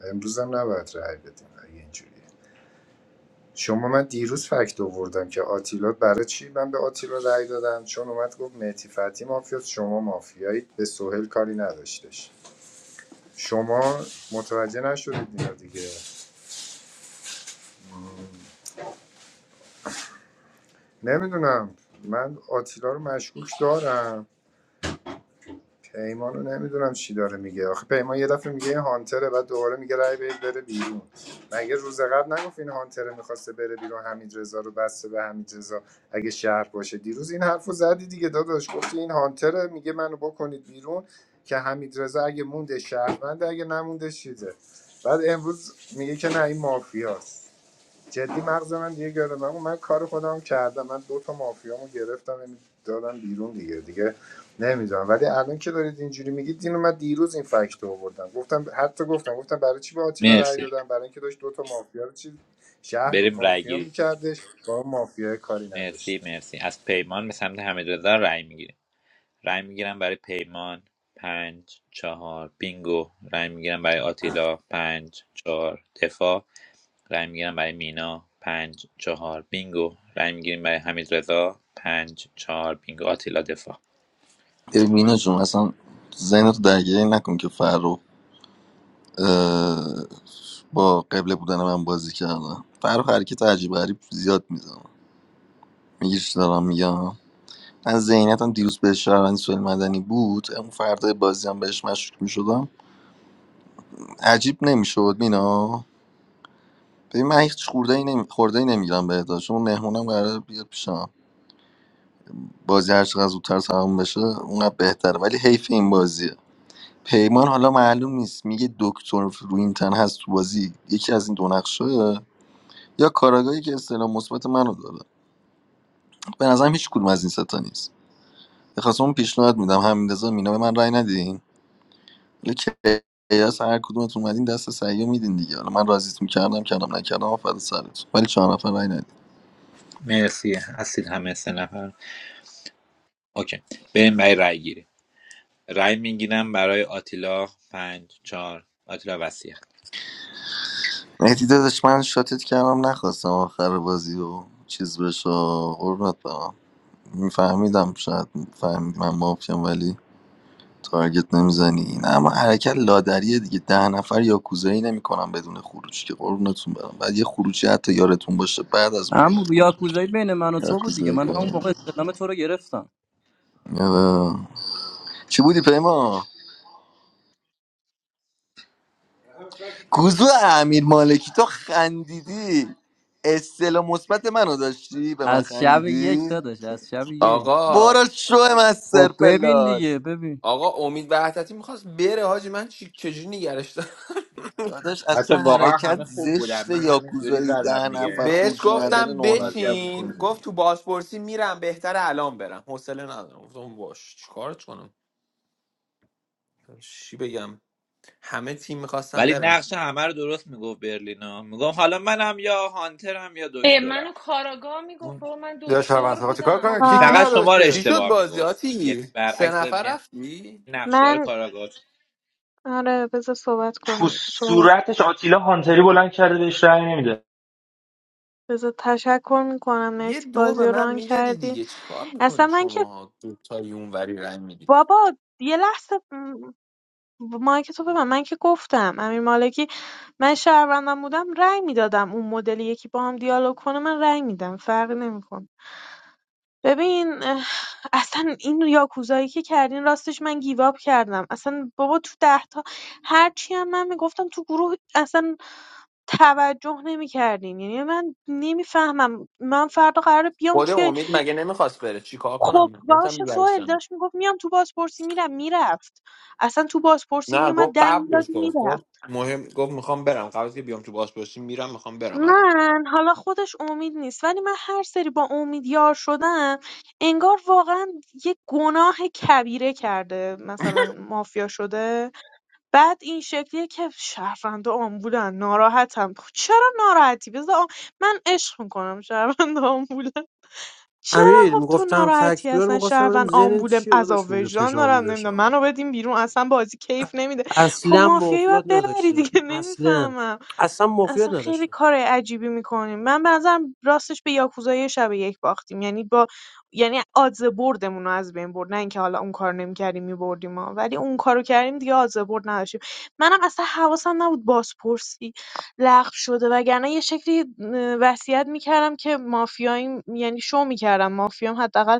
Speaker 17: امروز هم نباید رأی بدیم اگه اینجوریه شما من دیروز فکت آوردم که آتیلا برای چی من به آتیلا رأی دادم چون اومد گفت مهتی فتحی مافیاست شما مافیایید به سهل کاری نداشتش شما متوجه نشدید اینا دیگه نمیدونم من آتیلا رو مشکوک دارم پیمانو نمیدونم چی داره میگه آخه پیمان یه دفعه میگه این هانتره بعد دوباره میگه رای بدید بره بیرون مگه روز قبل نگفت این هانتره میخواسته بره بیرون حمید رضا رو بسته به حمید اگه شهر باشه دیروز این حرفو زدی دیگه داداش گفتی این هانتره میگه منو بکنید بیرون که حمید اگه مونده شهروند اگه نمونده چیزه بعد امروز میگه که نه این مافیاست جدی مغز من دیگه گرفت من من کار خودم کردم من دو تا مافیامو گرفتم یعنی دادم بیرون دیگه دیگه نمیدونم ولی الان که دارید اینجوری میگید اینو من دیروز این فکت رو آوردم گفتم حتی گفتم گفتم برای چی به آتیلا رأی
Speaker 10: مرسی
Speaker 17: دادم برای اینکه داشت دو تا مافیا رو چی شهر رو
Speaker 10: بریم رای
Speaker 17: مافیا
Speaker 10: گیری
Speaker 17: میکردش با اون مافیا کاری
Speaker 10: مرسی
Speaker 17: نداشتش
Speaker 10: مرسی از پیمان به سمت حمید رضا رای میگیریم رای میگیرم برای پیمان پنج چهار بینگو رای میگیرم برای آتیلا پنج چهار دفاع رای میگیرم برای مینا پنج چهار بینگو رای میگیریم برای حمید رضا پنج چهار بینگو آتیلا دفاع
Speaker 11: ببین مینا جون اصلا ذهن تو درگیری نکن که فرخ اه، با قبله بودن من بازی کردم فرق حرکت عجیب غریب زیاد میزنم میگی چی دارم میگم من ذهنیتم دیروز به شهروندی سوال مدنی بود اون فردا بازی هم بهش مشکوک میشدم عجیب نمیشد مینا ببین من هیچ خورده ای نمی... خورده ای نمیگیرم بهدا چون مهمونم قراره بیاد پیشم بازی هر چقدر زودتر تمام بشه اونقدر بهتره ولی حیف این بازیه پیمان حالا معلوم نیست میگه دکتر رو هست تو بازی یکی از این دو نقشه یا کاراگاهی که استعلام مثبت منو داره به نظرم هیچ کدوم از این ستا نیست بخواستم اون پیشنهاد میدم همین رضا مینا به من رأی ندین ولی کیاس هر کدومتون اومدین دست سعیو میدین دیگه حالا من راضیتون کردم کردم نکردم آفر سرتون ولی چهار نفر رأی ندین
Speaker 10: مرسی هستید همه سه نفر اوکی بریم برای رای گیری رای میگیرم برای آتیلا پنج چهار آتیلا وسیعت
Speaker 11: مهدی داداش من شاتت کردم نخواستم آخر بازی و چیز بشه قربونت برم میفهمیدم شاید فهمیدم من مافیام ولی تارگت نمیزنی نه اما حرکت لادریه دیگه ده نفر یا کوزایی نمیکنم بدون خروج که قربونتون برم بعد یه خروجی حتی یارتون باشه بعد از اون بیان
Speaker 12: اما یاکوزایی بین من و
Speaker 11: یا
Speaker 12: تو بود دیگه
Speaker 11: کوزایی
Speaker 12: من همون
Speaker 11: کنیم
Speaker 12: موقع استلام تو رو گرفتم
Speaker 11: آره. چی بودی پیما کوزو امیر مالکی تو خندیدی استلا مثبت منو داشتی به من
Speaker 12: از شب یک
Speaker 11: خندیدی
Speaker 12: داداش از شب یک
Speaker 5: آقا
Speaker 11: برو شو مستر
Speaker 12: خب ببین
Speaker 11: پلاس
Speaker 12: دیگه ببین
Speaker 5: آقا امید وحدتی میخواست بره حاجی من چی چجوری نگرش دارم؟
Speaker 11: داداش
Speaker 10: حتی
Speaker 11: اصلا
Speaker 10: واقعا
Speaker 11: حرکت
Speaker 10: همه خوب بودن
Speaker 11: زشت
Speaker 10: من
Speaker 11: یا
Speaker 10: همینجوری
Speaker 11: کوزایی
Speaker 10: زدم
Speaker 11: ده نفر
Speaker 10: دیگه
Speaker 5: بهش
Speaker 11: خروجی
Speaker 10: انتهای
Speaker 11: نداره
Speaker 5: گفتم
Speaker 11: نه
Speaker 10: بازی
Speaker 11: نفر
Speaker 10: هم.
Speaker 5: بشین
Speaker 11: بکنه
Speaker 5: گفت تو بازپرسی میرم بهتره الان برم حوصله ندارم گفتم باش چیکار کنم چی بگم همه تیم میخواستم
Speaker 10: ولی
Speaker 5: برم
Speaker 10: نقش همه رو درست میگفت برلینا میگم حالا منم یا هانترم یا
Speaker 13: اه، منو
Speaker 10: دکترم
Speaker 13: کاراگاه میگفت
Speaker 10: اون-
Speaker 13: و من
Speaker 16: یا شرمنده
Speaker 13: دکتر
Speaker 16: خب چیکار
Speaker 13: بودم
Speaker 16: کنه کیکی
Speaker 18: آقا
Speaker 10: فقط
Speaker 16: نداشت
Speaker 10: شما رو
Speaker 16: که
Speaker 5: چی شد
Speaker 10: اشتباه
Speaker 5: بازی
Speaker 10: میگفت یعنی
Speaker 5: آتی سه
Speaker 10: برعکس
Speaker 5: نفر
Speaker 10: یعنی
Speaker 5: رفتی
Speaker 10: نقشدار
Speaker 18: من
Speaker 10: کاراگاه
Speaker 18: آره بذار صحبت
Speaker 4: تو
Speaker 18: کنیم صحبت
Speaker 4: صورتش آتیلا هانتری بلند کرده بهش رأی نمیده
Speaker 18: بذار تشکر میکنم
Speaker 5: یه
Speaker 18: مرسی
Speaker 5: دو
Speaker 18: بازی
Speaker 5: به
Speaker 18: رو
Speaker 5: من
Speaker 18: ران
Speaker 5: میدادی
Speaker 18: کردی
Speaker 5: دیگه چیکار
Speaker 18: اصلا
Speaker 5: میکنی
Speaker 18: من که
Speaker 5: شما دو تا اونوری رنگ میدی
Speaker 18: بابا یه لحظه مایک تو ببند من که گفتم امیر مالکی من شهروندم بودم رأی میدادم اون مدل یکی با هم دیالوگ کنه من رأی میدم فرقی نمیکنه ببین اه، اصلا این یاکوزایی که کردین راستش من گیواب کردم اصلا بابا تو ده تا هرچی هم من میگفتم تو گروه اصلا توجه نمیکردین یعنی من نمیفهمم من فردا قراره بیام
Speaker 5: خود
Speaker 18: توی خب باشه سوهل داشت میگفت میام تو بازپرسی میرم میرفت اصلا تو بازپرسی
Speaker 5: نه
Speaker 18: میومد دنگ داد
Speaker 5: بهش گفت
Speaker 18: میرفت
Speaker 5: گفت
Speaker 18: من حالا خودش امید نیست ولی من هر سری با امید یار شدم انگار واقعا یه گناه کبیره کرده مثلا مافیا شده بعد این شکلیه که شهروندا آمبولن ناراحتم خب چرا ناراحتی بذار آ- من عشق میکنم شهروندا آمبولن چرا
Speaker 19: امیر
Speaker 18: خب تو
Speaker 19: میگفتم فکس
Speaker 18: ناراحتی
Speaker 19: بیار
Speaker 18: اصلا
Speaker 19: میخواستم ببینم
Speaker 18: شهروند
Speaker 19: ذهن
Speaker 18: آمبول
Speaker 19: چیه
Speaker 18: عذاب
Speaker 19: داداش اونجا
Speaker 18: وجدان
Speaker 19: فشار
Speaker 18: دارم نمیدونم
Speaker 19: میذاشتم
Speaker 18: منو بدین بیرون اصلا بازی کیف نمیده خب
Speaker 19: اصلا
Speaker 18: مافیایی باید
Speaker 19: مافیات
Speaker 18: ببری
Speaker 19: نداشتم
Speaker 18: دیگه [laughs]
Speaker 19: اصلا
Speaker 18: نمیفهمم
Speaker 19: اصلا مافیات
Speaker 18: اصلا خیلی
Speaker 19: نداشتم
Speaker 18: کار عجیبی میکنیم من به نظرم راستش به یاکوزای شب یک باختیم یعنی با یعنی آدز بردمون رو از بین برد نه اینکه حالا اون کار نمیکردیم میبردیم ما، ولی اون کارو کردیم دیگه آدز برد نداشتیم منم اصلا حواسم نبود بازپرسی لغو شده وگرنه یه شکلی اه، وصیت میکردم که مافیایی یعنی شو میکردم مافیام حداقل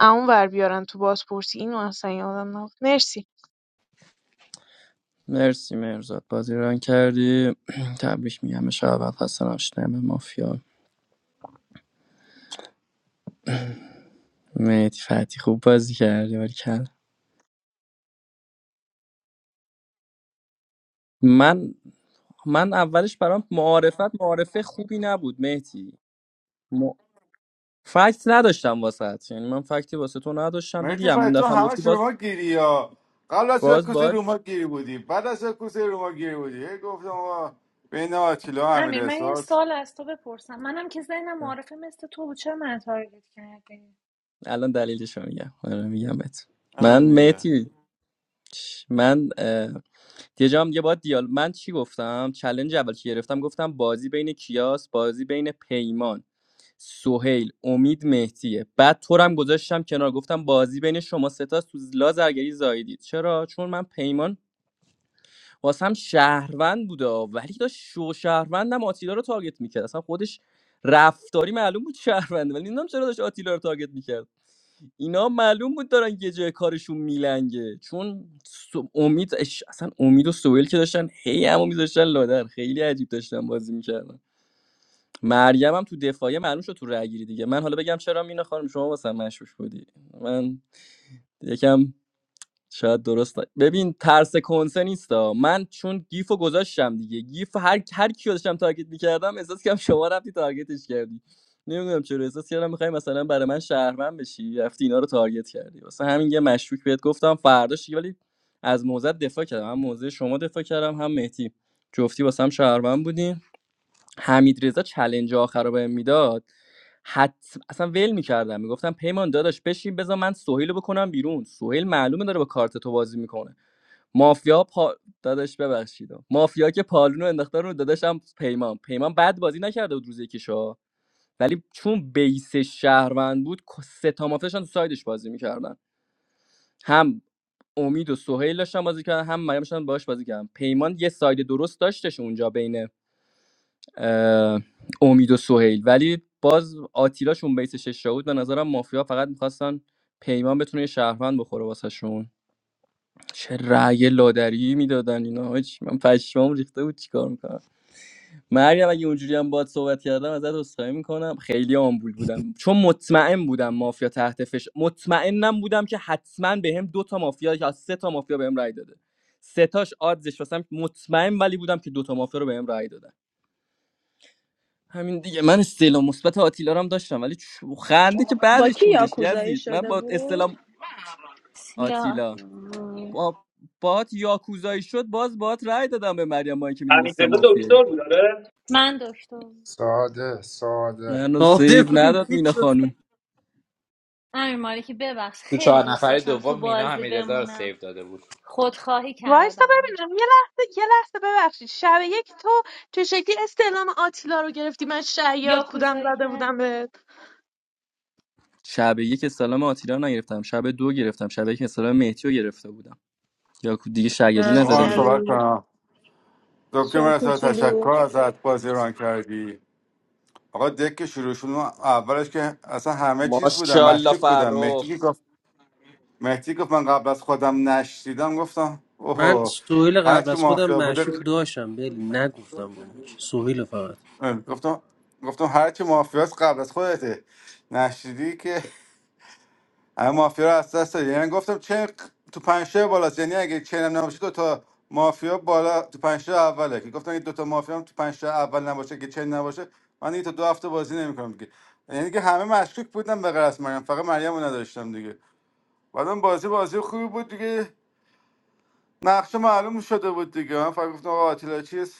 Speaker 18: اون ور بیارن تو بازپرسی اینو اصلا یادم نبود مرسی
Speaker 12: مرسی مرزاد بازی ران کردی [clears throat] تبریک میگم به شب اول خسته نباشید به مافیا مهدی فتی خوب بازی کردی ولی کل من من اولش برام معارفت معارفه خوبی نبود مهدی م... فکت نداشتم واسه یعنی من فکتی واسه تو نداشتم دیدیم
Speaker 16: مهدی
Speaker 12: هم اون
Speaker 16: فاید تو
Speaker 12: دفعه هم گفتی
Speaker 16: همش
Speaker 12: باز
Speaker 16: روما گیری یا قبل از
Speaker 12: باز
Speaker 16: کوسه
Speaker 12: باز
Speaker 16: روما گیری بودی بعد از کوسه روما گیری بودی هی گفتم آقا بین آتیلا و امیر
Speaker 13: امیر من یه
Speaker 16: احساس
Speaker 13: سال از تو بپرسم منم که ذهنم معرفه مثل تو بود چرا من تارگت کردی
Speaker 12: الان دلیلش رو میگم آره میگم بهت من
Speaker 16: همین دیگه
Speaker 12: مهدی چ- من اه، یه جام یه بار دیال من چی گفتم چلنج اول که گرفتم گفتم بازی بین کیاس بازی بین پیمان سهیل امید مهدیه بعد تو رو هم گذاشتم کنار گفتم بازی بین شما سه تا سوزلا زرگری زایدید چرا چون من پیمان واسم شهروند بوده ولی داشت شو شهروندم آتیلا رو تارگت میکرد اصلا خودش رفتاری معلوم بود شهرونده ولی نمیدونم چرا داشت آتیلا رو تارگت میکرد اینا معلوم بود دارن یه جای کارشون میلنگه چون سو- امید اش- اصلا امید و سویل که داشتن هی همو میذاشتن لادر خیلی عجیب داشتن بازی میکردن مریم هم تو دفاعیه معلوم شد تو رأی گیری دیگه من حالا بگم چرا مینا خانم شما واسم مشوش بودی من یکم شاید درست نه. ببین ترس کنسه نیستا من چون گیف گذاشتم دیگه گیف هر هر کیو داشتم تارگت میکردم احساس کردم شما رفتی تارگتش کردی نمیدونم چرا احساس کردم میخوای مثلا برای من شهرمن بشی رفتی اینا رو تارگت کردی واسه همین یه مشکوک بهت گفتم فرداش دیگه ولی از موزه دفاع کردم هم موزه شما دفاع کردم هم مهدی جفتی واسه هم شهرمن بودین حمیدرضا چلنج آخر رو بهم میداد حت اصلا ول میکردم میگفتم پیمان داداش بشین بذار من سهیل رو بکنم بیرون سهیل معلومه داره با کارت تو بازی میکنه مافیا پا... داداش ببخشید مافیا که پالونو انداخته رو داداشم پیمان پیمان بد بازی نکرده بود روز یکیشو ولی چون بیس شهروند بود ک- سه تا مافیاشان تو سایدش بازی میکردن هم امید و سهیل داشتن بازی کردن هم مریم داشتن باهاش بازی کردن پیمان یه ساید درست داشتش اونجا بین اه، امید و سهیل ولی باز آتیلا شون بیس شش بود به نظرم مافیا فقط میخواستن پیمان بتونه یه شهروند بخوره واسه شون چه رأی لادری میدادن اینا هاج. من پشمام ریخته بود چیکار میکنم مریم اگه اونجوری هم باد صحبت کردم ازت عذرخواهی میکنم خیلی آمبول بودم چون مطمئن بودم مافیا تحت فش مطمئنم بودم که حتما بهم دو تا مافیا یا سه تا مافیا بهم رأی داده سه تاش آدزش واسم مطمئن ولی بودم که دو تا مافیا رو بهم رأی دادن همین دیگه من استعلام مثبت آتیلا رو هم داشتم ولی چو- خنده که
Speaker 1: با
Speaker 12: بعدش
Speaker 1: کی
Speaker 12: بودش
Speaker 1: یاکوزایی
Speaker 12: یزید من
Speaker 1: شده
Speaker 12: با
Speaker 1: بود
Speaker 12: استعلام
Speaker 13: سیلا
Speaker 12: آتیلا
Speaker 1: آه.
Speaker 12: با باهات یاکوزایی شد باز باهات رأی دادم به مریم مایی که
Speaker 4: همین
Speaker 12: میدونستم مافیایی
Speaker 4: دکتر بود
Speaker 13: من دکتر بودم.
Speaker 17: ساده ساده
Speaker 12: منو
Speaker 19: آره
Speaker 12: سیو
Speaker 19: بودیم
Speaker 12: نداد
Speaker 19: کیک
Speaker 12: مینا
Speaker 19: شد
Speaker 12: خانوم
Speaker 13: امیر مالکی ببخش
Speaker 10: تو
Speaker 13: خیلی
Speaker 10: چهار
Speaker 13: دوست
Speaker 10: نفر
Speaker 13: داشتم تو
Speaker 10: دوم مینا
Speaker 13: بازی
Speaker 10: همه رو
Speaker 13: بمونم
Speaker 10: سیو داده بود
Speaker 13: خودخواهی
Speaker 18: وایسا
Speaker 13: کردم
Speaker 18: ببینم یه لحظه یه لحظه ببخشید شب یک تو چه شکلی استعلام آتیلا رو گرفتی من شیاد بودم
Speaker 13: یاکوزایی
Speaker 18: زده بودم
Speaker 13: کردم
Speaker 18: به
Speaker 12: شب یک استعلام آتیلا رو نگرفتم شب دو گرفتم شب یک استعلام مهدی رو گرفته بودم یا دیگه شگردی
Speaker 18: گفتی
Speaker 16: آقا
Speaker 12: نزده
Speaker 16: من
Speaker 12: بودم
Speaker 16: صحبت
Speaker 18: چرایی
Speaker 16: کنم دکتر
Speaker 1: شو
Speaker 16: مرسا تشکر
Speaker 1: کوچولو
Speaker 16: ازت بازی ران کردی آقا دک که شروع شد اون اولش که اصلا همه چیز بودن
Speaker 12: ماشاءالله
Speaker 16: مشکوک بودن مهدی که
Speaker 12: فرخ
Speaker 16: گفت مهدی گفت من قبل از خودم نشدیدم گفتم
Speaker 19: من
Speaker 16: اوه
Speaker 19: سوهیل قبل
Speaker 16: هرچی
Speaker 19: از خودم
Speaker 16: موافقه بوده
Speaker 19: مشکوک داشتم بلی نگفتم با من سوهیل فقط
Speaker 16: آره، گفتم گفتم هرچی چی مافیاس قبل از خودته نشیدی که همه مافیا رو از دست دادی یعنی گفتم چه تو پنجشیر بالاست یعنی اگه چنم نباشه دو تا مافیا بالا تو پنجشیر اوله که گفتم این دو تا مافیا هم تو پنجشیر اول نباشه که چن نباشه من این تا دو هفته بازی نمیکنم دیگه یعنی که همه مشکوک بودن به غیر از مریم فقط مریم رو نداشتم دیگه بعدم بازی بازی خوبی بود دیگه نقشه معلوم شده بود دیگه من فقط گفتم آقا آتیلا چیست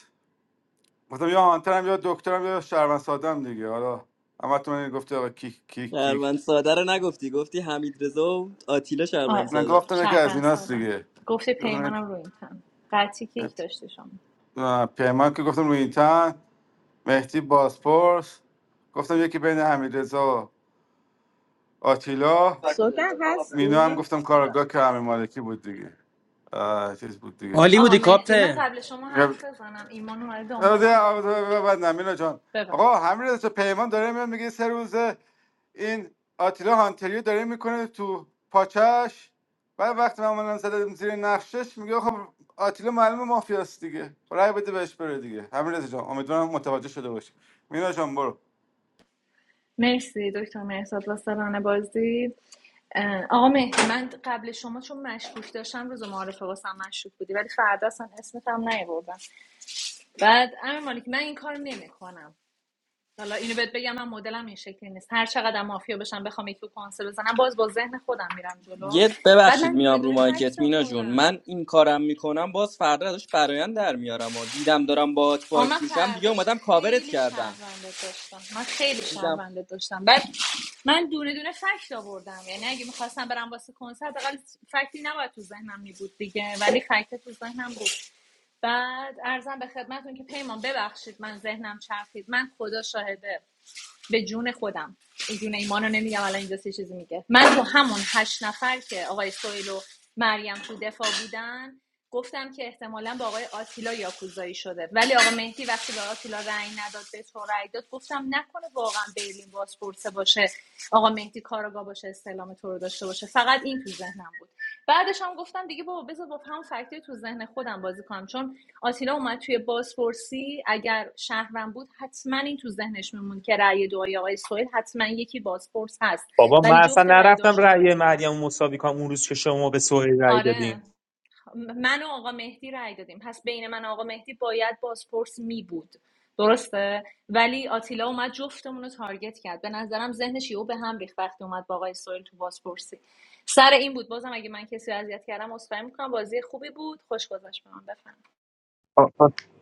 Speaker 16: گفتم یا آنتنم یا دکترم یا شهروند سادم دیگه حالا اما تو من گفته آقا کیک کیک کیک
Speaker 12: شهروند ساده رو نگفتی گفتی حمید رضا و آتیلا شهروند
Speaker 13: آره
Speaker 16: من
Speaker 12: ساده.
Speaker 16: گفتم که از
Speaker 13: شرفن
Speaker 16: ایناست
Speaker 13: سالم
Speaker 16: دیگه
Speaker 13: گفته
Speaker 16: گفتم
Speaker 13: پیمانم رو این تن قطعی کیک
Speaker 16: یک-
Speaker 13: داشتی شما
Speaker 16: اه، پیمان که گفتم روی این تن مهدی باسپورس گفتم یکی بین حمیدرضا و آتیلا
Speaker 1: سوگن
Speaker 16: مینا هم
Speaker 1: هستی
Speaker 16: گفتم کارگاه که همه مالکی بود دیگه آه، چیز بود دیگه
Speaker 19: عالی
Speaker 13: آقا
Speaker 19: بودی
Speaker 13: مهدی من
Speaker 19: کاپتن
Speaker 13: قبل شما حرف بزنم ایمان اومده دنبالم بریم
Speaker 16: بعد نمینا جان
Speaker 13: ببند
Speaker 16: آقا همین رضا پیمان داره میاد میگه سه روزه این آتیلا هانتریو داره میکنه تو پاچش بعد وقتی من زدم زیر نقشش میگه خب آتیلا معلومه مافیاست دیگه خب رای بده بهش بره دیگه همین رضا جان امیدوارم متوجه شده باشی مینا جان برو
Speaker 13: مرسی دکتر مهرزاد واسلان بازی اه، آقا مهدی من قبل شما چون مشکوک داشتم روز معارفه واسم مشکوک بودی ولی فردا اصلا اسمت هم نیاوردم بعد امیر مالک من این کار نمیکنم حالا اینو بهت بگم من مدلم این شکلی نیست هر چقدر مافیا بشم بخوام یکی رو کنسل بزنم باز با ذهن خودم میرم جلو
Speaker 12: یه
Speaker 13: بعد
Speaker 12: ببخشید
Speaker 13: من دونه
Speaker 12: میام رو
Speaker 13: دونه فکت
Speaker 12: مایکت مینا جون
Speaker 13: آوردم
Speaker 12: من این کارم میکنم باز فردا ازش برایند در میارم و دیدم دارم باهات
Speaker 13: آه، من
Speaker 12: باکس میشم دیگه
Speaker 13: فرداش
Speaker 12: اومدم کاورت
Speaker 13: خیلی
Speaker 12: کردم
Speaker 13: شهروندت داشتم من خیلی
Speaker 12: دیدم
Speaker 13: شهروندت داشتم بعد من دونه دونه فکت آوردم یعنی اگه میخواستم برم واسه کنسرت اقل فکتی نباید تو ذهنم میبود دیگه ولی فکت تو ذهنم بود بعد ارزم به خدمتون که پیمان ببخشید من ذهنم چرخید من خدا شاهده به جون خودم به جون ایمان رو نمیگم الان اینجا سه چیزی میگه من تو همون هشت نفر که آقای سویل و مریم تو دفاع بودن گفتم که احتمالا با آقای آتیلا یاکوزایی شده ولی آقا مهدی وقتی به آتیلا رأی نداد به تو رأی داد گفتم نکنه واقعا برلین بازپرسه باشه آقا مهدی کارگاه باشه استعلام تو رو داشته باشه فقط این تو ذهنم بود بعدش هم گفتم دیگه بابا بذار با هم فکتی تو ذهن خودم بازی کنم چون آتیلا اومد توی بازپرسی اگر شهرم بود حتما این تو ذهنش میمون که رأی دعای آقای سویل حتما یکی بازپرس هست
Speaker 4: بابا من
Speaker 13: ولی
Speaker 4: اصلا
Speaker 13: جفت رأی
Speaker 4: نرفتم
Speaker 13: دعاشو
Speaker 4: رأی
Speaker 13: تارگت کرد
Speaker 4: مریم رو مساوی کنم اون روز که شما به سوهی رأی دادین
Speaker 13: آره من و آقا مهدی رای دادیم پس بین من و آقا مهدی باید بازپرس می بود درسته ولی آتیلا اومد جفتمون رو تارگت کرد به نظرم ذهنش یهو به هم ریخت وقتی اومد با آقای سویل تو بازپرسی سر این بود بازم اگه من کسی رو اذیت کردم عذرخواهی میکنم بازی خوبی بود خوش گذشت به من بفهم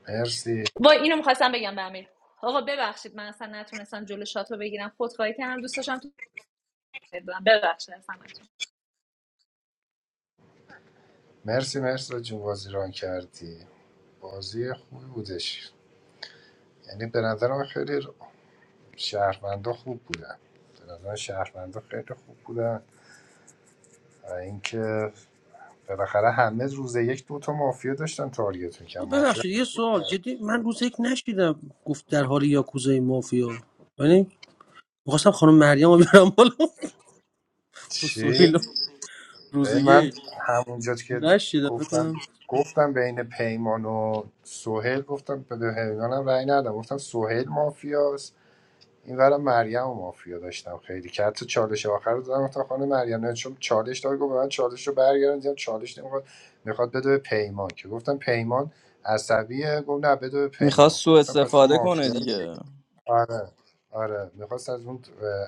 Speaker 17: مرسی
Speaker 13: با اینو میخواستم بگم به امیر آقا ببخشید من اصلا نتونستم جلو شات رو بگیرم خودخواهی کردم دوست داشتم تو بدم، ببخشید از همتون.
Speaker 17: مرسی مرسی جون بازی ران کردی بازی خوبی بودش یعنی به نظرم خیلی شهروندا خوب بودن به نظر شهروندا خیلی خوب بودن و اینکه بالاخره همه روز یک دو تا مافیا داشتن تارگت میکن
Speaker 19: آه،
Speaker 17: مافیا
Speaker 19: ببخشید یه سوال جدی من روز یک نشیدم گفت در حال یاکوزای مافیا یعنی میخواستم خانم مریم رو بیارم بالا [laughs] با
Speaker 17: چی؟
Speaker 19: سویل روز
Speaker 17: ای من
Speaker 19: یک
Speaker 17: همونجا که
Speaker 19: نشیدم فکر
Speaker 17: گفتم
Speaker 19: کنم
Speaker 17: گفتم بین پیمان و سوهل گفتم به پیمانم رأی ندادم گفتم سوهل مافیا این اینورم مریم و مافیا داشتم خیلی که حتی چالش آخر رو دادم گفتم خانم مریم نه چون چالش داد گفت به من چالش رو برگردم دیدم چالش نمیخواد میخواد بده به پیمان که گفتم پیمان عصبیه گفت نه بده به پیمان
Speaker 12: میخواست سوء
Speaker 17: گفتم پس تو
Speaker 12: استفاده کنه
Speaker 17: مافیایی
Speaker 12: دیگه
Speaker 17: آره آره میخواست از اون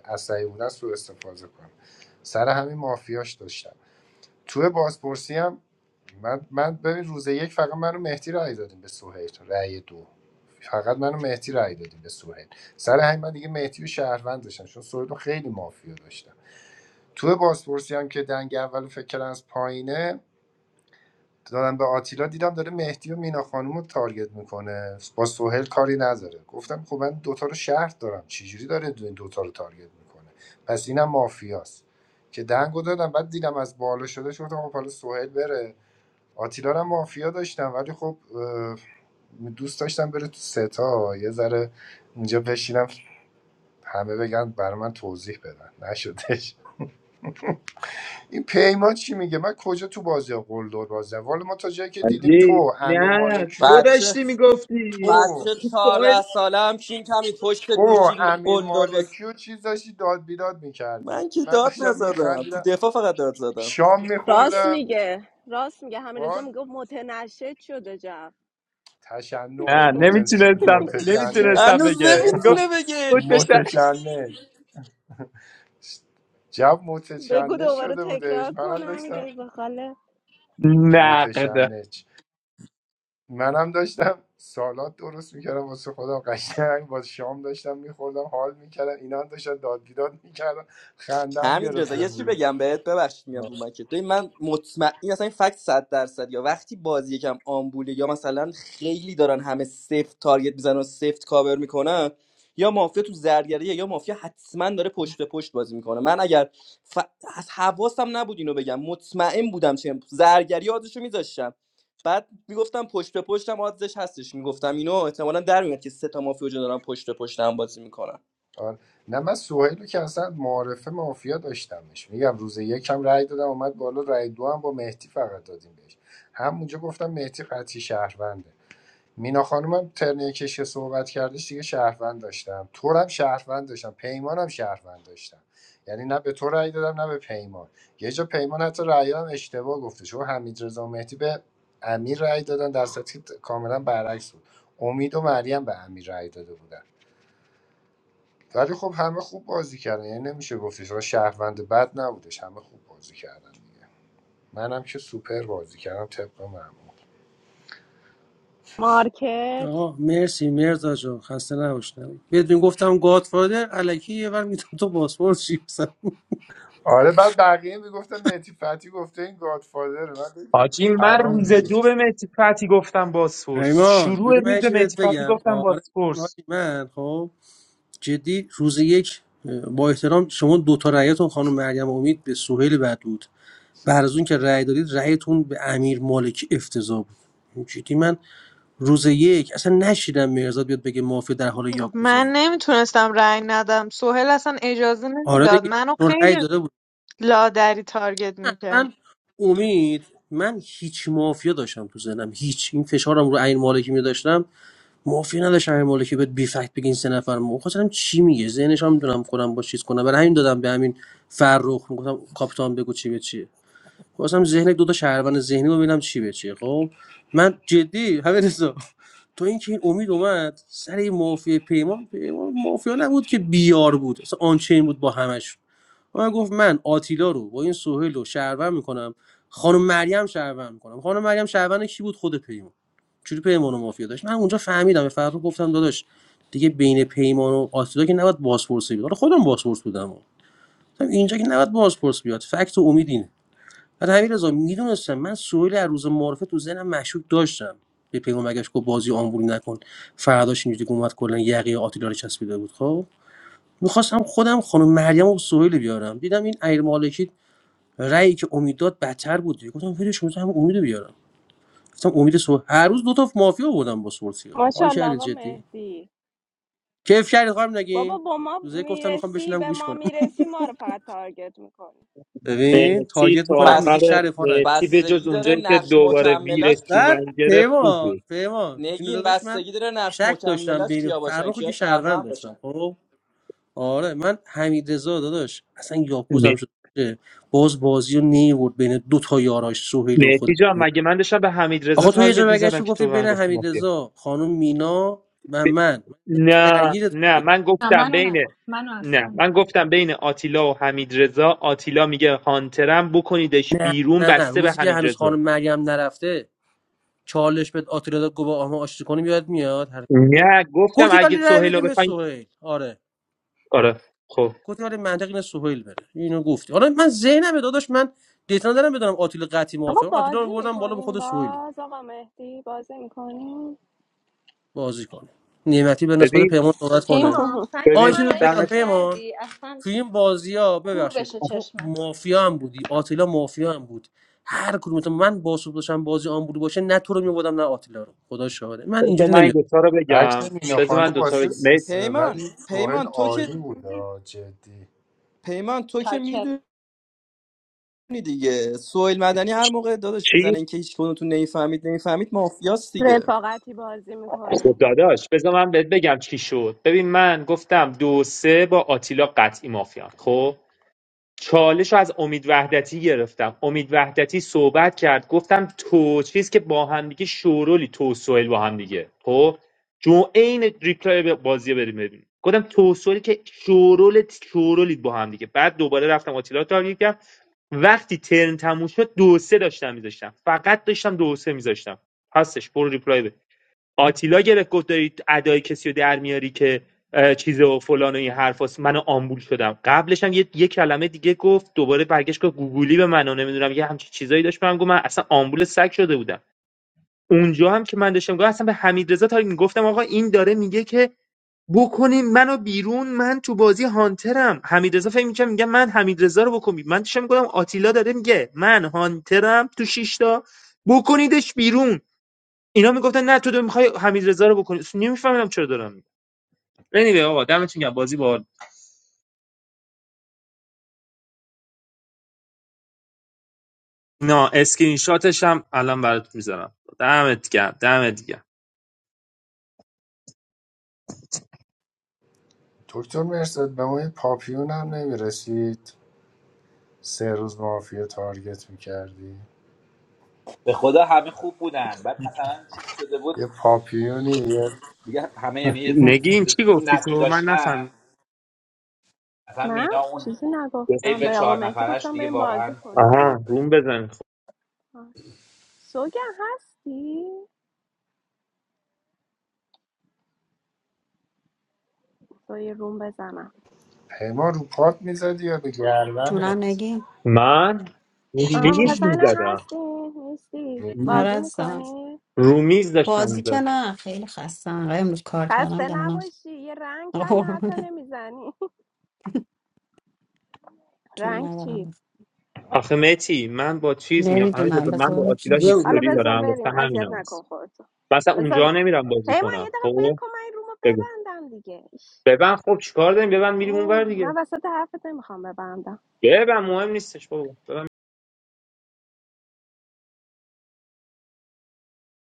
Speaker 17: اه، عصبی بودن سوء استفاده کنم سر همین مافیاش داشتم توی بازپرسی هم من, من ببین روز یک فقط منو مهدی رأی دادیم به سهیل رأی دو فقط منو مهدی رأی دادیم به سهیل سر همین من دیگه مهدی و شهروند داشتم چون سهیل رو خیلی مافیا داشتم توی بازپرسی هم که دنگ اول فکر کردن از پایینه دارم به آتیلا دیدم داره مهدی و مینا خانم رو تارگت میکنه با سوهل کاری نداره گفتم خب من دوتا رو شهر دارم چجوری داره دو- این دوتا رو تارگت میکنه پس اینم مافیاست که دنگو دادم بعد دیدم از بالا شده شد گفتم خب حالا سوهل بره آتیلا رو هم مافیا داشتم ولی خب اه، دوست داشتم بره تو ستا یه ذره اینجا بشینم همه بگن برای من توضیح بدن نشدش این پیمان چی میگه من کجا تو بازی قلدر بازم والا ما تا جایی که دیدیم
Speaker 4: علی
Speaker 17: تو امیر
Speaker 4: نه
Speaker 17: مالکی و
Speaker 4: تو
Speaker 12: بچه
Speaker 4: داشتی میگفتی
Speaker 17: تو
Speaker 12: بچه
Speaker 4: سوال
Speaker 12: 14 ساله هم کین کمی پشت
Speaker 17: تو
Speaker 12: گوشی
Speaker 17: امیر
Speaker 12: قلدر بس
Speaker 17: مالکی و چیز داشتی داد بیداد میکردی
Speaker 12: من که
Speaker 17: من
Speaker 12: داد
Speaker 17: داشتم
Speaker 12: نزدم تو
Speaker 17: میخندیدم
Speaker 12: دفاع فقط داد زدم
Speaker 17: شام
Speaker 1: راست
Speaker 17: میخوردم
Speaker 1: میگه راست میگه همین رضا
Speaker 17: وال
Speaker 1: میگفت متنشد شده جمع
Speaker 17: تشنج
Speaker 1: [laughs]
Speaker 4: نه
Speaker 17: متش...
Speaker 4: نمیتونستم نمیتونستم
Speaker 17: متشنج
Speaker 12: هنوز
Speaker 4: بگه گفت
Speaker 12: نمیتونه بگه
Speaker 4: بود پشت
Speaker 17: متشنج جب
Speaker 1: بگو
Speaker 17: متشنج
Speaker 1: دوباره
Speaker 17: شده
Speaker 1: تکرار
Speaker 17: بودش منم
Speaker 1: کن همین
Speaker 17: داشتم
Speaker 1: رضا خاله
Speaker 4: نقد
Speaker 17: متشنج منم داشتم سالاد درست میکردم واسه خودم قشنگ با شام داشتم میخوردم حال میکردم اینا هم داشتن داد بیداد میکردم خندم
Speaker 12: حمید رضا
Speaker 17: گرفته
Speaker 12: یه چی
Speaker 17: بود
Speaker 12: بگم بهت ببخشید میام
Speaker 17: آه،
Speaker 12: رو مکت ببین من مطمئن این اصلا این فکت 100 درصد یا وقتی بازی یکم آمبوله یا مثلا خیلی دارن همه سفت تارگت میزنن و سفت کاور میکنن یا مافیا تو زرگریه یا مافیا حتما داره پشت به پشت بازی میکنه من اگر ف... از حواسم نبود اینو بگم مطمئن بودم چه زرگری آدشو میذاشتم بعد میگفتم پشت به پشتم آدزش هستش میگفتم اینو احتمالاً در میاد که سه تا مافیا رو دارن پشت به پشت هم بازی میکنن
Speaker 17: آه. نه من سوهیل رو که اصلا معارفه مافیا داشتمش میگم روز یکم رأی دادم اومد بالا رأی دو هم با مهدی فقط دادیم بهش همونجا گفتم مهدی قطعی شهرونده مینا خانومم ترنیه کش که صحبت کردش دیگه شهروند داشتم تورم شهروند داشتم پیمانم شهروند داشتم یعنی نه به تو رأی دادم نه به پیمان یه جا پیمان حتی رأی هم اشتباه گفته چون حمید رضا مهدی به امیر رأی دادن در صورتی که کاملا برعکس بود امید و مریم به امیر رأی داده بودن ولی خب همه خوب بازی کردن یعنی نمیشه گفتش آقا شهروند بد نبودش همه خوب بازی کردن دیگه منم که سوپر بازی کردم طبق معمول
Speaker 1: مارکت
Speaker 19: آها مرسی مرزا جان خسته نباشتم بدون گفتم گادفادر الکی یه بر میتونم تو پاسپورت شیپسم
Speaker 17: آره بعد بقیه میگفتن مهدی فتی گفته این گادفادر من گفتم
Speaker 4: حاجی من
Speaker 17: حرام
Speaker 4: روز
Speaker 17: میری
Speaker 4: دو به مهدی فتی گفتم بازپرس
Speaker 19: ریمان
Speaker 4: شروع
Speaker 19: بده من
Speaker 4: روز
Speaker 19: یه
Speaker 4: به مهدی
Speaker 19: چیزت
Speaker 4: فتی
Speaker 19: بگم
Speaker 4: گفتم
Speaker 19: آره
Speaker 4: بازپرس
Speaker 19: حاجی من خب جدی روز یک اه، با احترام شما دو تا رأیاتون خانم مریم امید به سهیل بود بعد از اون که رأی دادید رأیتون به امیر مالکی افتضاح بود یعنی جدی من روز یک اصلا نشیدم مرزاد بیاد بگه مافیا در حال
Speaker 18: من
Speaker 19: یاکوزایی
Speaker 18: نمیتونستم رأی ندم سهیل اصلا اجازه
Speaker 19: آره
Speaker 18: نمیداد
Speaker 19: دیگه
Speaker 18: منو
Speaker 19: چون رأی
Speaker 18: خیلی
Speaker 19: داده بود
Speaker 18: لادری تارگت میکرد
Speaker 19: اصلا امید من هیچ مافیا داشتم تو ذهنم هیچ این فشارم رو امیر مالکی می داشتم مافیا نداشتم امیر مالکی بهت بی فکت بگین سه نفر ما خواستم چی میگه ذهنش هم میدونم خودم با چیز کنم برای همین دادم به همین فرخ میگفتم کاپیتان بگو چی به چیه خواستم ذهن دو تا شهروند ذهنی رو ببینم چی به چیه خب من جدی همین تا اینکه این امید اومد سر این مافیا پیمان پیمان مافیا نبود که بیار بود اصلا آنچین بود با همش من گفت من آتیلا رو با این سهیل رو شهروند میکنم خانم مریم شهروند میکنم خانم مریم شهروند کی بود خود پیمان چوری پیمان و مافیا داشت من اونجا فهمیدم به فرخ گفتم داداش دیگه بین پیمان و آتیلا که نباید بازپرسی بیاد حالا خودم بازپرس بودم گفتم اینجا که نباید بازپرس بیاد فکت و امید اینه. بعد همین میدونستم من سویل از روز معرفه تو ذهنم مشکوک داشتم به پیغام مگش گفت بازی آمبولی نکن فرداش اینجوری که اومد کلا یقه آتیلا رو چسبیده بود خب میخواستم خودم خانم مریم و سویل بیارم دیدم این ایر مالکی رأیی که امید داد بدتر بود گفتم ولش کن هم امید بیارم گفتم امید سو هر روز دو تا مافیا آوردم با سورسیا حال
Speaker 1: ماشاءالله
Speaker 19: کردید
Speaker 1: آقا
Speaker 19: جدی
Speaker 1: مهدی
Speaker 19: کیف کردید خانم
Speaker 1: بابا
Speaker 19: نگین
Speaker 1: با ما
Speaker 19: روزه گفتم میخوام
Speaker 1: میرسی
Speaker 19: بشینم
Speaker 1: به
Speaker 19: گوش
Speaker 1: ما
Speaker 19: کنم
Speaker 1: میرسی ما رو فقط تارگت میکنی
Speaker 19: ببین
Speaker 4: مهتی
Speaker 19: تارگت
Speaker 4: تا
Speaker 19: میکنم میگی
Speaker 4: آخر
Speaker 19: شر
Speaker 4: مهتی به جز
Speaker 12: بستگی داره
Speaker 4: اونجایی که
Speaker 12: نقش
Speaker 4: دوباره
Speaker 12: مکملاش
Speaker 4: ویرس رو
Speaker 12: کی
Speaker 19: بعد
Speaker 4: من گرفت خوب
Speaker 19: پیمان
Speaker 4: بود
Speaker 19: پیمان جون
Speaker 12: نگین
Speaker 19: داداش من
Speaker 12: بستگی داره نقش
Speaker 19: شک داشتم
Speaker 12: مکملاش
Speaker 19: بین
Speaker 12: کیا باشن
Speaker 19: فرخو که
Speaker 12: کیا
Speaker 19: شهروند
Speaker 12: شهروند
Speaker 19: داشتم
Speaker 12: باشن
Speaker 19: خب آره من حمید رضا داداش اصلا یاکوزم شد باز بازی رو نیورد بین دو تا یاراش سهیل و خود
Speaker 4: مهدی جان مگه من داشتم به حمید رضا
Speaker 19: آخه تو یه جا
Speaker 4: تارگت
Speaker 19: برگشت
Speaker 4: میزدم
Speaker 19: و
Speaker 4: که
Speaker 19: گفتی
Speaker 4: تو به
Speaker 19: بین
Speaker 4: من گفتی
Speaker 19: حمید
Speaker 4: مافیا
Speaker 19: رضا خانم مینا و من
Speaker 4: ب...
Speaker 19: من
Speaker 4: نه
Speaker 19: درگیرت
Speaker 4: نه
Speaker 19: بودی.
Speaker 4: من
Speaker 13: نه،
Speaker 4: گفتم
Speaker 13: منو
Speaker 4: بین
Speaker 13: نگفت منو اصلا
Speaker 4: نه
Speaker 13: نگفت
Speaker 4: من گفتم بین آتیلا و حمید رضا آتیلا میگه هانترم بکنیدش بیرون
Speaker 19: نه نه
Speaker 4: بسته به
Speaker 19: روزی که
Speaker 4: حمید
Speaker 19: هنوز
Speaker 4: رضا
Speaker 19: خانم مریم نرفته چالش بهت آتیلا داد گفت با آما آشتی کنیم یاد میاد هر-
Speaker 4: نه گفتم
Speaker 19: گفتی ولی
Speaker 4: اگه
Speaker 19: رأی
Speaker 4: سهیلا
Speaker 19: بدیم به
Speaker 4: بخواین
Speaker 19: سهیل آره
Speaker 4: آره خب
Speaker 19: گفتم آره منطق اینه سهیل بره اینو گفتی حالا من ذهنم داداش من دیتا ندارم بدونم آتیل قطعی
Speaker 1: آقا
Speaker 19: موافقم آتیل رو
Speaker 1: بازی
Speaker 19: بردم بالا به
Speaker 1: میکنین
Speaker 19: خود سهيل
Speaker 1: باز آقا مهدی بازی میکنین
Speaker 19: بازی کنه نعمتی به نسبت
Speaker 4: ببین
Speaker 19: پیمان صحبت کنه
Speaker 13: پیمان فکت
Speaker 19: آ یه
Speaker 4: ببین
Speaker 19: چیز
Speaker 13: منو
Speaker 19: بهت بگم
Speaker 4: دمت
Speaker 13: عشق
Speaker 19: پیمان
Speaker 13: کردی اصلا
Speaker 19: توی این بازی ها
Speaker 13: کور
Speaker 19: ببخشید
Speaker 13: بشه
Speaker 19: تو
Speaker 13: چشمت
Speaker 19: مافیا هم بودی آتیلا مافیا هم بود هر کدومتون من باسو داشتم بازی آن بود باشه نه تو رو میبودم نه آتیلا رو خدا شاهده من
Speaker 4: بذار
Speaker 19: اینجوری
Speaker 4: من این دوتا رو بگم
Speaker 17: فکت مینا
Speaker 4: بذار
Speaker 17: خانم
Speaker 4: من دوتا رو
Speaker 17: واسه
Speaker 4: بگم
Speaker 17: س-
Speaker 4: مه-
Speaker 17: س-
Speaker 12: پیمان
Speaker 17: ولی سوهل
Speaker 12: پیمان تو که
Speaker 17: عالی بود آه، جدی
Speaker 12: پیمان تو که میدونی دیگه سویل مدنی هر موقع داداش
Speaker 4: چی؟
Speaker 12: میزنه اینکه هیچ کدومتون نمیفهمید نمیفهمید مافیاست دیگه
Speaker 1: رفاقتی بازی
Speaker 4: خب
Speaker 1: میکنی
Speaker 4: داداش بذار من بهت بگم چی شد ببین من گفتم دو سه با آتیلا قطعی مافیا خب چالش رو از امید وحدتی گرفتم امید وحدتی صحبت کرد گفتم تو چیز که با هم دیگه شورولی تو سوئیل با هم دیگه خب جو عین ریپلای ب- بازی رو بریم ببینیم گفتم تو سوئیل که شورول شورولید با هم دیگه بعد دوباره رفتم آتیلا رو تارگت کردم وقتی ترن تموم شد دو سه داشتم میذاشتم فقط داشتم دو سه میذاشتم هستش برو ریپلای بده. آتیلا گرفت گفت داری ادای کسی رو در میاری که اه، چیز و فلان و این حرفاست من آمبول شدم قبلش هم یه, یه کلمه دیگه گفت دوباره برگشت که گوگولی به من و نمیدونم یه همچین چیزایی داشت بهم گفت من اصلا آمبول سگ شده بودم اونجا هم که من داشتم گفتم اصلا به حمید رضا تارگت گفتم آقا این داره میگه که بکنین منو بیرون من تو بازی هانترم حمیدرضا فکر میکنم میگم من حمیدرضا رو بکن بیرون. من داشتم میگم آتیلا داره میگه من هانترم تو شیشتا بکنیدش بیرون اینا میگفتن نه تو دو میخوای حمیدرضا رو بکنی نمیفهمیدم چرا دارم میگم anyway آقا دمتون گرم بازی با نه اسکرین شاتش هم الان برات میذارم دمت گرم دمت گرم
Speaker 17: دکتر مرسد به ما یه پاپیون هم نمیرسید سه روز مافیا تارگت میکردی
Speaker 10: به خدا همه خوب بودن بعد مثلا چیز شده بود
Speaker 17: یه پاپیونی یه
Speaker 10: دیگه همه یعنی یه
Speaker 4: نگین چی
Speaker 10: چیز تو
Speaker 4: گفتی تو
Speaker 10: نقش
Speaker 4: من
Speaker 10: داشتن
Speaker 4: نفهمیدم
Speaker 10: اصلا
Speaker 1: من
Speaker 10: مینا اون
Speaker 1: چیزی نگفتم
Speaker 10: ایو
Speaker 1: به آقا
Speaker 10: چهار
Speaker 1: مهدی
Speaker 10: نفرش
Speaker 1: گفتم
Speaker 10: دیگه
Speaker 1: بریم بازی
Speaker 10: واقعا خوب
Speaker 1: کنیم
Speaker 10: بود
Speaker 4: آها روم بزن خب.
Speaker 1: باش. سوگن هستی؟ با یه روم بزنم
Speaker 17: پیمان رو پات میزدی یا به
Speaker 22: جونم
Speaker 17: گردنت
Speaker 22: نگی.
Speaker 4: من رو
Speaker 1: آها
Speaker 4: میز
Speaker 1: میخواستنم
Speaker 4: میزدم
Speaker 1: هستین نیستی
Speaker 22: آره
Speaker 1: بازی
Speaker 22: عزیزم
Speaker 1: میکنی
Speaker 4: رو میز داشتم
Speaker 22: بازی که
Speaker 4: میزدم
Speaker 22: نه خیلی خستم آره امروز کار کردم
Speaker 1: خسته
Speaker 22: دهنم سرویس.
Speaker 1: نباشی یه رنگ
Speaker 22: آره،
Speaker 1: هم حتی
Speaker 22: قربونه
Speaker 1: نمیزنی [laughs]
Speaker 22: جون
Speaker 1: رنگ چی
Speaker 22: ندارم
Speaker 4: آخه متی من با چیز میام همین
Speaker 22: نمیدونم
Speaker 4: من با آتیلا
Speaker 22: بس
Speaker 19: نمیاد
Speaker 1: حالا
Speaker 4: هیستوری
Speaker 1: بذار
Speaker 4: دارم واسه
Speaker 1: بریم
Speaker 4: همین
Speaker 1: اذیت نکن
Speaker 4: هست
Speaker 1: خودتو
Speaker 4: مثلا اونجا
Speaker 1: بذار
Speaker 4: نمیرم بازی
Speaker 1: پیمان یه
Speaker 4: کنم
Speaker 1: دقیقه ول
Speaker 4: خب
Speaker 1: کن من این رومو
Speaker 4: بگو
Speaker 1: ببندم دیگه ایش.
Speaker 4: ببن خب چیکار داریم ببن میریم اونور
Speaker 1: اوه،
Speaker 4: دیگه
Speaker 1: من وسط حرفت نمیخوام ببندم
Speaker 4: ببن مهم نیستش بابا ببن.